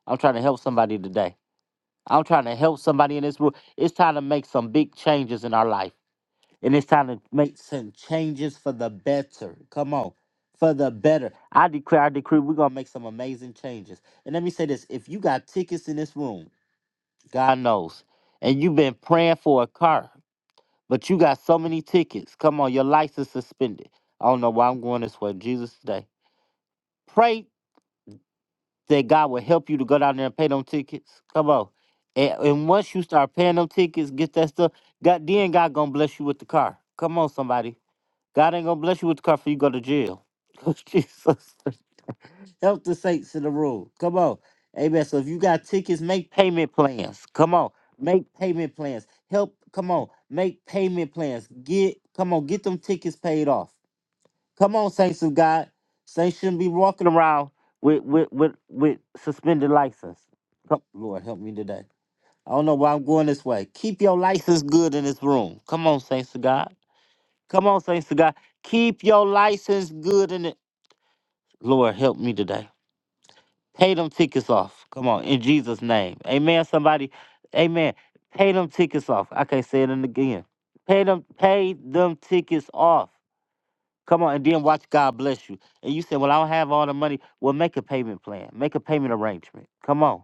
A: I'm trying to help somebody today. I'm trying to help somebody in this room. It's time to make some big changes in our life. And it's time to make some changes for the better. Come on. For the better. I declare, I decree, we're gonna make some amazing changes. And let me say this: if you got tickets in this room, God knows, and you've been praying for a car. But you got so many tickets. Come on, your license suspended. I don't know why I'm going this way. Jesus today. Pray that God will help you to go down there and pay them tickets. Come on. And, and once you start paying them tickets, get that stuff, God then God gonna bless you with the car. Come on, somebody. God ain't gonna bless you with the car for you go to jail. Jesus. Help the saints in the room. Come on. Amen. So if you got tickets, make payment plans. Come on. Make payment plans. Help. Come on. Make payment plans. Get, come on, get them tickets paid off. Come on, saints of God. Saints shouldn't be walking around with with with, with suspended license. Come, Lord, help me today. I don't know why I'm going this way. Keep your license good in this room. Come on, saints of God. Come on, saints of God. Keep your license good in it. Lord, help me today. Pay them tickets off. Come on, in Jesus' name. Amen. Somebody, amen. Pay them tickets off. I can't say it again. Pay them, pay them tickets off. Come on, and then watch God bless you. And you say, Well, I don't have all the money. Well, make a payment plan. Make a payment arrangement. Come on.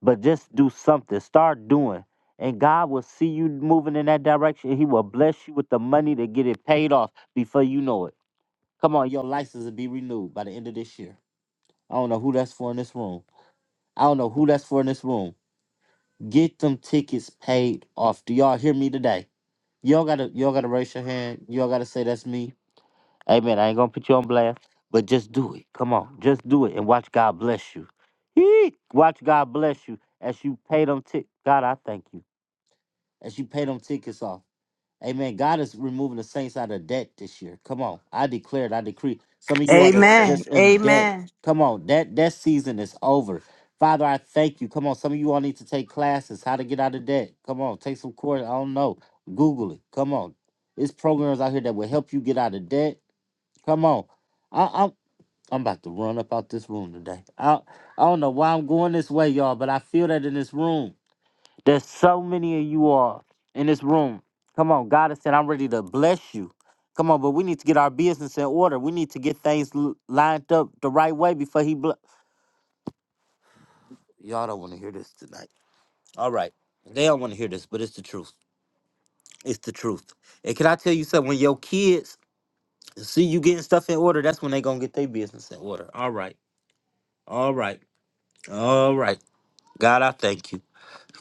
A: But just do something. Start doing. And God will see you moving in that direction. He will bless you with the money to get it paid off before you know it. Come on, your license will be renewed by the end of this year. I don't know who that's for in this room. I don't know who that's for in this room. Get them tickets paid off. Do y'all hear me today? Y'all gotta y'all gotta raise your hand. Y'all gotta say that's me. Amen. I ain't gonna put you on blast, but just do it. Come on, just do it and watch God bless you. Eek. Watch God bless you as you pay them tick. God, I thank you as you pay them tickets off. Amen. God is removing the saints out of debt this year. Come on. I declare it. I decree. Some of you are that's
I: Amen.
A: just in debt.
I: Amen.
A: Come on. That that season is over. Father, I thank you. Come on. Some of you all need to take classes, how to get out of debt. Come on. Take some course. I don't know. Google it. Come on. There's programs out here that will help you get out of debt. Come on. I, I'm I'm about to run up out this room today. I I don't know why I'm going this way, y'all, but I feel that in this room. There's so many of you all in this room. Come on, God has said, I'm ready to bless you. Come on, but we need to get our business in order. We need to get things l- lined up the right way before He bless. Y'all don't want to hear this tonight. All right. They don't want to hear this, but it's the truth. It's the truth. And can I tell you something? When your kids see you getting stuff in order, that's when they going to get their business in order. All right. All right. All right. God, I thank you.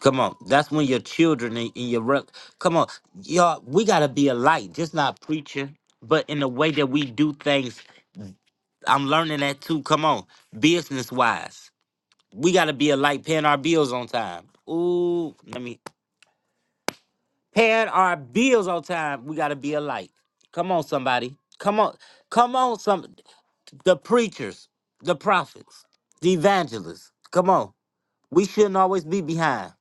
A: Come on, that's when your children and, and your rep. Come on, y'all. We gotta be a light, just not preaching, but in the way that we do things. I'm learning that too. Come on, business wise, we gotta be a light, paying our bills on time. Ooh, let me paying our bills on time. We gotta be a light. Come on, somebody. Come on, come on, some the preachers, the prophets, the evangelists. Come on, we shouldn't always be behind.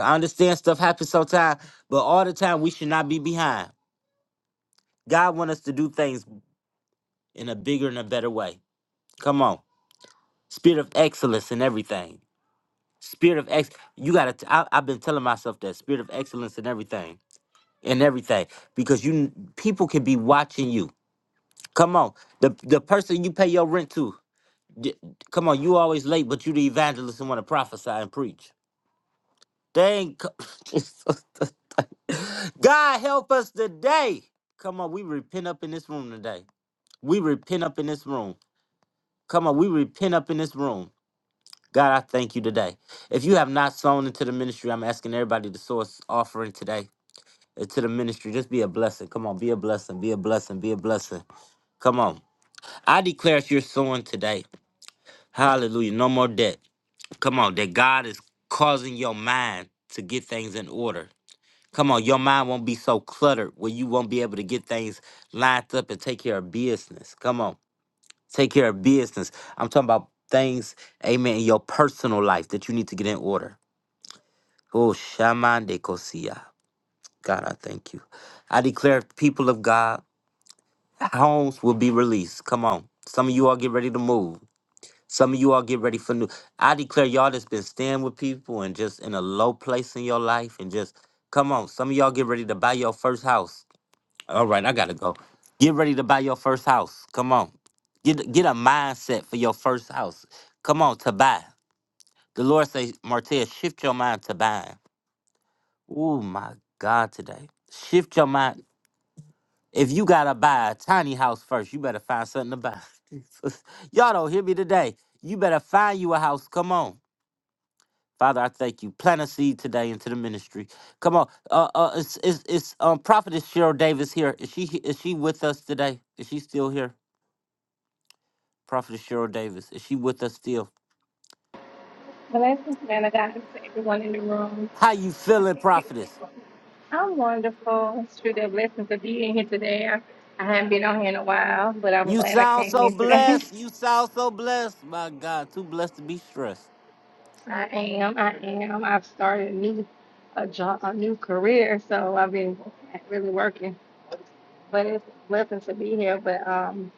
A: I understand stuff happens sometimes, but all the time we should not be behind. God wants us to do things in a bigger and a better way. Come on. Spirit of excellence in everything. Spirit of ex you gotta t- I, I've been telling myself that spirit of excellence in everything. In everything. Because you people can be watching you. Come on. The the person you pay your rent to. d- Come on, you always late, but you the evangelist and want to prophesy and preach. Dang! God. God help us today. Come on, we repent up in this room today. We repent up in this room. Come on, we repent up in this room. God, I thank you today. If you have not sown into the ministry, I'm asking everybody to source offering today into the ministry. Just be a blessing. Come on, be a blessing, be a blessing, be a blessing. Come on. I declare if you're sowing today, hallelujah, no more debt. Come on, that God is causing your mind to get things in order. Come on, your mind won't be so cluttered where you won't be able to get things lined up and take care of business. Come on, take care of business. I'm talking about things, amen, in your personal life that you need to get in order. Oh, Shaman de Kosia. God, I thank you. I declare, people of God, homes will be released. Come on. Some of you all get ready to move. Some of you all get ready for new. I declare y'all that's been staying with people and just in a low place in your life and just come on. Some of y'all get ready to buy your first house. All right, I gotta go. Get ready to buy your first house. Come on. Get get a mindset for your first house. Come on, to buy. The Lord say, Martez, shift your mind to buying. Oh my God, today. Shift your mind. If you gotta buy a tiny house first, you better find something to buy. Jesus. Y'all don't hear me today. You better find you a house. Come on. Father, I thank you. Plant a seed today into the ministry. Come on. Uh, uh, it's, it's, it's, um, Prophetess Cheryl Davis here. Is she, is she with us today? Is she still here? Prophetess Cheryl Davis. Is she with us still?
M: Blessings, man of God, to everyone in the room.
A: How you
M: I
A: feeling,
M: thank you.
A: Prophetess?
M: I'm wonderful. It's truly a blessing to be in here today. I, I haven't been on here in a while, but I'm
A: You
M: glad I
A: sound
M: came
A: so
M: in today.
A: blessed. You sound so blessed. My God, too blessed to be stressed.
M: I am. I am. I've started a new a job, a new career, so I've been really working. But it's a blessing to be here. But um,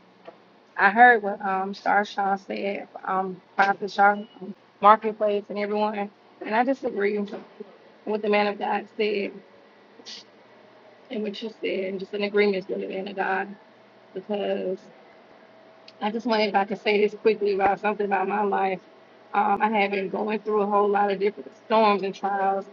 M: I heard what um Star Shaw said, um Prophet Shaw, um, Marketplace and everyone, and I just agree with what the man of God said and what you said, and just in agreement with the man of God because. I just wanted if I could say this quickly about something about my life. Um, I had been going through a whole lot of different storms and trials,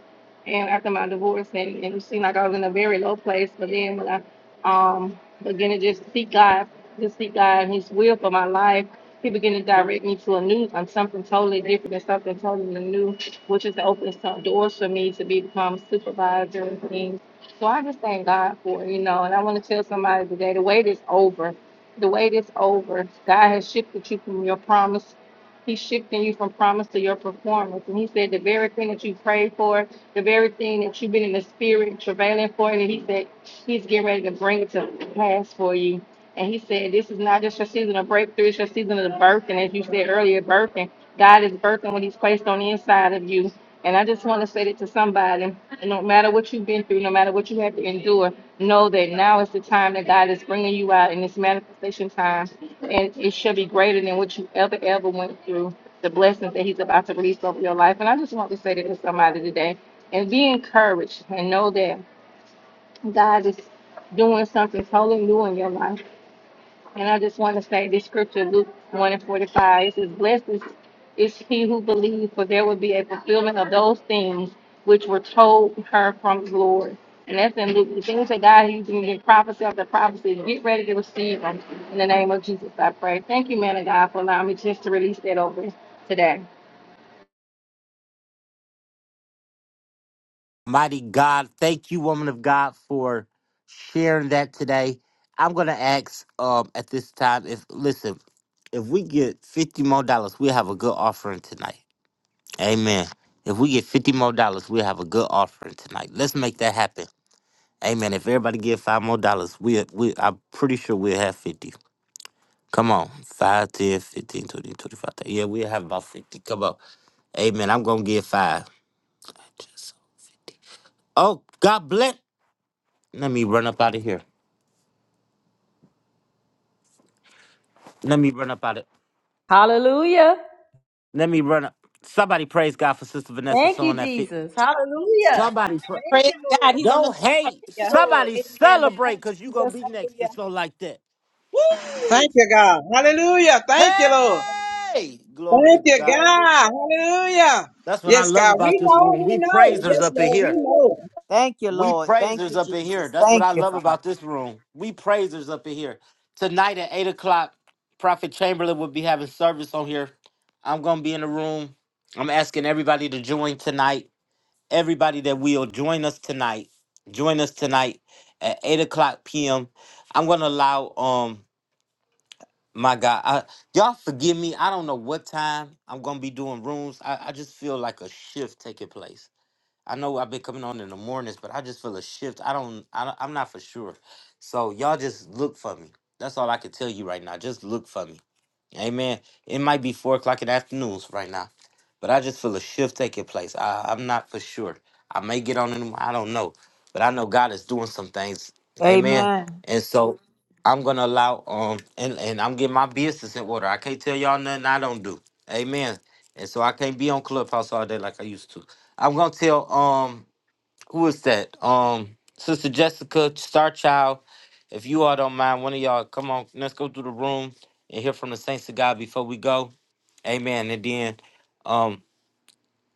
M: and after my divorce, and, and it seemed like I was in a very low place. But then when I um, began to just seek God, just seek God and His will for my life, He began to direct me to a new, um, something totally different and something totally new, which is to open some doors for me to be- become a supervisor and things. So I just thank God for it, you know. And I want to tell somebody today, the wait is over the wait is over. God has shifted you from your promise. He's shifting you from promise to your performance. And he said the very thing that you prayed for, the very thing that you've been in the spirit travailing for, and he said he's getting ready to bring it to pass for you. And he said, This is not just your season of breakthrough, it's your season of the birth. And as you said earlier, birthing. God is birthing what he's placed on the inside of you. And I just want to say that to somebody, no matter what you've been through, no matter what you have to endure, know that now is the time that God is bringing you out in this manifestation time. And it shall be greater than what you ever, ever went through, the blessings that He's about to release over your life. And I just want to say that to somebody today. And be encouraged and know that God is doing something totally new in your life. And I just want to say this scripture, Luke 1 and 45, it says, Blessed is, is he who believes, for there will be a fulfillment of those things which were told her from the Lord. And that's in Luke. The things that God is doing in prophecy after prophecy, get ready to receive them. In the name of Jesus, I pray. Thank you, man of God, for allowing me just to release that over today.
A: Mighty God, thank you, woman of God, for sharing that today. I'm gonna ask um at this time if listen, if we get fifty more dollars, we'll have a good offering tonight. Amen. If we get fifty more dollars, we'll have a good offering tonight. Let's make that happen. Amen. If everybody give five more dollars, we we I'm pretty sure we'll have fifty. Come on. 5, ten, fifteen, twenty, twenty-five, thirty. Yeah, we have about 50. Come on. Amen. I'm going to get five. Just so 50. Oh, God bless. Let me run up out of here. Let me run up out of
C: Hallelujah.
A: Let me run up. Somebody praise God for Sister Vanessa
C: Thank
A: sewing
C: you,
A: that fit.
C: Jesus. Hallelujah.
A: Somebody pray.
C: Thank you, Lord.
A: Don't hate.
C: Thank you, Lord.
A: Somebody celebrate because you're going to be next to sew like that.
F: Thank
A: Woo!
F: you, God. Hallelujah. Thank you, Lord.
A: Hey! Glory
F: Thank
A: to
F: you,
A: God.
F: God. Hallelujah.
A: That's what I
F: Yes,
A: love
F: God.
A: about
F: We
A: this
F: know.
A: room.
F: We
A: We
F: know.
A: praisers
F: Yes,
A: up in
F: Lord. We
A: here.
F: know.
I: Thank you,
A: We
I: Lord. Thank
A: praisers
I: you,
A: up in here.
I: Jesus.
A: That's what
I: Thank
A: I
I: you,
A: love
I: Father.
A: about this room. We praisers up in here. Tonight at eight o'clock, Prophet Chamberlain will be having service on here. I'm gonna be in the room. I'm asking everybody to join tonight. Everybody that will join us tonight. Join us tonight at eight o'clock p.m. I'm gonna allow um my God, I, y'all forgive me. I don't know what time I'm gonna be doing rooms. I, I just feel like a shift taking place. I know I've been coming on in the mornings, but I just feel a shift. I don't, I don't I'm not for sure. So y'all just look for me. That's all I can tell you right now. Just look for me. Amen. It might be four o'clock in the afternoons right now, but I just feel a shift taking place. I, I'm not for sure. I may get on in. the- I don't know, but I know God is doing some things. Amen.
I: Amen.
A: And so I'm gonna allow um and and I'm getting my business in order. I can't tell y'all nothing I don't do. Amen. And so I can't be on Clubhouse all day like I used to. I'm gonna tell um who is that? Um Sister Jessica Starchild, If you all don't mind, one of y'all come on, let's go through the room and hear from the saints of God before we go. Amen. And then um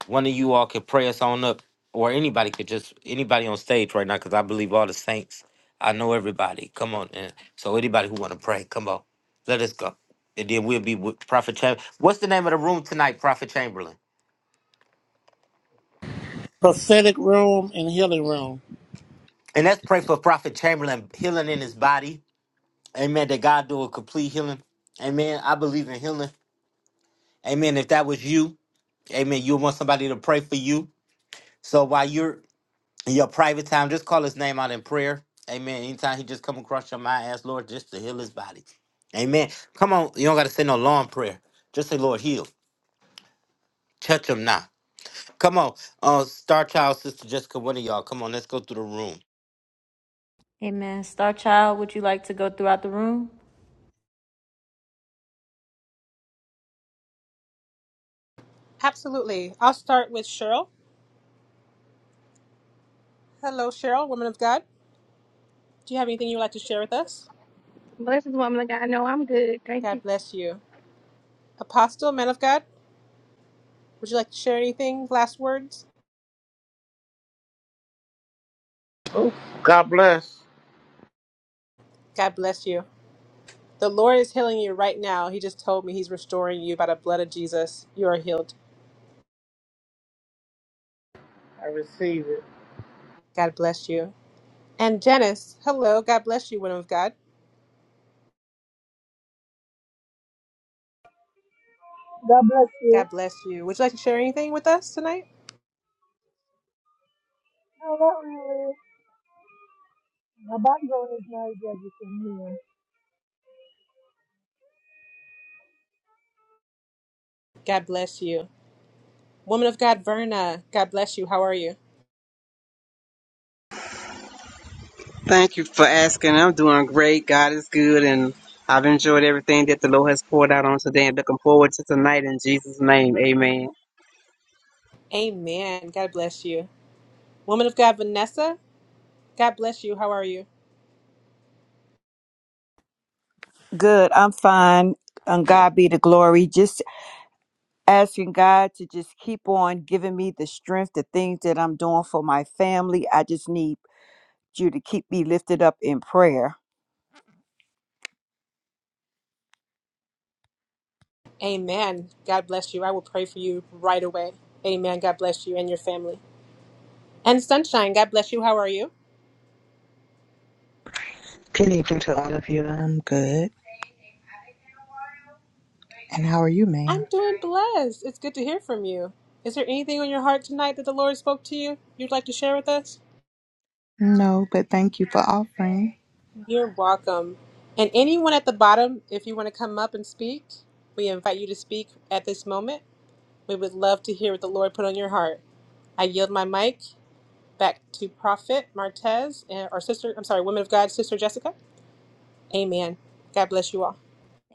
A: one of you all could pray us on up or anybody could just anybody on stage right now, because I believe all the saints. I know everybody. Come on in. So anybody who wanna pray, come on. Let us go. And then we'll be with Prophet Chamberlain. What's the name of the room tonight, Prophet Chamberlain?
L: Prophetic room and healing room.
A: And let's pray for Prophet Chamberlain healing in his body Amen. That God do a complete healing. Amen. I believe in healing. Amen. If that was you, amen, you want somebody to pray for you. So while you're in your private time, just call his name out in prayer. Amen. Anytime he just come across your mind, ask Lord just to heal his body. Amen. Come on. You don't got to say no long prayer. Just say, Lord, heal. Touch him now. Come on. Uh, Star Child, Sister Jessica, one of y'all. Come on. Let's go through the room.
C: Amen. Star Child, would you like to go throughout the room?
M: Blessings, woman of God. No, I'm good. Thank you.
L: Oh, God bless. I receive it.
S: God bless you. No, not really. My background is noisy, as good as you can hear.
F: Thank you for asking. I'm doing great. God is good, and I've enjoyed everything that the Lord has poured out on today, and looking forward to tonight in Jesus' name. Amen.
I: Good. I'm fine. And God be the glory. Just asking God to just keep on giving me the strength, the things that I'm doing for my family. I just need you to keep me lifted up in prayer.
T: Good evening to all of you. I'm good. And how are you, ma'am? No, but thank you for offering.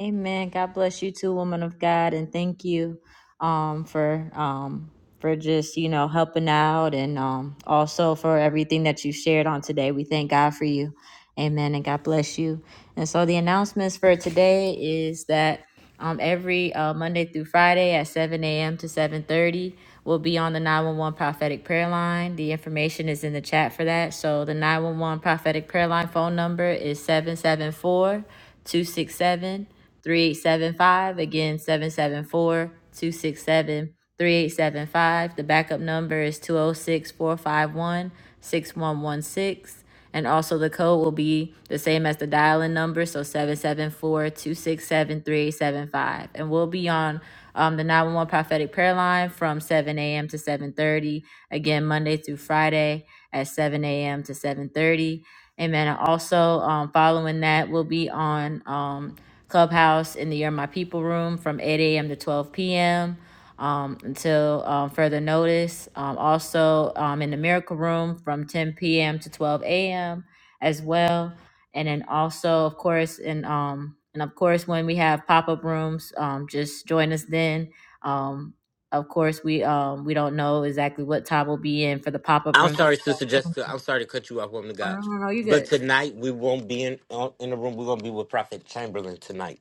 C: Amen. God bless you too, woman of God, and thank you um, for um, for just you know helping out, and um, also for everything that you shared on today. We thank God for you. Amen, and God bless you. And so the announcements for today is that um, every uh, Monday through Friday at 7 a.m. to 7:30 will be on the 911 prophetic prayer line. The information is in the chat for that. So the 911 prophetic prayer line phone number is 774 267. 3875. Again, 774 267 3875. The backup number is two o six four five one six one one six, And also, the code will be the same as the dial in number, so 774 267 3875. And we'll be on um, the 911 prophetic prayer line from 7 a.m. to 7.30 again monday through friday at 7 a.m. to 7.30 amen and also um, following that we'll be on um. Clubhouse in the Year My People room from 8 a.m. to 12 p.m. Um, until um, further notice. Um, also um, in the Miracle Room from 10 p.m. to 12 a.m. as well. And then also, of course, and um, and of course, when we have pop up rooms, um, just join us then. Um, of course, we um, we don't know exactly what time we'll be in for the pop up
A: I'm
C: room.
A: sorry, Sister
C: Oh
A: Jessica. I'm sorry to cut you off, woman of
C: no,
A: God.
C: no, no, you're
A: But
C: good.
A: tonight we won't be in uh, in the room. We're gonna be with Prophet Chamberlain tonight.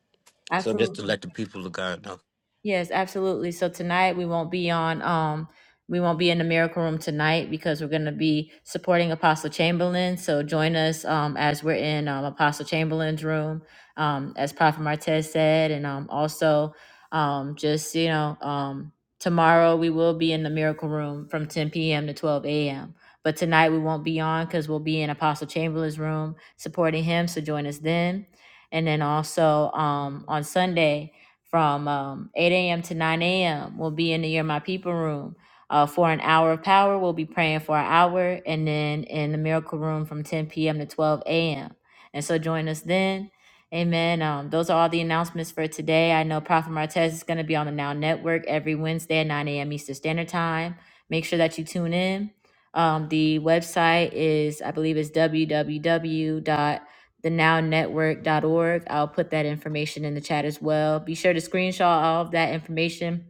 A: So
C: Absolutely.
A: just to let the people of God know.
C: Yes, absolutely. So tonight we won't be on um we won't be in the miracle room tonight because we're going to be supporting Apostle Chamberlain. So join us um as we're in um Apostle Chamberlain's room um as Prophet Martez said and um also um just you know um tomorrow we will be in the miracle room from 10 p.m. to 12 a.m. But tonight we won't be on cuz we'll be in Apostle Chamberlain's room supporting him. So join us then. And then also um on Sunday from um, 8 a.m. to 9 a.m. We'll be in the Year My People room. Uh, for an hour of power, we'll be praying for an hour, and then in the miracle room from 10 p.m. to 12 a.m. And so join us then. Amen. Um, those are all the announcements for today. I know Prophet Martez is going to be on the Now Network every Wednesday at 9 a.m. Eastern Standard Time. Make sure that you tune in. Um, the website is, I believe, is www the nownetwork.org. I'll put that information in the chat as well. Be sure to screenshot all of that information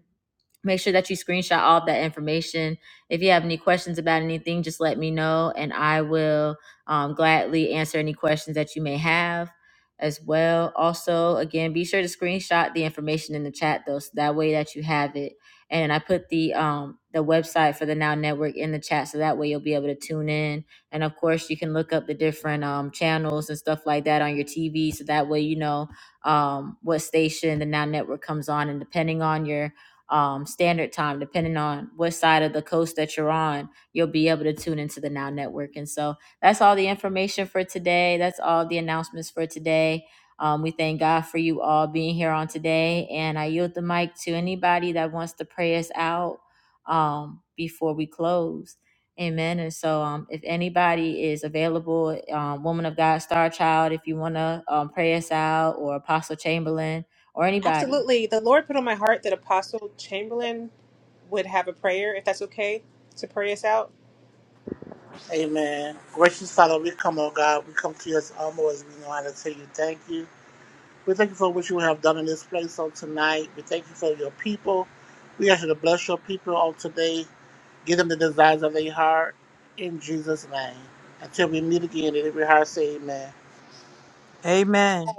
C: Make sure that you screenshot all of that information. If you have any questions about anything, just let me know and I will um, gladly answer any questions that you may have as well. Also, again, be sure to screenshot the information in the chat though, so that way that you have it. And I put the um, the website for the Now Network in the chat, so that way you'll be able to tune in. And of course, you can look up the different um, channels and stuff like that on your TV, so that way you know um, what station the Now Network comes on. And depending on your um, standard time, depending on what side of the coast that you're on, you'll be able to tune into the Now Network. And so that's all the information for today. That's all the announcements for today. Um, we thank God for you all being here on today. And I yield the mic to anybody that wants to pray us out um, before we close. Amen. And so, um, if anybody is available, um, Woman of God, Star Child, if you want to um, pray us out, or Apostle Chamberlain, or anybody,
L: Amen. Gracious Father, we come, oh God, we come to you as humble as we know how to tell you thank you. We thank you for what you have done in this place on tonight. We thank you for your people. We ask you to bless your people on today. Give them the desires of their heart in Jesus' name. Until we meet again, in every heart say amen.
I: Amen.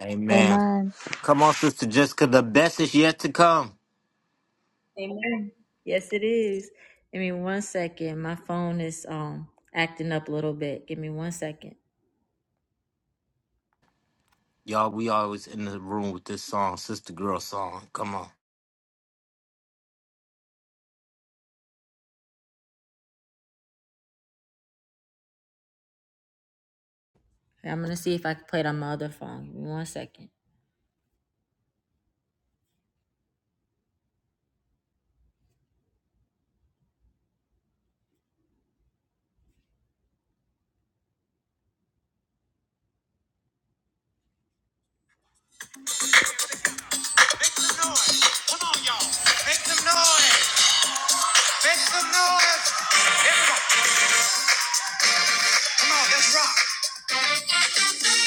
A: Amen.
T: Amen.
A: Come on, Sister Jessica. The best is yet to come.
C: Amen. Yes, it is. Give me one second. My phone is um acting up a little bit. Give me one second.
A: Y'all, we always in the room with this song, Sister Girl song. Come on.
C: I'm gonna see if I can play it on my other phone. Give me one second. Make some noise. Make some noise. Everybody, come on, let's rock.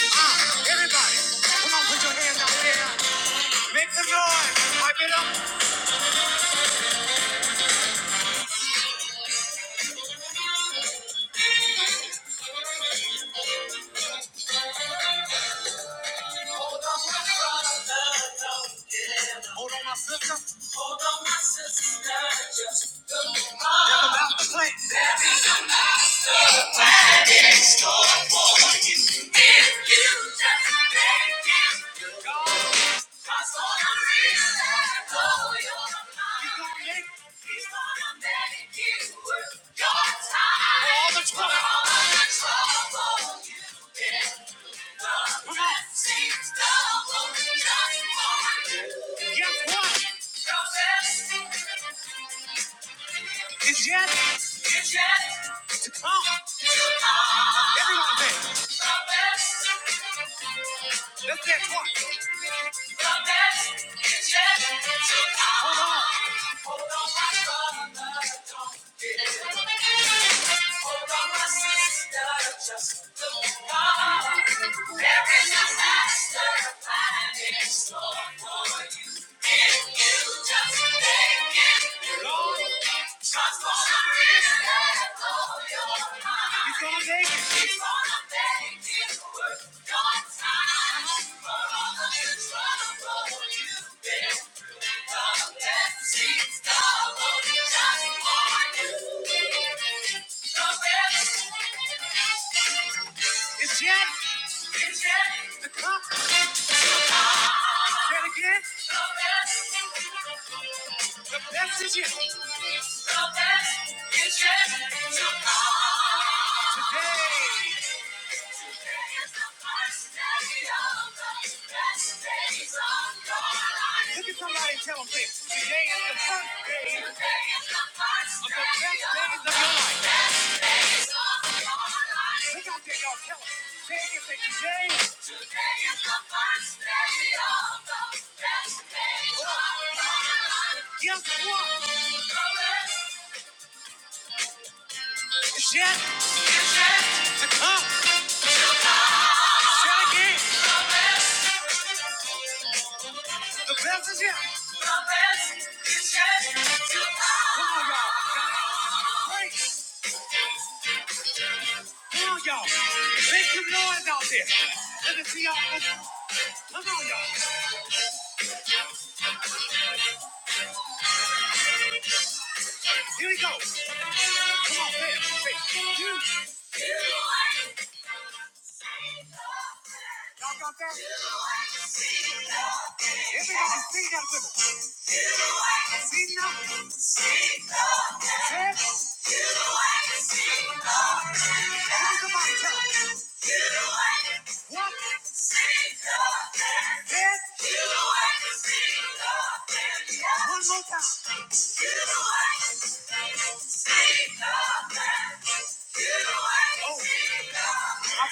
C: Ah, everybody, come on, put your hands out there. Make some noise. Pipe it up. They're about to plant. It's yet. It's yet. It's To come. Everyone there. Let's dance one. Transform you're gonna make it. you time. For all the trouble you've been through, the best she's gone just for you. The best. It's Jack. It's Jack. Say it again. The best is yet. The best is yet to come. Today. Today is the first day of the best days of your life. Look at somebody and tell them this. Today is the first day. Today is the first of the day best day of days of your life. Best days of your life. Look out there, y'all. Tell Guess what? Shut up. Shut again. The best is yet. Great. Come on, y'all. Make some noise out there. Let me see y'all. Come on, y'all. Here we go. Come on, say it. Say it. You. Y'all got that? Everybody sing that with me. I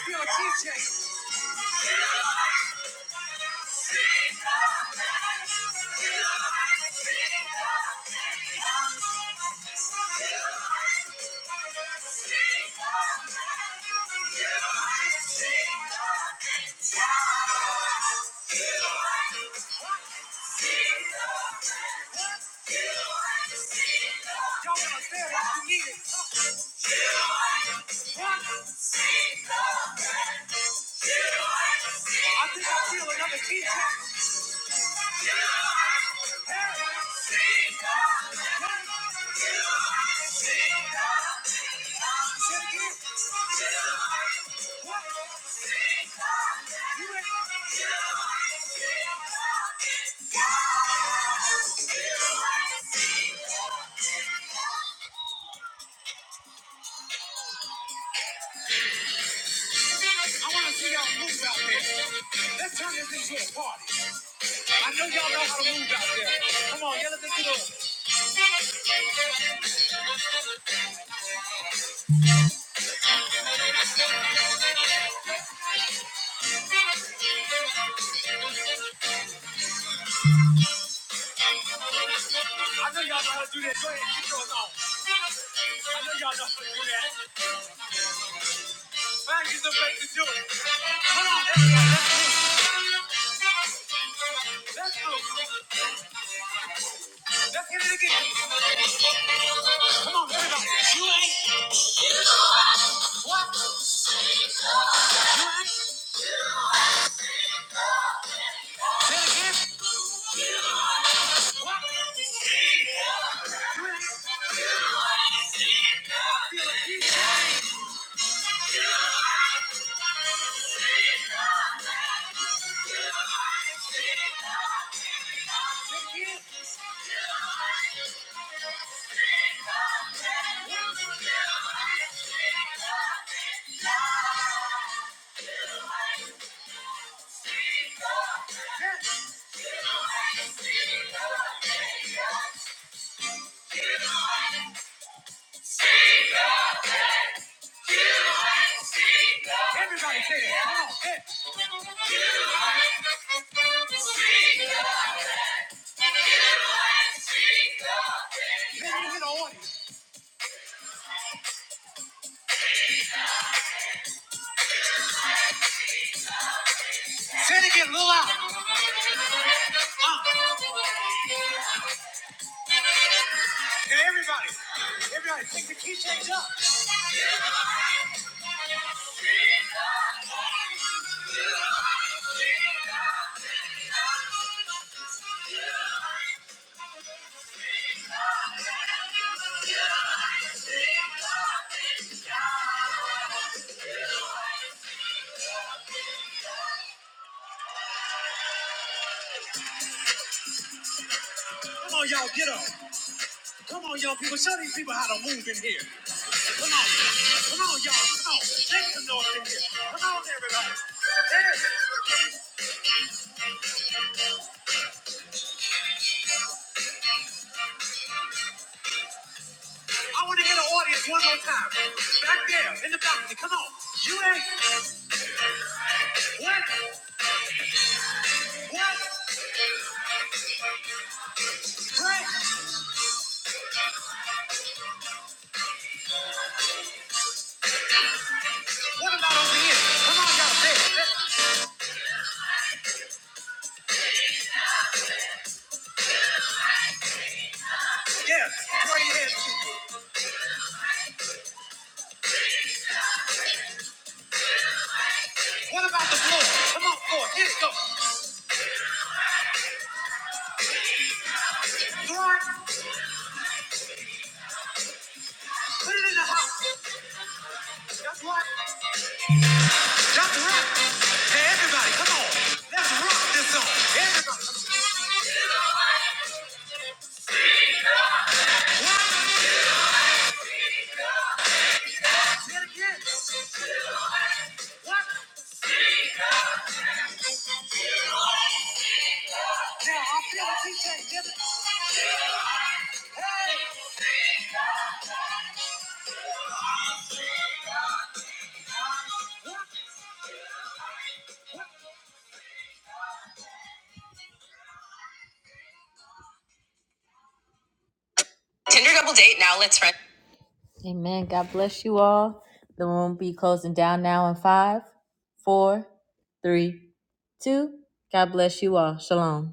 C: feel a key yeah. Y'all gotta stand like you mean it. I think I feel another beat. I want to see y'all move out there. Let's turn this into a party. I know y'all know how to move out there. Come on, yell at the kiddos. I know y'all know how to do this. Go ahead, get yours on. y'all don't want to do that. Find you some ways to do it. Come on, everybody. Let's, let do it. Let's hit it again. Come on, everybody. You ain't. You ain't. Feel it. You ain't. Take it in. Everybody say it. Come on. Hey, let me get on. Say it again, a little loud. And everybody, everybody, take the keychains up. Come on, y'all, get up. Come on, y'all people. Show these people how to move in here. Come on. Come on, y'all. Come on. Make some noise in here. Come on, everybody. Hey, I want to get an audience one more time. Back there in the balcony. Come on. You ain't. What? What? What? What about over here? Come on, y'all. Say Yeah, right there. What about the floor? Come on, floor. Get it, go. Lord, put it in the house. That's right. That's right. Hey, everybody, come on. Let's rock this song. Everybody. Tinder double date now. Let's run. Amen. God bless you all. The room will be closing down now in five, four, three, two. God bless you all. Shalom.